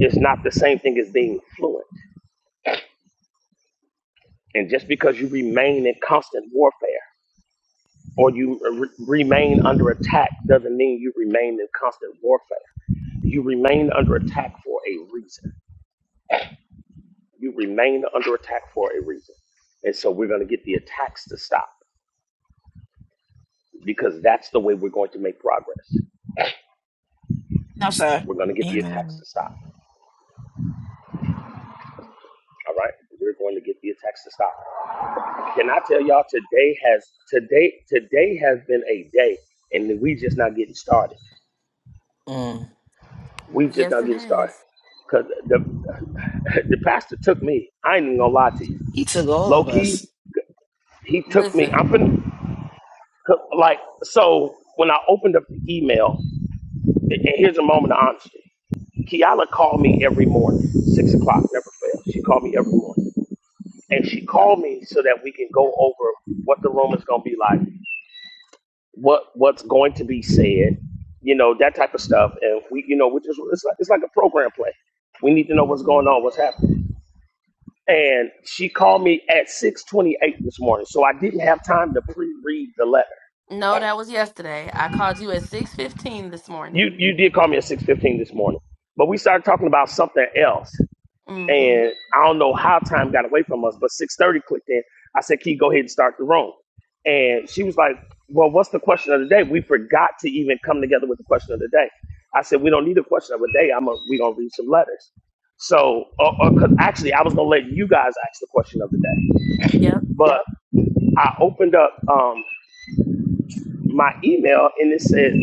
C: is not the same thing as being fluent. And just because you remain in constant warfare or you re- remain under attack doesn't mean you remain in constant warfare. You remain under attack for a reason. You remain under attack for a reason. And so we're going to get the attacks to stop. because that's the way we're going to make progress.
B: No, sir.
C: We're going to get the
B: Amen.
C: attacks to stop. All right, we're going to get the attacks to stop. Can I tell y'all today has today today has been a day, and we just not getting started.
I: Mm.
C: We just not getting started because the the pastor took me. I ain't even gonna lie to you,
B: He took all
C: low
B: of us.
C: key. He took me. I'm finna, like so when I opened up the email. And here's a moment of honesty. Kiala called me every morning, six o'clock, never fails. She called me every morning. and she called me so that we can go over what the room is going to be like, what what's going to be said, you know, that type of stuff. And we, you know, we just it's like it's like a program play. We need to know what's going on, what's happening. And she called me at six twenty eight this morning, so I didn't have time to pre read the letter. You you did call me at six fifteen this morning, but we started talking about something else. and I don't know how time got away from us, but 6:30 clicked in. I said, "Key, go ahead and start the room." And she was like, "Well, what's the question of the day? We forgot to even come together with the question of the day." I said, "We don't need a question of the day. I'm a, we gonna read some letters." So, uh, uh 'cause actually, I was gonna let you guys ask the question of the day, but I opened up um, my email and it said,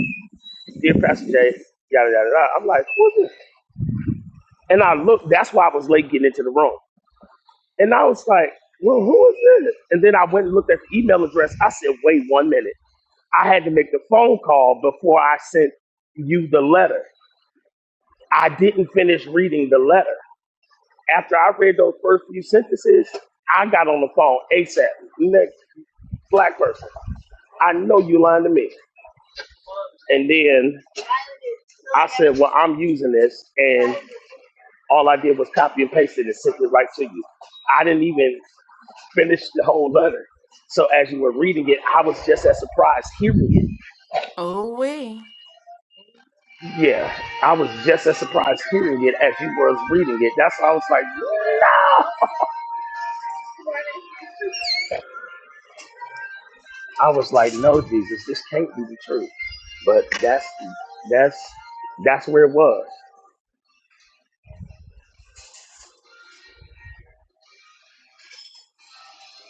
C: "Dear Pastor Jay, yada yada yada." I'm like, "Who's this?" And I looked. That's why I was late getting into the room. And I was like, well, who is this? And then I went and looked at the email address. I said, wait one minute. I had to make the phone call before I sent you the letter. I didn't finish reading the letter. After I read those first few sentences, I got on the phone ASAP. Next black person, I know you lying to me. And then I said, Well, I'm using this. And all I did was copy and paste it and sent it right to you. I didn't even finish the whole letter. So as you were reading it, I was just as surprised hearing it. Yeah, I was just as surprised hearing it as you was reading it. That's why I was like, no. I was like, no, Jesus, this can't be the truth. But that's that's that's where it was.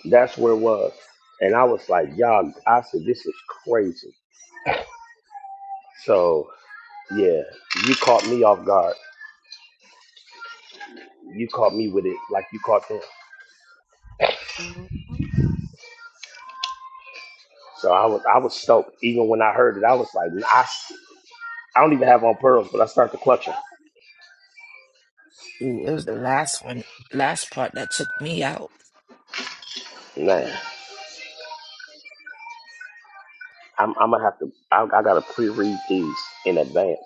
C: That's where it was. And I was like, y'all, I said, this is crazy. So yeah, you caught me off guard. You caught me with it like you caught them. So I was I was stoked. Even when I heard it, I was like, I I don't even have on pearls, but I start to clutch them.
B: Ooh, it was the last one, last part that took me out.
C: Man, I'm, I'm gonna have to. I, I gotta pre-read these in advance.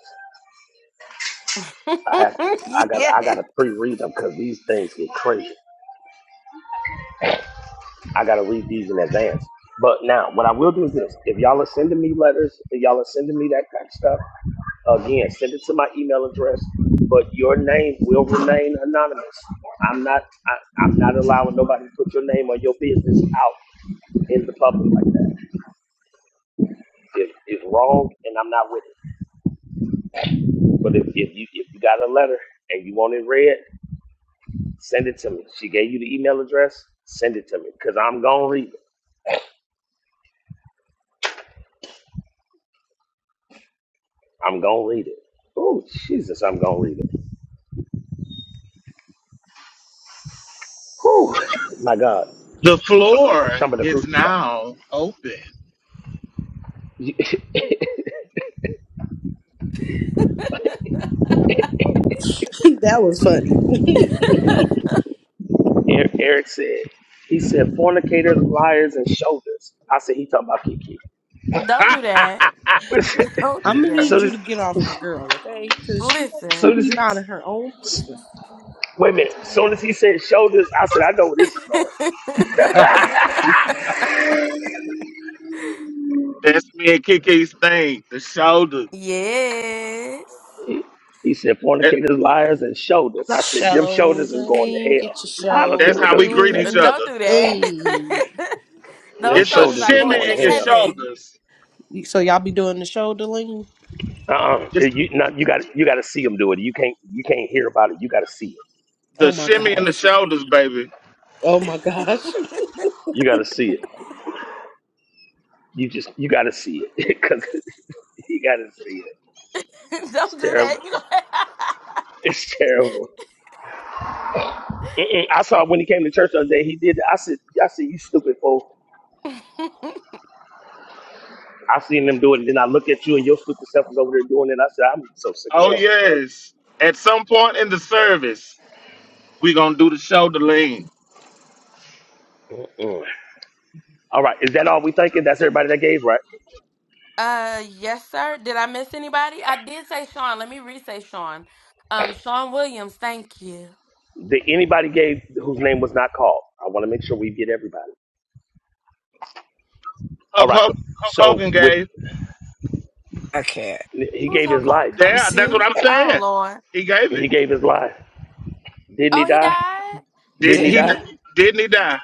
C: I have. I got. I gotta pre-read them because these things get crazy. I gotta read these in advance. But now, what I will do is this: if y'all are sending me letters, if y'all are sending me that kind of stuff, again, send it to my email address. But your name will remain anonymous. I'm not. I, I'm not allowing nobody to put your name or your business out in the public like that. It, it's wrong, and I'm not with it. But if, if you if you got a letter and you want it read, send it to me. She gave you the email address. Send it to me because I'm gonna read it. I'm gonna read it. Oh Jesus, I'm gonna read it. Whew, my God.
E: The floor
C: Shamba the
E: is
C: Cruci
E: now open.
J: that was funny.
C: Eric Eric said, he said, fornicators, liars, and shoulders. I said, he talking about Kiki.
E: Ha!
J: I'm gonna
C: so
J: need you
C: this,
J: to get off my girl, okay? Cause she she
C: so
J: be
C: this,
J: minding her own business.
C: wait a minute. Soon as he said shoulders, I said, I know where this is going.
E: That's me and Kiki's thing. The shoulders.
C: He said,
E: That,
C: fornicators, liars, and shoulders. I said, them shoulders is
J: Shoulder
C: going to
J: lean,
C: hell.
J: get your
C: I don't care
E: that's
C: what
E: how we
J: shoulder
C: what you
E: greet
C: say.
E: each
J: lean.
E: other.
J: Hey,
C: Them
E: It's a
C: shoulders is
E: shimmy
C: going to
E: in your
C: hell.
E: shoulders.
J: so y'all be doing the shoulder lean?
C: Uh-uh. You, not, you got you got to see them do it. You can't you can't hear about it. You got to see it.
E: The
J: Oh my
E: shimmy and the
J: gosh!
E: shoulders, baby.
J: Oh my gosh!
C: You got to see it. You just you got to see it because you got to see it. It's terrible. It's terrible. Mm-mm. I saw when he came to church the other day. He did. That. I said, I said, you stupid fool. I seen them do it, and then I look at you, and your stupid self is over there doing it. I said, I'm so sick of
E: Oh yes. At some point in the service, we gonna do the shoulder lean.
C: them. Mm-mm. All right. Is that all we thinking? That's everybody that gave, right? Did anybody gave whose name was not called? I want to make sure we get everybody. All
E: Hulk,
C: right.
E: Hulk, Hulk
C: So
E: Hogan
C: with
E: gave.
B: I can't.
C: he gave his life.
B: I was
E: Yeah, that's
B: here,
E: what I'm saying. He gave it.
C: He gave his life. Didn't he die? Didn't
E: Didn't
C: he
B: didn't
E: he?
B: he?
C: die?
E: Didn't he die?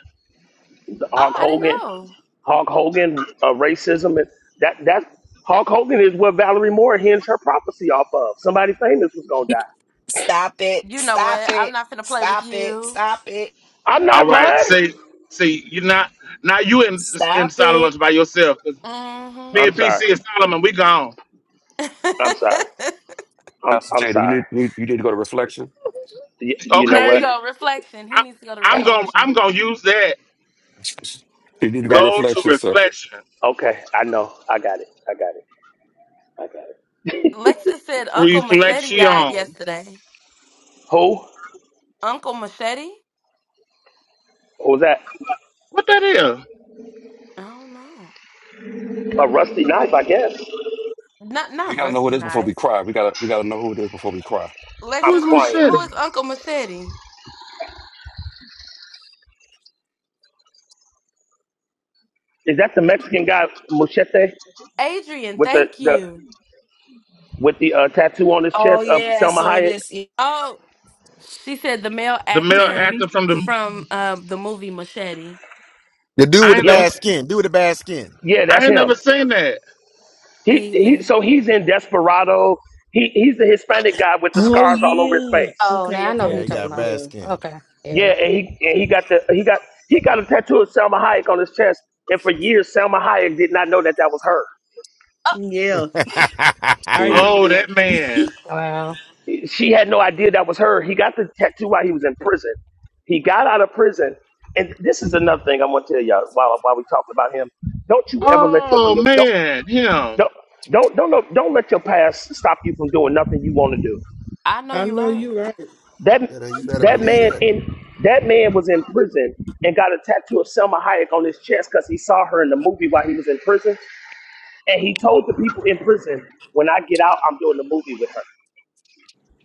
C: The Hulk Hogan. Hulk Hogan. Uh, racism. and That that Hulk Hogan is what Valerie Moore hinged her prophecy off of. Somebody famous was gonna die.
B: Stop it! Stop it! Stop it! Stop it!
C: I'm
E: All
C: not
E: right.
C: lying.
E: See, see, you're not now. You in in
B: Stop
E: silent
B: it!
E: lunch by yourself. 'Cause Me
C: I'm
E: and
C: sorry.
E: PC and Solomon, we gone.
C: I'm sorry. I'm
F: Pastor
C: I'm
F: Jada, you
C: sorry.
F: need, need you need to go to reflection.
C: Y- you know what?
E: Okay. I, I'm gonna I'm gonna use that.
F: You need to go to
C: That
E: Go to
F: reflection, sir.
E: reflection.
C: okay. I know. I got it. I got it. I got
E: Reflection.
C: Who? What was that?
E: What that is?
C: A rusty knife, I guess.
F: We gotta know who it is before we cry. We gotta we gotta know who it is before we cry.
E: Who
C: I'm
E: is
C: crying.
E: Machete?
C: Is that the Mexican guy Mochete with the, the with the uh, tattoo on his
B: Oh
C: chest of
B: yeah, I
C: Selma
B: saw
C: Hayek?
B: this.
E: The male actor from the
L: The dude
E: I
L: with the
E: ain't never,
C: Yeah,
L: bad skin. Dude with the bad skin.
C: yeah, that's
E: I ain't
C: him.
E: never seen that.
C: He, he so he's in Desperado. He he's the Hispanic guy with the
J: Oh
C: scars all over his
J: yeah.
D: Oh,
C: face.
D: now
J: Okay,
D: I know who
J: okay,
L: Yeah,
D: you're
L: he
D: talking
L: got
J: okay.
D: about.
L: bad
J: Yeah,
L: skin.
D: Okay.
C: Yeah,
D: Yeah.
C: and he and he got the he got he got a tattoo of Selma Hayek on his chest, and for years Selma Hayek did not know that that was her.
J: yeah.
L: what
J: I
F: Mm.
J: remember
E: Oh,
J: that.
E: that man.
D: Wow.
C: She had no idea that was her. He got the tattoo while he was in prison. He got out of prison, and this is another thing I want to tell y'all while while we talking about him. Don't you ever let your
E: Oh
C: don't
E: man, him
C: don't don't don't let- don't let your past stop you from doing nothing you want to do.
J: I know you right.
C: That
L: Better, you better
C: that
L: believe
C: man
L: that.
C: in that man was in prison and got a tattoo of Selma Hayek on his chest because he saw her in the movie while he was in prison, and he told the people in prison, "When I get out, I'm doing the movie with her."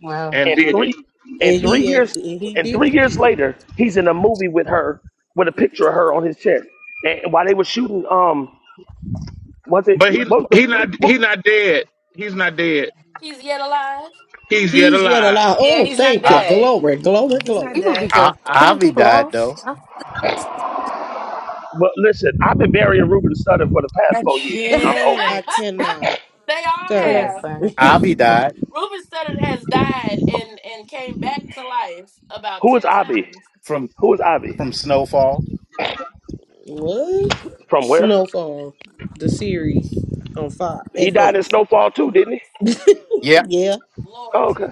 D: Wow.
E: and
C: and
E: did it.
C: three and
J: And
C: three
J: he act-
C: years
J: and he
C: and
J: did
C: three
J: it.
C: years later, he's in a movie with her with a picture of her on his chest. And while they were shooting, um, was it
E: But he,
C: what was the
E: he not,
C: what,
E: he not dead. He's not dead. He's yet
J: He's yet
E: alive.
J: alive.
B: Yeah,
J: Oh,
B: he's not
J: thank you.
O: I,
B: dead.
J: Glory, glory,
B: He's not
J: glory.
D: People be
B: dead.
O: I
D: just killing
O: Avi
D: people
O: died
D: off.
O: though.
D: I-
C: but listen, I've been burying Ruben Sutter for the past
B: I
C: four years. I'm over it.
J: I
B: can't.
J: cannot, sir.
D: Listen, man,
O: Avi died
C: Who is Avi?
O: from
C: Who is Avi?
O: from snowfall.
J: What?
C: From where?
J: Snowfall, the series on Fox
C: He died in
J: FX.
C: Snowfall too, didn't he?
O: Yeah,
J: Yeah,
C: Oh, okay.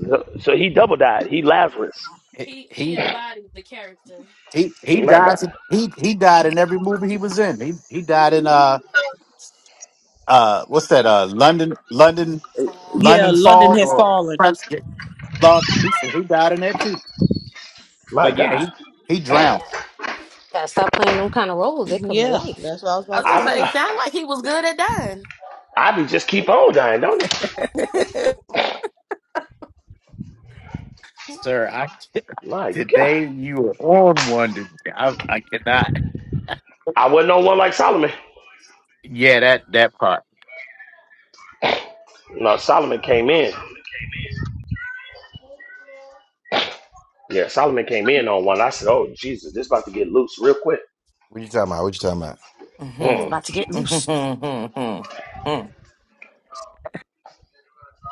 C: So, so he double died. He Lazarus.
O: he he He he
C: My
O: dies.
C: God.
O: He he died in every movie he was in. He he died in uh uh what's that uh London London
J: Yeah,
O: London
J: London
O: Fall
J: has
O: or
J: fallen.
O: Prince Law. He said he died in that too.
C: My
O: But yeah,
C: God.
O: he he drowned.
D: gotta stop playing them kind of roles. They come to
J: yeah,
D: life.
J: that's what I was about to say.
C: I I be just keep on dying, don't he?
O: Sir, I
C: My God.
O: today you are on one. Today. I I cannot.
C: I wasn't on one like Solomon.
O: Yeah, that that part.
C: No, Solomon came in. Yeah, Solomon came in on one. I said, "Oh Jesus, this about to get loose real quick."
L: you talking about? What you talking about?
C: Hmm.
I: Mm-hmm.
B: About to get loose.
I: Mm-hmm. Mm.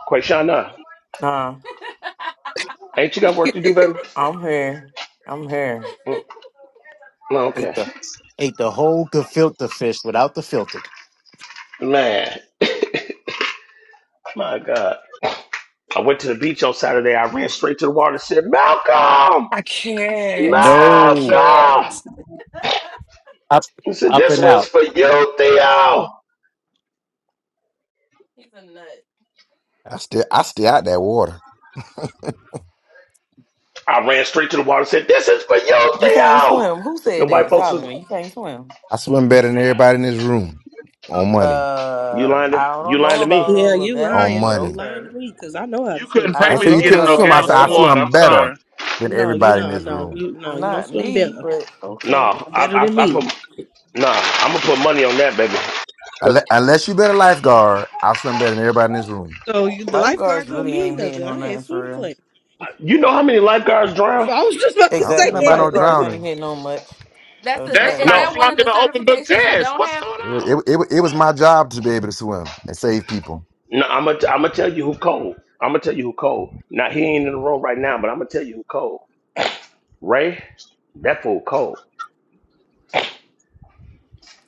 C: Quayshana,
I: Nah,
C: ain't you got work to do, baby?
I: I'm here. I'm here.
C: Mm. No,
O: Ate
C: okay.
O: the ate the whole gefilte fish without the filter.
C: Man, my God. I went to the beach on Saturday. I ran straight to the water and said, "Malcolm,
B: I can't. I
O: No,
B: can't.
C: Malcolm."
O: up
C: He said,
O: up
C: "This
O: and out.
C: one's for you, Theo."
L: I still I stay out that water.
C: I ran straight to the water and said, "This is for you,
I: You can't
C: Theo."
I: swim. Who
C: The
I: said
C: white
I: that?
C: folks was
I: Solomon, you can't swim.
L: I swim better than everybody in this room on money.
C: you
I: Uh,
C: lying to
I: I
C: you
I: don't
C: lying
I: know
C: to me.
I: about
J: Yeah,
I: all of
J: you
L: on
I: that,
J: lying.
I: but
J: You
L: money.
J: lying
I: okay.
J: to me because I know how
E: You
J: to swim,
E: couldn't
I: I
E: pay
L: I ain't
J: sir.
E: me
I: don't
L: say
E: to
L: you
I: know
E: get in
L: couldn't
I: about
E: no
L: swim.
I: all
L: I
I: of
L: said I
E: Galveston
I: that.
E: water.
L: swim
E: I'm
L: better
E: sorry.
L: than
J: No, you
L: everybody in
J: no,
L: this
J: no,
L: room.
J: you no, you don't
I: Not
J: swim
I: me,
J: better.
I: but okay.
C: No,
J: Not
C: I,
J: better than
C: I, I put
J: me.
C: nah. I'm gonna put money on that, baby. Cause
L: Unle- Unless you've been a lifeguard, I swim better than everybody in this room.
J: So you, the lifeguard
I: Lifeguards
J: don't
I: really
J: mean
I: ain't hitting
J: nothing.
I: on
J: I had
I: nothing for
J: swim
I: real.
J: class.
C: you know how many lifeguards drown?
J: So I was just about to
L: I don't care
J: say
L: nothing
I: Exactly.
L: about no
I: Lifeguards
J: that.
I: ain't
L: drowning.
I: hitting on much. So try
E: That's
I: it
E: like
C: No,
I: again.
E: flunking an open book test. What's going
L: It was it,
E: on?
L: wa- it, wa- it was my job to be able to swim and save people.
C: no. I'm gonna I'm gonna tell you who cold. I'm gonna tell you who cold. Now he ain't in the room right now, but I'm gonna tell you who cold. Ray, that fool cold.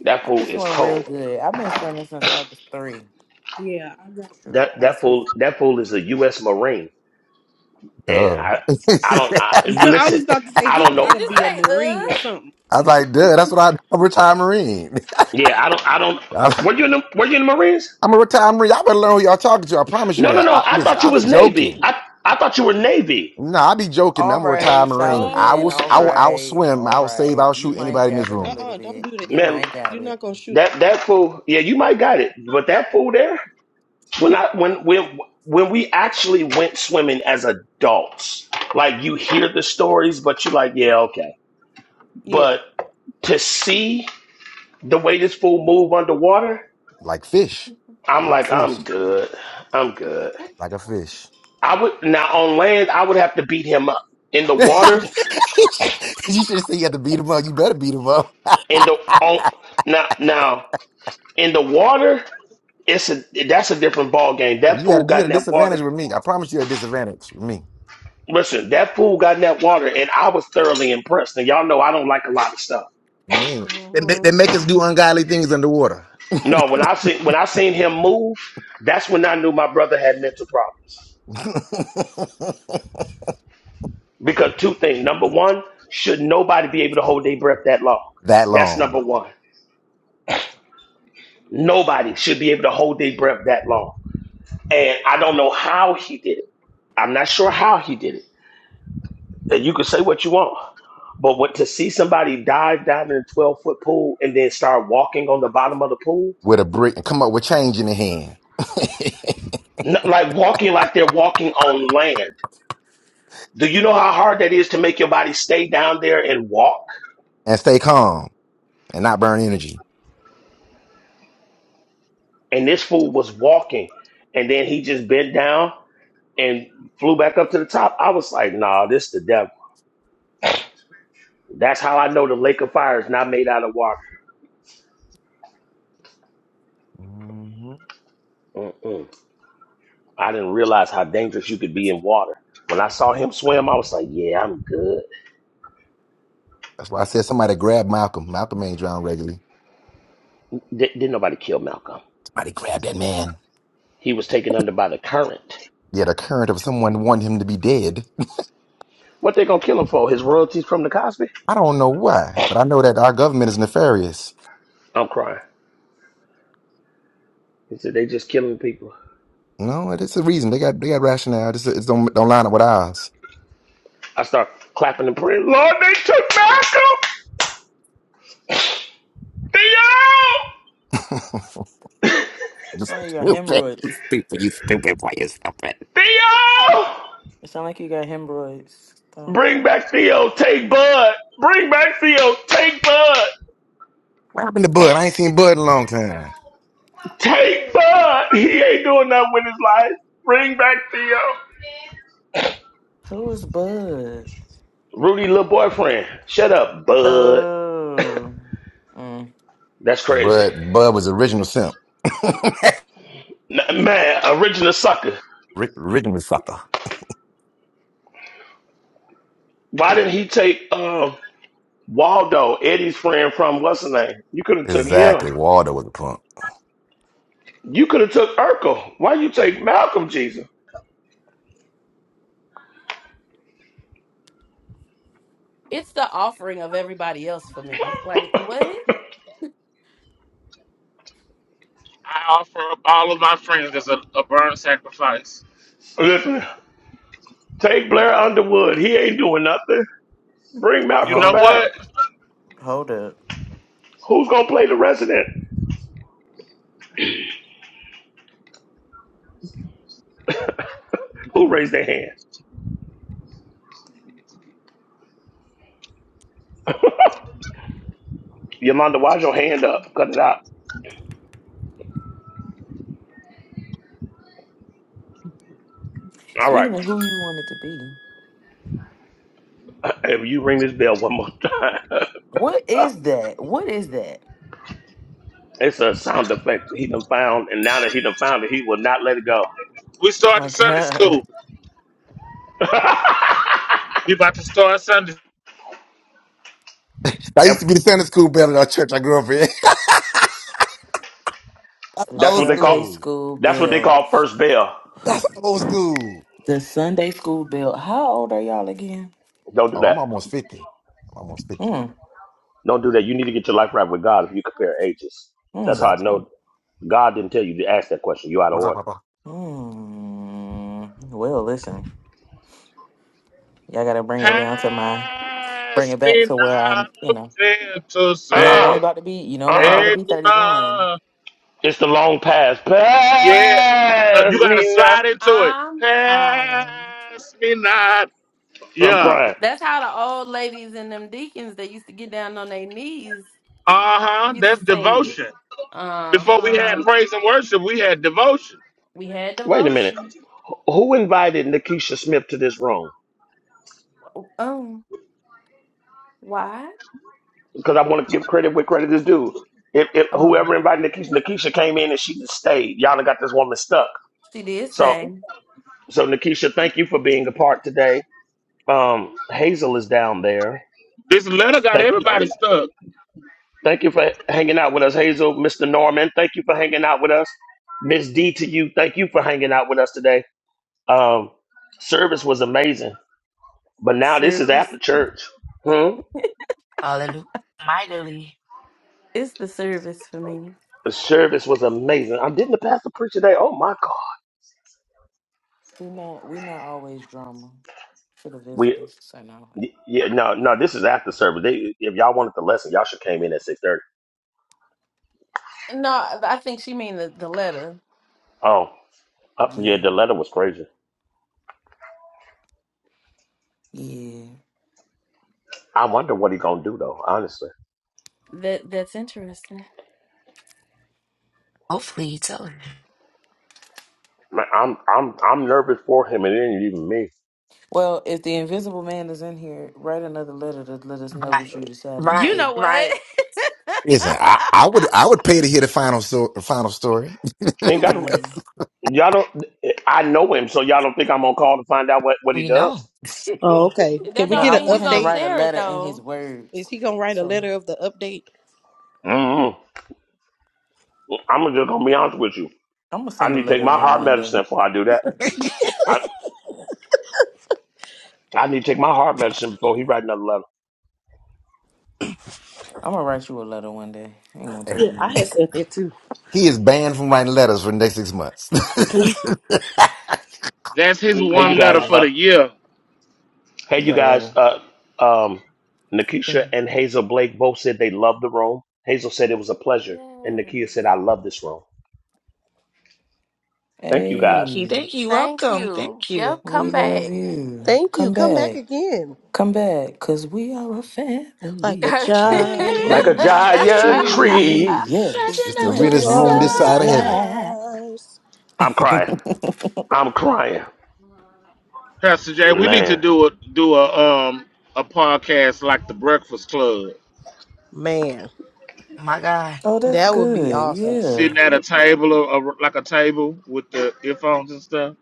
C: That
I: I
C: fool
I: can
C: is
I: swim real
C: cold.
I: good. I've been swimming since I was three.
J: yeah, I got.
I: True.
C: That
J: out
C: that
J: of
C: fool that fool is a U.S. Marine, and
L: Duh.
C: I
L: I
C: I don't I,
J: it. I
C: listen.
J: was about to say
C: I
J: he
C: don't
J: got
C: know.
J: to be a marine or something.
L: was like, duh, that's what I, I'm a retired Marine.
C: Yeah, I don't I don't.
L: I'm
C: Were you in the Were you in the Marines?
L: I'm a retired Marine. Y'all better learn who y'all talking to. I promise you
C: No, no,
L: that.
C: no.
J: Oh
L: I,
C: I
L: listen,
C: thought
L: I
C: you
J: uh
L: be
C: was
J: no, he
C: Navy.
L: joking.
J: didn't.
C: I I thought you were Navy.
L: No, I be joking, man.
I: All
L: I'm a retired
I: right,
L: Marine. I will,
I: Solomon.
J: Oh,
L: s-
I: All
L: I will
I: right.
L: outswim,
I: All
L: I will save,
I: right.
L: I'll
I: You
L: shoot
I: might
L: anybody in this
I: got it a
L: room.
I: little
J: uh-uh, don't
I: bit.
J: do that.
I: You
C: Man,
I: might got
J: You're
I: it.
J: not gonna shoot.
C: That that fool, yeah, you might got it, but that fool there, when I when when when we actually went swimming as adults, like you hear the stories, but you're like, yeah, okay.
J: Yeah.
C: But to see the way this fool move underwater,
L: like fish,
C: I'm
L: like
C: like, I'm
L: fish,
C: good, I'm good.
L: like a fish.
C: I would now on land, I would have to beat him up in the water.
L: you should have said you had to beat him up. You better beat him up.
C: In the on now now in the water, it's a that's a different ball game.
L: yeah,
C: That
L: you
C: fool
L: had you
C: got
L: had
C: in
L: a
C: that water.
L: disadvantage with me. I promise you had a disadvantage with me.
C: Listen, that fool got in that water, and I was thoroughly impressed. And y'all know I don't like a lot of stuff.
L: Yeah. They, they they make us do ungodly things underwater.
C: No, when I seen when I seen him move, that's when I knew my brother had mental problems. Because two things: number one, should nobody be able to hold their breath that long?
L: that
C: That's
L: long
C: number one. Nobody should be able to hold their breath that long. And I don't know how he did it. I'm not sure how he did it. And you can say what you want, but what to see somebody dive down in a 12 foot pool and then start walking on the bottom of the pool
L: with a brick and come up with change in the hand
C: N- like walking like they're walking on land. Do you know how hard that is to make your body stay down there and walk?
L: and stay calm and not burn energy.
C: And this fool was walking, and then he just bent down and flew back up to the top. I was like, "Nah, this the devil." That's how I know the lake of fire is not made out of water.
L: hmm
C: Mm-mm. I didn't realize how dangerous you could be in water. When I saw him swim, I was like, "Yeah, I'm good."
L: That's why I said somebody grab Malcolm. Malcolm ain't drowned regularly.
C: D- didn't nobody kill Malcolm.
L: Somebody grab that man.
C: He was taken under by the current.
L: Yeah, the current of someone wanting him to be dead
C: What they gonna kill him for? His royalties from the Cosby?
L: I don't know why, but I know that our government is nefarious.
C: I'm crying. He said they just killing people.
L: You know, and it's a reason they got they got rationale. Just it don't don't line up with ours.
C: I start clapping and praying. Lord, they took Malcolm. Theo,
L: It's
I: Son, you got
L: stupid, You
I: hemorrhoids.
L: stupid, you stupid boy, you stupid.
C: Theo,
I: It sound like you got hemorrhoids. Stop.
C: bring back Theo. Take Bud. Bring back Theo. Take Bud.
L: What happened to Bud? I ain't seen Bud in a long time.
C: Take Bud. He ain't doing nothing with his life. Bring back Theo.
I: Who is Bud?
C: Rudy, little boyfriend. Shut up, Bud.
I: Oh. Mm.
C: That's crazy.
L: Bud, Bud was original simp.
C: N- man, original sucker.
L: Ri- original sucker.
C: Why didn't he take um Waldo, Eddie's friend from what's his name? You could have took him.
L: Exactly. Waldo was a punk.
C: You could have took Urkel. Why you take Malcolm Jesus?
E: I offer up all of my friends as a, a burnt sacrifice.
C: Listen. Take Blair Underwood. He ain't doing nothing. Bring
E: You
C: Malcolm
E: know
I: Hold
C: back.
E: what?
I: up. Hold up.
C: Who's gonna play the resident? Who raised their hand? Yolanda, why's your hand up? Cut it out. All right.
I: Speaking of who you wanted to be,
C: If you ring this bell one more time,
I: what is that? What is that?
C: it's a sound effect he done found, and now that he done found it, he will not let it go.
E: We starting
I: My
E: Sunday
I: God.
E: school. We about to start Sunday.
L: I used
C: Yep.
L: to be the Sunday school bell at our church I grew up in. That's
I: The
C: that's
L: old
C: what they call.
I: Sunday
L: school.
I: school
C: That's what they
I: bill.
C: call first bell.
L: That's old school.
I: The Sunday school bill. How old are y'all again?
C: Don't do
L: Oh, I'm
C: that.
L: almost fifty. I'm almost fifty.
I: Hmm.
C: Don't do that. You need to get your life right with God if you compare ages.
I: Hmm.
C: That's how I
L: Exactly.
C: know God didn't tell you to ask that question. You out of
L: What's up,
C: order.
L: Papa?
I: Hmm. Well, listen. Y'all gotta bring it down to my bring
E: Pass
I: it back
E: me
I: to where
E: not
I: I you know.
E: gentle
I: You know I'm only
C: Uh
I: about to be you know
C: uh-uh,
I: I'm only about
C: uh.
I: to
E: And,
I: be thirty one.
E: uh,
C: It's the long pass.
E: yeah, uh, you
C: Pass
E: gotta
C: me now.
E: slide into it. Pass me not.
C: I'm
E: Yeah.
C: crying.
E: Uh huh. That's devotion. Before we had praise and worship, we had devotion.
C: Wait a minute. Who invited Nikisha Smith to this room? Because I want to give credit where credit is due. If, if whoever invited Nikisha, Nikisha came in and she stayed. Y'all done got this woman stuck. So, so Nikisha, thank you for being a part today. Um, Hazel is down there.
E: This letter got
C: Thank,
E: everybody stuck.
C: thank you for hanging out with us, Hazel. Mr. Norman, thank you for hanging out with us. Miss D to you, thank you for hanging out with us today. Um, service was amazing. But now this is after church. Hmm?
B: Hallelujah. Mightily.
C: The service was amazing. I didn't the pastor preach today. Oh my God.
I: We not we not always drama for the
C: We
I: visitors. So no.
C: y- yeah no no this is after service. They, if y'all wanted the lesson, y'all should came in at six thirty. Oh uh, yeah,
I: Yeah.
C: the letter was crazy.
I: Yeah.
C: I wonder what he gonna do though. Honestly,
B: Hopefully, he told him.
C: Man, I'm I'm I'm nervous for him, and it ain't even me.
I: Well, if the invisible man is in here, write another letter to let us know what you
B: Right.
I: decided to
B: Right.
I: do.
B: Right.
L: Listen, I, I would I would pay to hear the final so, the final story.
C: He ain't got a-
I: Yeah.
C: y'all don't. I know him, so y'all don't think I'm on call to find out what what he
B: We know.
C: does.
J: Oh, okay. Can we
I: No,
J: get
I: I want
J: an
I: him to
J: update?
I: write a letter in his
J: Is
I: words.
J: he gonna write a
I: So I'm
J: letter of the update?
C: mm I'm just gonna be honest with you.
I: gonna
C: I
I: send a
C: need to take
I: letter
C: my
I: in
C: heart
I: one day.
C: medicine before I do
I: It's
C: that.
I: like, man,
C: I need to take my heart medicine before he write another letter.
I: I'm gonna write you a letter one day. I ain't gonna tell
J: Yeah,
I: you
J: I had
I: when.
J: said that too.
L: he is banned from writing letters for the next six months.
E: That's his
C: Hey, you
E: one letter
C: guys.
E: for
I: Yeah,
C: Uh,
E: the year,
C: hey,
I: you
C: you
I: gotta write
C: guys.
I: a.
C: Uh, um, Nikisha and Hazel Blake both said they love the room. Hazel said it was a pleasure, and Nikia said I love this room. Thank you guys.
B: Thank you,
I: Hey,
B: thank you, welcome, thank you.
I: we love you.
J: Thank you.
I: Come
J: Come back
I: back,
J: again.
I: come back, cause we are a
J: Like a
I: family like a
C: Like a
B: Giant
J: giant
I: giant
C: giant
I: tree.
B: dream,
J: tree
C: tree.
I: Yes,
B: scratching
L: Just the
B: out
J: reaching
B: your
L: realest
I: branching out
L: room this
I: from
J: for
I: the
J: the
L: side of heaven.
B: side.
I: sky.
J: stars.
C: I'm crying. I'm crying.
E: Pastor Jay. We need to
C: Man,
E: do a do a um a podcast like the Breakfast Club,
J: Man,
B: My God.
I: oh, that's
J: that would be
I: good.
J: awesome.
I: Yeah,
E: sitting at a table or, or like a table with the earphones and stuff.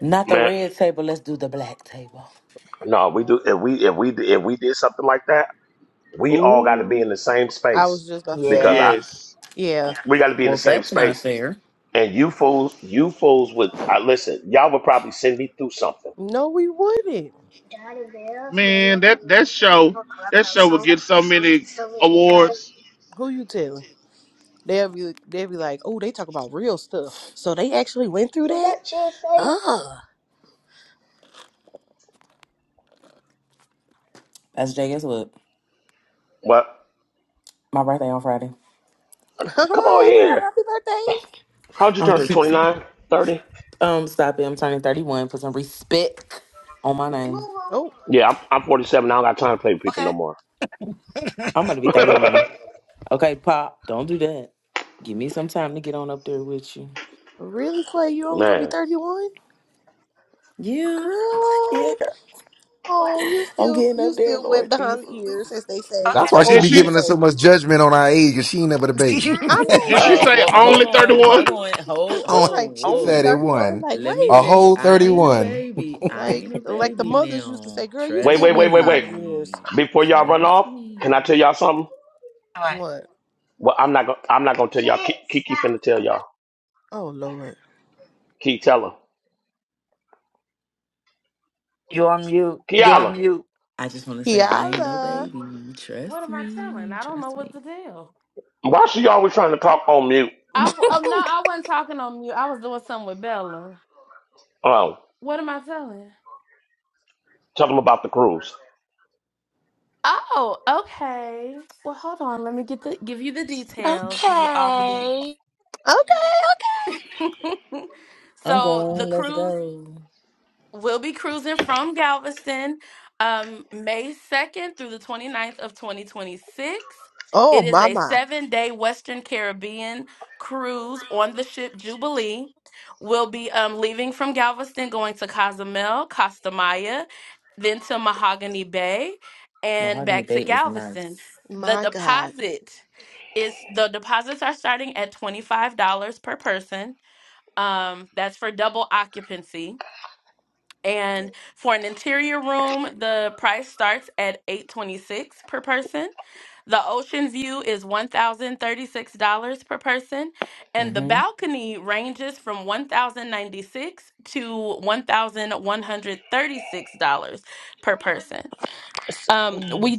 I: not the
C: man.
I: red table. Let's do the black table.
C: No, we do. If we if we if we did something like that, we all got to be
E: Ooh,
C: in the same
J: I
C: space
J: was just about to say
C: because
J: that.
B: Yeah.
C: I
E: yes.
J: Yeah.
C: we got to be in
I: Well,
C: the same
I: that's not
C: space.
I: fair.
C: And you fools, you fools would I listen, y'all would probably send me through something.
J: No, we wouldn't.
E: Man, that that show that show would get so many awards.
J: Who you telling? They'll be they'll be like, oh, they talk about real stuff. So they actually went through that? Oh,
I: That's Jay. Guess what?
C: But
I: My birthday on Friday.
C: come on
J: girl,
C: here.
J: happy birthday!
C: How'd you
I: I'm
C: turn to
I: looking.
C: 29, 30?
I: um stop it. I'm turning 31. Put some respect on my name.
J: Oh,
C: Yeah, I'm, I'm 47. I don't got time to play with people no
B: Okay.
C: more.
I: I'm going to be 31. Okay, Pop, don't do that. Give me some time to get on up there with you.
J: really, Clay? you only gonna be
C: Man.
J: 31,
I: Yeah. Yeah,
J: girl.
I: girl.
J: Oh, you
I: I'm
J: still,
I: getting
J: you
I: up there,
J: still wet
I: Lord Jesus.
J: behind the ears, as they say, as
L: That's
J: the
L: why
B: okay.
L: she
E: Did
J: old
L: be
E: she
J: people
L: giving us so
J: say.
L: much judgment on our age because she ain't never the baby.
J: I
E: did
J: know,
E: she
I: Uh,
J: right?
E: say
I: well,
E: only
I: hold
E: thirty
I: on, hold
E: one?
I: on, hold,
J: I'm
L: Oh,
J: like
I: hold,
L: she
J: only
L: said
I: whoa.
L: it
J: 31.
L: won
J: Like,
I: Let me
L: A
J: wait,
I: tell you,
L: whole
I: I ain't a
L: 31.
I: baby. I
J: like,
I: ain't a
J: like the
I: baby
J: mothers used to
I: now.
J: say, girl, you
C: Wait,
I: Trust
J: still
C: wait,
J: wet
C: wait, wait,
J: behind
C: wait.
J: the ears.
I: me.
C: Before y'all run
I: Trust
C: off, can I tell
I: me.
C: y'all something?
B: Anyway,
J: What?
C: Well, I'm not gonna I'm not gonna tell y'all. Ki- Kiki finna tell y'all.
J: Oh Lord,
C: Key tell her.
B: you're on mute. You're on
C: Kiala,
B: mute.
I: I just want to say I ain't no
J: Kiala.
I: baby. Trust me, trust me.
C: why she always trying to talk on mute?
J: okay.
C: Oh, tell them about the cruise.
B: Okay.
I: I'm going. Let's go.
J: Oh, mama,
I: Mahogany Bay is nice.
J: my God.
I: Mm-hmm.
J: Mm.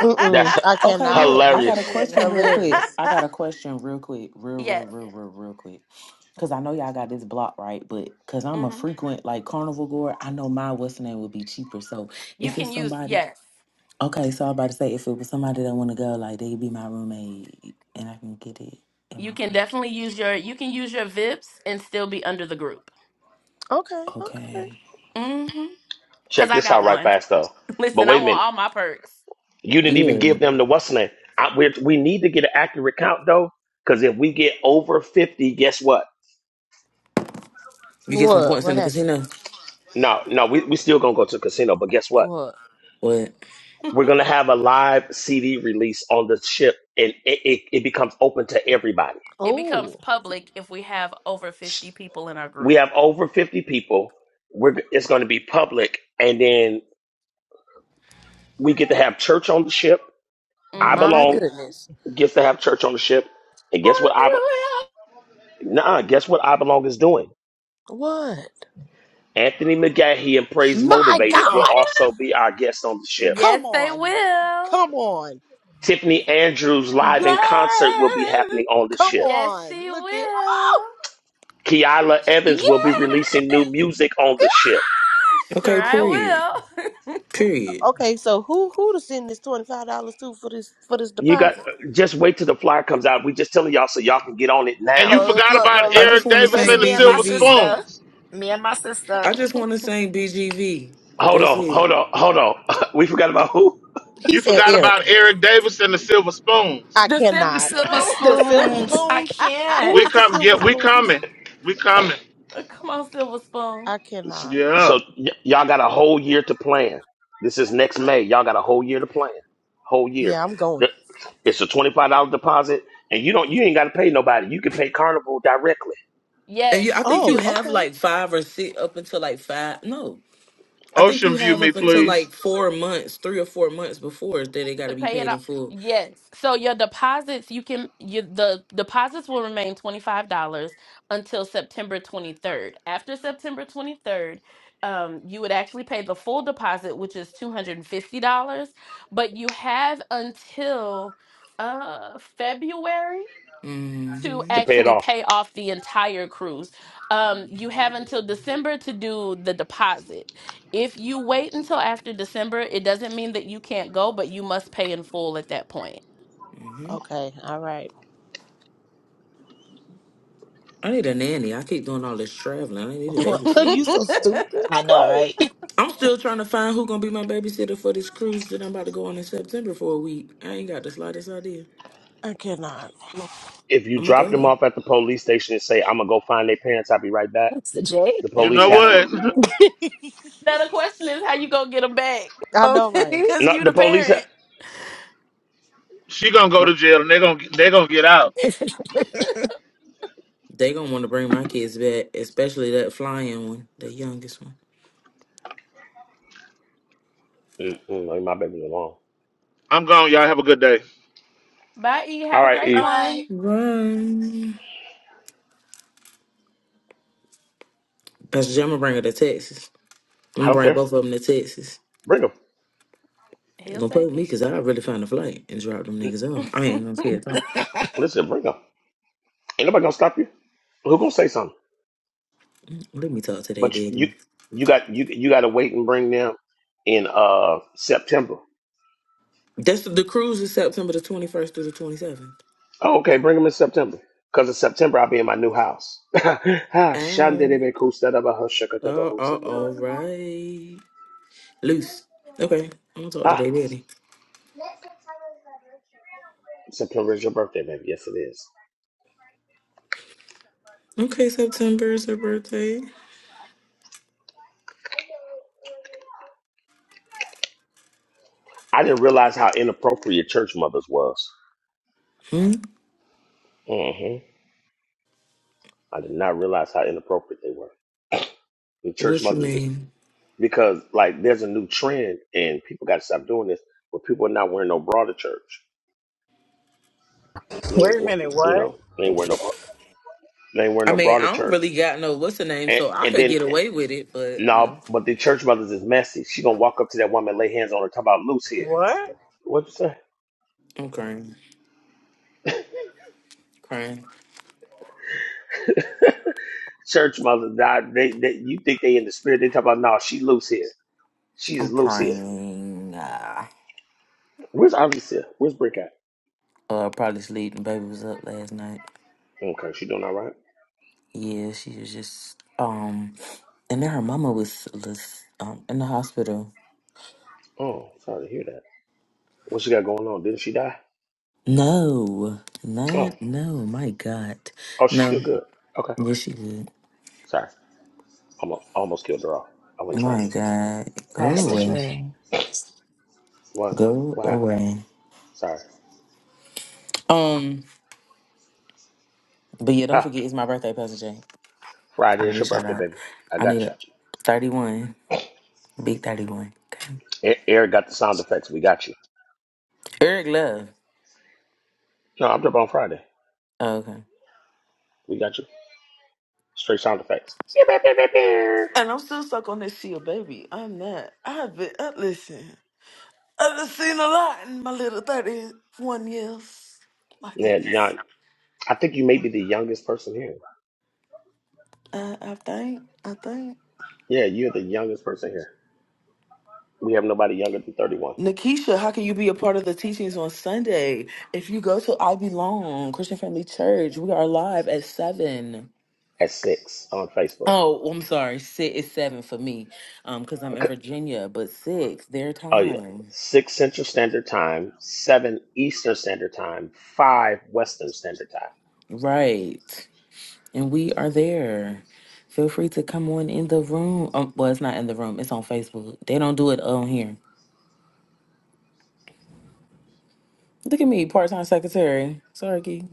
J: Mm-mm,
C: That's h-
J: I
I: Okay,
J: cannot.
I: look,
J: No,
I: I got
J: she
I: a
C: hilarious.
J: didn't.
I: question real quick.
J: Hilarious.
I: I got a question real quick, real, real, real, real, real quick. Cause I know y'all got this block right, but cause I'm a frequent like carnival goer, I know my what's the name would be cheaper. So if it's somebody, okay, so I'm about to say if it was somebody that want to go, like they be my roommate, and I can get it in my price.
J: Okay, okay.
I: Okay.
C: Check this out right fast though. But wait a minute. You didn't even
I: Yeah.
C: give them the what's name. I, we we need to get an accurate count though, because if we get over fifty, guess what?
I: You get some
J: What?
I: points
J: What
I: in the
J: happened?
I: casino.
C: No, no, we we still gonna go to the casino, but guess what?
J: What?
I: What?
C: We're gonna have a live CD release on the ship, and it, it, it becomes open to everybody.
J: Oh,
C: We have over fifty people. We're it's gonna be public, and then we get to have church on the ship. I
J: my
C: belong
J: goodness.
C: gets to have church on the ship, and guess what? I Be-
B: Hallelujah.
C: nah, guess what? I belong is doing.
J: What?
C: Anthony McGahee and Praise
J: My
C: Motivated will
J: God!
C: also be our guests on the ship.
J: Come on. Come on.
C: Tiffany Andrews live in concert will be
B: Yes.
C: happening on the
J: Come
C: ship.
J: on. Look at
C: Kiala Evans
B: Yes.
C: will be releasing new music on the ship.
I: Okay,
J: oh.
I: period. Period.
J: Okay, so who who to send this twenty five dollars to for this for this
C: You got
J: deposit?
C: just wait till the flyer comes out. We just telling y'all so y'all can get on it now.
E: And you
B: Look,
E: forgot
B: look,
E: about
B: look,
I: I
B: look.
I: just
E: Eric
I: want to
E: Davis
B: It's
I: sing
E: and the
B: me and my
E: Silver
I: BGV.
B: sister.
E: Spoons.
B: Me and my
I: I
B: sister.
I: just want to sing BGV.
C: Hold
I: That's
C: on,
I: it.
C: hold on, hold on. We forgot about who?
J: He
E: You
J: said
E: forgot
J: Eric.
E: about Eric Davis and the Silver Spoons.
J: I cannot.
B: silver
J: The silver
B: spoons. I
J: spoons.
B: can't.
J: Who
E: We
J: is the
E: come yeah,
J: silver
E: we
J: spoons?
E: coming. We coming.
J: I cannot.
E: Yeah.
C: So y- y'all got a whole year to plan. This is next May. Y'all got a whole year to plan. Whole year.
J: Yeah, I'm going.
C: The- It's a twenty five dollar deposit, and you don't you ain't got to pay nobody. You can pay Carnival directly
I: And you, I think you
J: Oh,
I: have
J: okay.
I: like five or six up until like five. No, I think you
E: Ocean View
I: have
E: me,
I: up until
E: please.
I: like four months, three or four months before that they got to be paid in full. hmm
C: to pay it off.
I: hmm
J: Okay. All right.
I: I need a nanny. I keep doing all this traveling. I need a
J: Are you
I: babysitter.
J: so stupid.
B: I know,
J: Clay.
B: right?
I: I'm still trying to find who gonna be my babysitter for this cruise that I'm about to go on in September for a week. I ain't got the slightest idea.
J: I cannot.
C: If you
I: I'm gonna
C: drop
I: go
C: them
I: there.
C: off at the police station and say, "I'm gonna go find their parents. I'll be right back,"
B: That's the J.
C: the
E: You
C: police
E: know
C: have to.
E: what?
J: I know, right?
B: Okay.
C: No, the police have.
E: she gonna go to
C: Mm,
E: jail and they gonna they gonna get out.
I: They gonna want to bring my kids back, especially that flying one, the youngest one.
C: mm, mm, leave my baby alone.
E: I'm gone. Y'all have a good day.
C: All right,
B: All
C: E.
B: right.
I: Right. Pastor Jim, I'm gonna bring her to Texas. I'm
C: I
I: gonna
C: don't
I: bring
C: care.
I: both of them to Texas.
C: Bring them.
I: You Gonna put me because I really find a flight and drop them niggas off. I ain't gonna care at all.
C: Listen, bring them. Ain't nobody gonna stop you. Who gonna say something?
I: Let me talk to they
C: But you
I: daddy.
C: you got you you got to wait and bring them in uh September.
I: That's the cruise is September the 21st through the 27th.
C: Oh, okay, bring them in September. Cause in September I'll be in my new house. Ah,
I: Ow. Oh, oh, all
C: shandidibikusadabahushakadabahusadidibak.
I: right. Loose. Okay, I'm gonna talk to
C: Ah,
I: they daddy.
C: September is your birthday, baby. Yes, it is.
I: Okay, September is her birthday.
C: I didn't realize how inappropriate church mothers was.
I: Hmm?
C: hmm I did not realize how inappropriate they were. The church
I: What's your
C: mothers is
I: name?
C: because like there's a new trend and people got to stop doing this, but people are not wearing no bra to church. They ain't
N: Wait a
C: wa-
N: minute,
C: you
N: what?
C: know they ain't wearing no they ain't wearing
I: I
C: no
I: mean,
C: bra to
I: I don't
C: church.
I: really got no what's the name,
C: And
I: so I
C: and
I: could
C: then
I: get away with it, but
C: no,
I: no.
C: but the church mothers is messy. She gonna walk up to that woman, lay hands on her, talk about loose here.
N: What?
C: What you say?
I: I'm crying. Crying.
C: Church mothers, nah, they, they you think they in the spirit? They talk about no, nah, she loose here. She is
I: I'm
C: loose here.
I: crying. Ah.
C: Where's Alicia? Where's Brick at?
I: Uh, probably sleeping. Baby was up last night.
C: Okay, she doing all right.
I: Yeah, she was just um and then her mama was, was um in the hospital.
C: Oh, sorry to hear that. What she got going on? Didn't she die?
I: No.
C: Oh,
I: Not no, my God.
C: oh, she's
I: No.
C: still good. Okay,
I: Yes she did.
C: sorry. Almost almost killed her off. I wasn't trying
I: My
C: to.
I: God. Go
C: God
B: Pastor
C: bless you.
I: away.
B: J.
C: What?
I: Go
C: Wow.
I: away.
C: Sorry.
I: Um but yeah, don't
C: Ha.
I: forget it's my birthday, Pastor J.
C: Friday
I: I
C: is
I: need a
C: your
I: shout
C: birthday,
I: out.
C: baby. I
I: I
C: got
I: need a
C: you.
I: 31. Big 31. Okay.
C: E- Eric got the sound effects. We got you.
I: Eric Love.
C: No, I'm up on Friday.
I: Oh, okay.
C: We got you. Straight sound effects.
I: And I'm still stuck on this seal, baby. I'm not. I've been, uh, listen, I've been seen a lot in my little 31 years. My
C: Yeah,
I: goodness.
C: now I think you may be the youngest person here.
I: Uh, I think, I think.
C: Yeah, you're the youngest person here. We have nobody younger than 31
I: Nikisha, how can you be a part of the teachings on Sunday? If you go to I Belong Christian Family Church, we are live at 7.
C: at six on Facebook.
I: Oh, I'm sorry. Six is seven for me, um, because I'm in
C: Okay.
I: Virginia. But six, their
C: Oh yeah,
I: time,
C: six Central Standard Time, seven Eastern Standard Time, five Western Standard Time.
I: right? And we are there. Feel free to come on in the room. Um, well, it's not in the room. It's on Facebook. They don't do it on here. Look at me, part time secretary. Sorry, Key.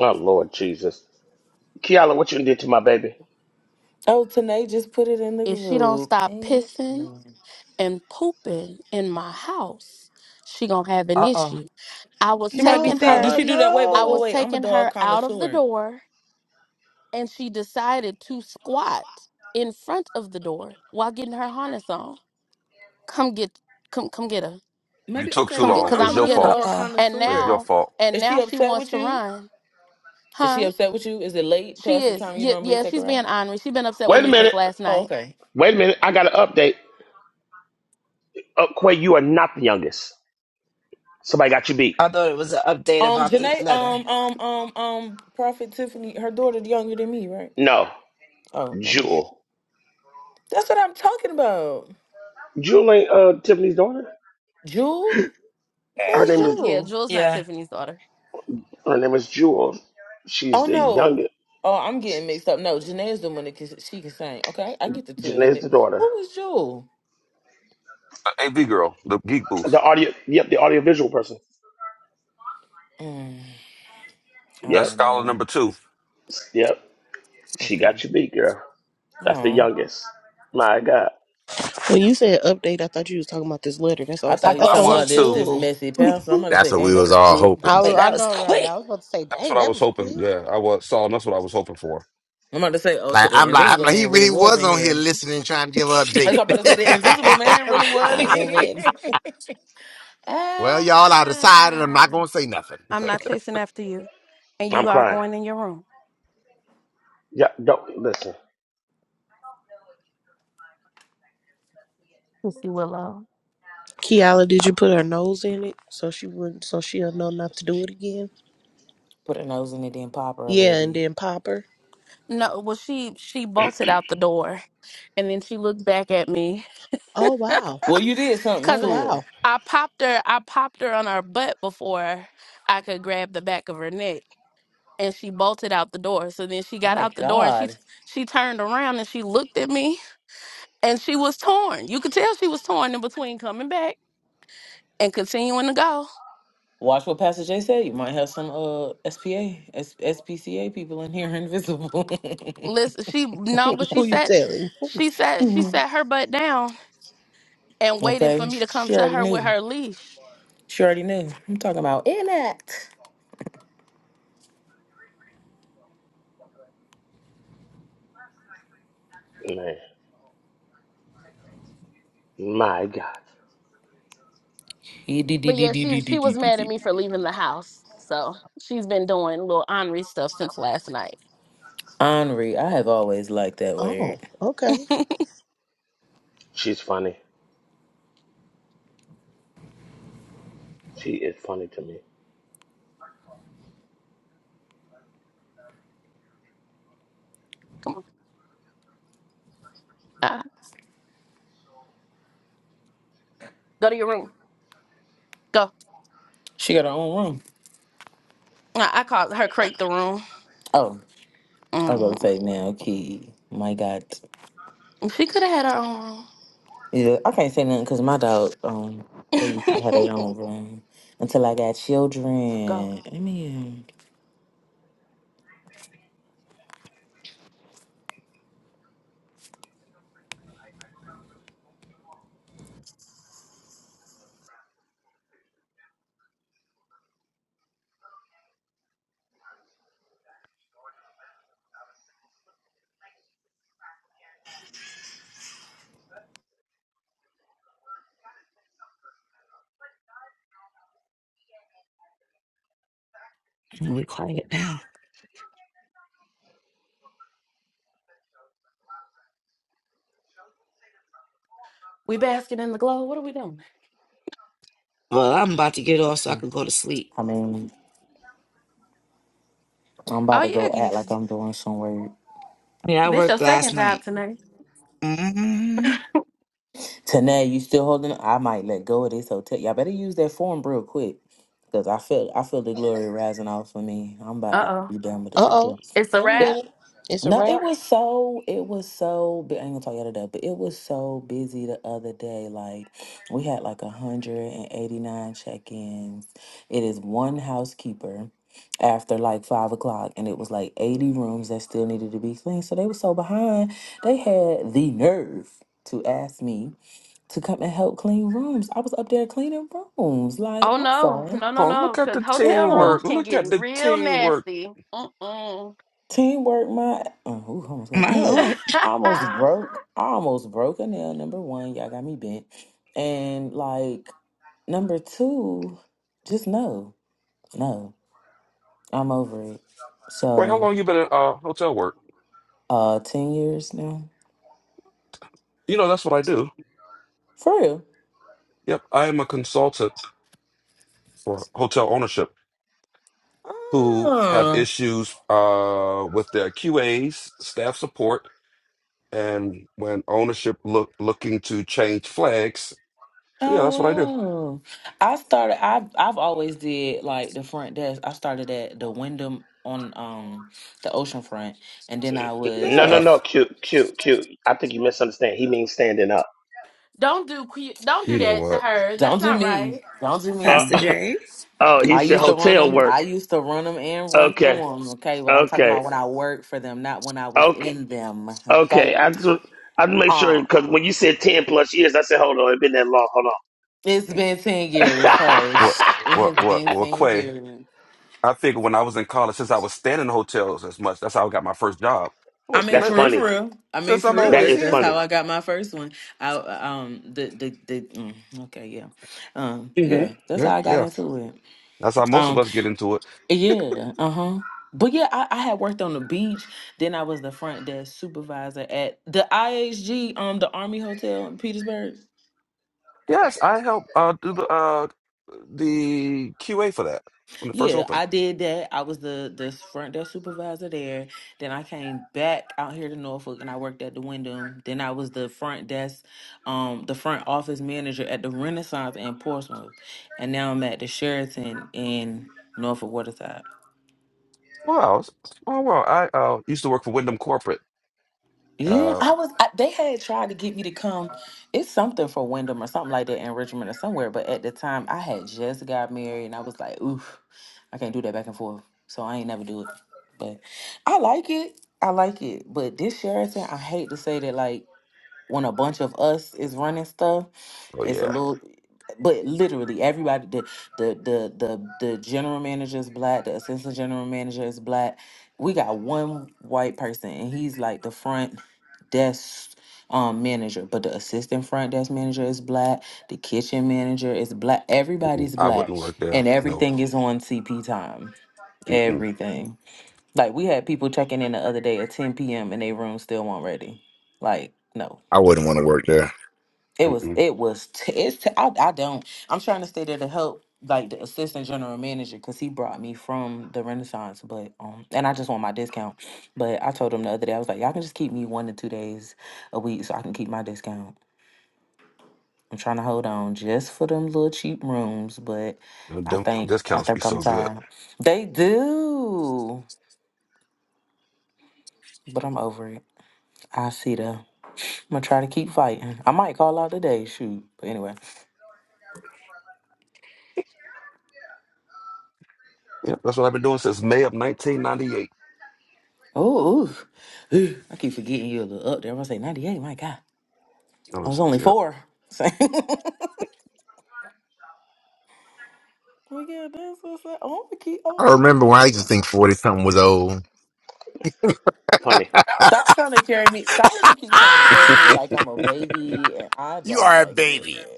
C: Oh Lord Jesus, Kiala, what you did to my baby?
I: Oh, Tanae just put it in the group. Amen.
B: Uh oh.
I: She might be
B: No,
I: sick. Do
B: Bella,
I: she do that? Wait, wait, wait,
B: no.
I: wait. I'm a dog connoisseur.
F: You
I: Maybe
F: took
I: okay.
F: too
I: I'm a,
F: long.
I: I'm a
F: It's your
I: little
B: Uh
F: fault.
I: dog
B: oh.
F: It's your
I: connoisseur.
F: fault.
I: Is she upset with you? Is she upset with you? Is it late past the time you normally take her out?
C: Wait a minute.
I: Oh, okay.
C: Wait a minute. I got an update. Oh, Quay, you are not the youngest. Somebody got you beat.
B: I thought it was an update
I: Um,
B: about the
I: Janae,
B: letter.
I: um, um, um, um, Prophet Tiffany, her daughter's younger than me, right?
C: No,
I: Oh, no, no.
C: Jewel.
I: That's what I'm talking about.
C: Jewel ain't uh, Tiffany's daughter.
I: Jewel?
C: Her
I: Who's
C: name is
I: Jewel?
B: Yeah,
C: her name is Jewel. She's
I: Oh,
C: the
I: no.
C: youngest.
I: Oh, I'm getting mixed up. No, Janae's the one that can, she can sing. Okay, I get the two of them.
C: Janae's the
I: mixed.
C: daughter.
I: Who is Jewel?
F: Uh, AV girl, the geek booth.
C: The audio. Yep, the audiovisual person.
I: Mm, I
F: That's
C: Yep,
I: don't
F: scholar
I: know.
F: number two.
C: yep. She
I: Okay.
C: got you beat, girl. That's the
I: Oh,
C: youngest. My God,
J: When you said update, I thought you was talking about this letter. That's why I
I: I
J: was
B: I
J: like,
I: thought you
J: uh
I: was
F: I
B: thought
I: talking
J: oh.
B: so
F: was
I: about this
F: too.
I: this
B: too.
I: messy pal. So I'm about to
L: That's
I: say,
L: what
I: dang,
L: we
I: that
L: was
I: was
L: all
I: quick.
J: I
L: hoping.
J: wa-
B: But
J: I
B: that was
J: know, right?
B: quick.
J: I was about to say,
F: That's what
J: dang,
F: I
J: that
F: was
J: was
F: hoping.
J: quick.
F: Yeah, I was. Saul, that's what I was hoping for.
I: I'm about to say, oh, so
L: Like
I: the
L: I'm like I'm
I: Invisible
L: like he
I: Man really
L: really
I: was
L: was
I: in
L: on here
I: here.
L: listening, trying to give an update.
I: That's what I'm about to say. The invisible
J: I
I: man really was in
J: love it.
I: here.
L: well, y'all, I decided I'm
I: ah.
L: not gonna say nothing.
C: I'm crying. Yeah, don't listen,
J: Kiala, did you put her nose in it so she wouldn't so she'll know not to do it again?
I: Put her nose in it, then pop her a little
J: Yeah, and
I: bit.
J: then pop her. Oh wow.
I: Well, you did something
J: Oh
I: to her.
J: wow.
I: My God. Watch what Pastor Jay said. You might have some uh SPA, SPCA people in here invisible.
J: Who you telling?
I: okay. She already knew. She already knew. I'm talking about
C: man. My God,
I: Henri. I have always liked that word.
J: Oh, okay.
C: she's funny. She is funny to me.
I: She got her own room. Oh, I was gonna say now, Key. My God. Yeah, I can't say nothing because my dog, um, they used to have their own room until I got children. I mean,
B: We're quiet now. well, I'm about to get off so I can go to sleep.
I: I mean, I'm about to go act like I'm doing some work.
B: Yeah, I worked last night. hmm
I: Tanae, you still holding? I might let go of this hotel. Y'all better use that form real quick because I feel I feel the glory rising off of me. I'm about to be done with this
J: Uh oh.
I: hotel.
J: Wait a minute. It's a
I: No, it
J: wrap.
I: was so it was so bu- I ain't gonna tell you the other day, but it was so busy the other day. Like we had like a hundred and eighty nine check ins. It is one housekeeper after like five o'clock, and it was like eighty rooms that still needed to be cleaned. So they were so behind. They had the nerve to ask me to come and help clean rooms. I was up there cleaning rooms. Like I'm sorry,
F: Oh, look at the
I: yeah.
F: teamwork. Look at the teamwork.
I: Teamwork, my oh, ooh, almost got
B: My
I: no.
B: Lord,
I: I almost broke. I almost broke a nail. Number one, y'all got me bent, and like number two, just no, no. I'm over it.
F: So, Corey, how
I: So,
F: long you been in uh, hotel work?
I: uh, ten years now
F: You know, that's what I do.
I: for real.
F: Yep, I am a consultant for hotel ownership who have
I: Mm.
F: issues uh, with their QAs, staff support, and when ownership look looking to change flags. Yeah, that's what I do.
I: Oh wow! I started. I have I've always did like the front desk. I started at the Wyndham on um the ocean front, and then I was
C: No, no,
F: Yeah.
I: the.
C: no. Cute, cute, cute. I think you misunderstand. He means standing up.
F: You know what?
I: Don't do me. Don't do me.
B: Pastor
C: Uh,
B: J.
C: Oh, he
I: I
C: said
I: used to run
C: hotel
I: them.
C: work.
I: I used to run them and run through
C: Okay,
I: them. Okay, but I'm talking
C: okay,
I: about when I worked for them, not when I was
C: okay,
I: in them. Okay.
C: okay. I just I just make sure
I: Um,
C: because when you said ten plus years, I said hold on, it been that long. Hold
I: it's been ten
C: on.
I: years. Hey,
F: What
I: it
F: what
I: has
F: what
I: been
F: what
I: ten
F: Quay,
I: years.
F: I figured when I was in college, since I was staying in hotels as much, that's how I got my first job.
I: I
F: What
I: mean,
C: That's
F: let-
I: for real,
C: funny.
I: for real. I mean,
F: since
I: for
F: I'm
I: real.
C: That
F: always
I: That's
C: is
I: that's
F: here.
I: how
C: funny.
I: I got my first one. I um the the the mm, okay yeah, um
F: hmm
I: yeah. That's
F: Yeah,
I: how I got
F: yeah.
I: into it.
F: That's how most of us get into it.
I: Yeah, uh-huh. But yeah, I, I had worked on the beach. Then I was the front desk supervisor at the IHG, um, the Army Hotel in Petersburg.
F: Yes, I helped uh do the uh the QA for that when it first
I: Yeah,
F: opened.
I: I did that. I was the the front desk supervisor there. Then I came back out here to Norfolk and I worked at the Wyndham. Then I was the front desk, um, the front office manager at the Renaissance in Portsmouth. And now I'm at the Sheraton in Norfolk Waterside.
F: Wow. Oh wow. I uh used to work for Wyndham Corporate.
I: Yeah,
F: Uh
I: I was. I, they had tried to get me to come. It's something for Wyndham or something like that in Richmond or somewhere. But at the time, I had just got married, and I was like, "Oof, I can't do that back and forth." So I ain't never do it. But I like it. I like it. But this Sheraton, I hate to say that. Like when a bunch of us is running stuff,
F: oh
I: it's a
F: yeah.
I: little but literally everybody the the the the, the general manager is black, the assistant general manager is black. We got one white person and he's like the front desk um manager, but the assistant front desk manager is black, the kitchen manager is black,
F: Mm-mm.
I: everybody's
F: I
I: black
F: wouldn't work there.
I: and
F: No.
I: everything is on CP time.
F: Mm-mm.
I: Everything. Like we had people checking in the other day at 10 p.m. and their room still weren't ready. Like, no.
L: I wouldn't want to work there.
I: It was
F: Mm-mm.
I: it was t- it's t- I, I don't I'm trying to stay there to help like the assistant general manager because he brought me from the Renaissance but um and I just want my discount but I told him the other day I was like y'all can just keep me one to two days a week so I can keep my discount I'm trying to hold on just for them little cheap rooms but I
F: Them
I: think I
F: discounts be
I: think I'm
F: so good.
I: tired they do but I'm over it I see the I'm gonna try to keep fighting I might call out today shoot but anyway
F: Yeah, that's what I've been doing since May of 1998.
I: Oh, ooh. Ooh, I keep forgetting you're a little up there. I was like 98. My God,
F: That
I: I was
F: was
I: only
F: yep.
I: four. So, well, yeah, that's what's up. I'm gonna keep, I'm
L: I
I: gonna keep
L: remember
I: that
L: when I
I: in
L: used to
I: mind.
L: think 40
I: Just in
L: something was
I: case.
L: old.
C: Funny.
I: Stop trying to carry me. Solomon keeps trying to carry me
L: Ah!
I: like I'm a baby, and I
L: you
I: don't
L: are a
I: like it.
L: baby.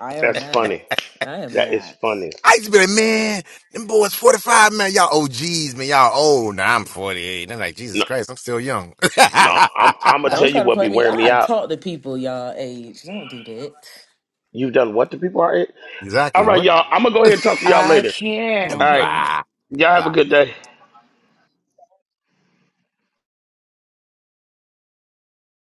I: I am
C: That's
I: not.
C: funny.
I: I am
C: That is
I: not.
C: funny.
L: I used to be like, man, them boys 45, man. Y'all OGs, man. Y'all old. Now I'm 48. I'm like, Jesus
C: No,
L: Christ, I'm still young.
C: no. I'm I'm gonna
I: Don't
C: tell you
I: try to
C: what be
I: play me.
C: wearing
I: I
C: me
I: have
C: out.
I: talked to people y'all age. Don't do that.
C: You've done what to people are. All
L: exactly.
C: right,
L: What?
C: y'all. I'm gonna go ahead and talk to y'all
B: I
C: later.
B: care.
C: All right.
I: Mm-hmm.
L: Bah.
C: Y'all have a
L: Bah.
C: good day.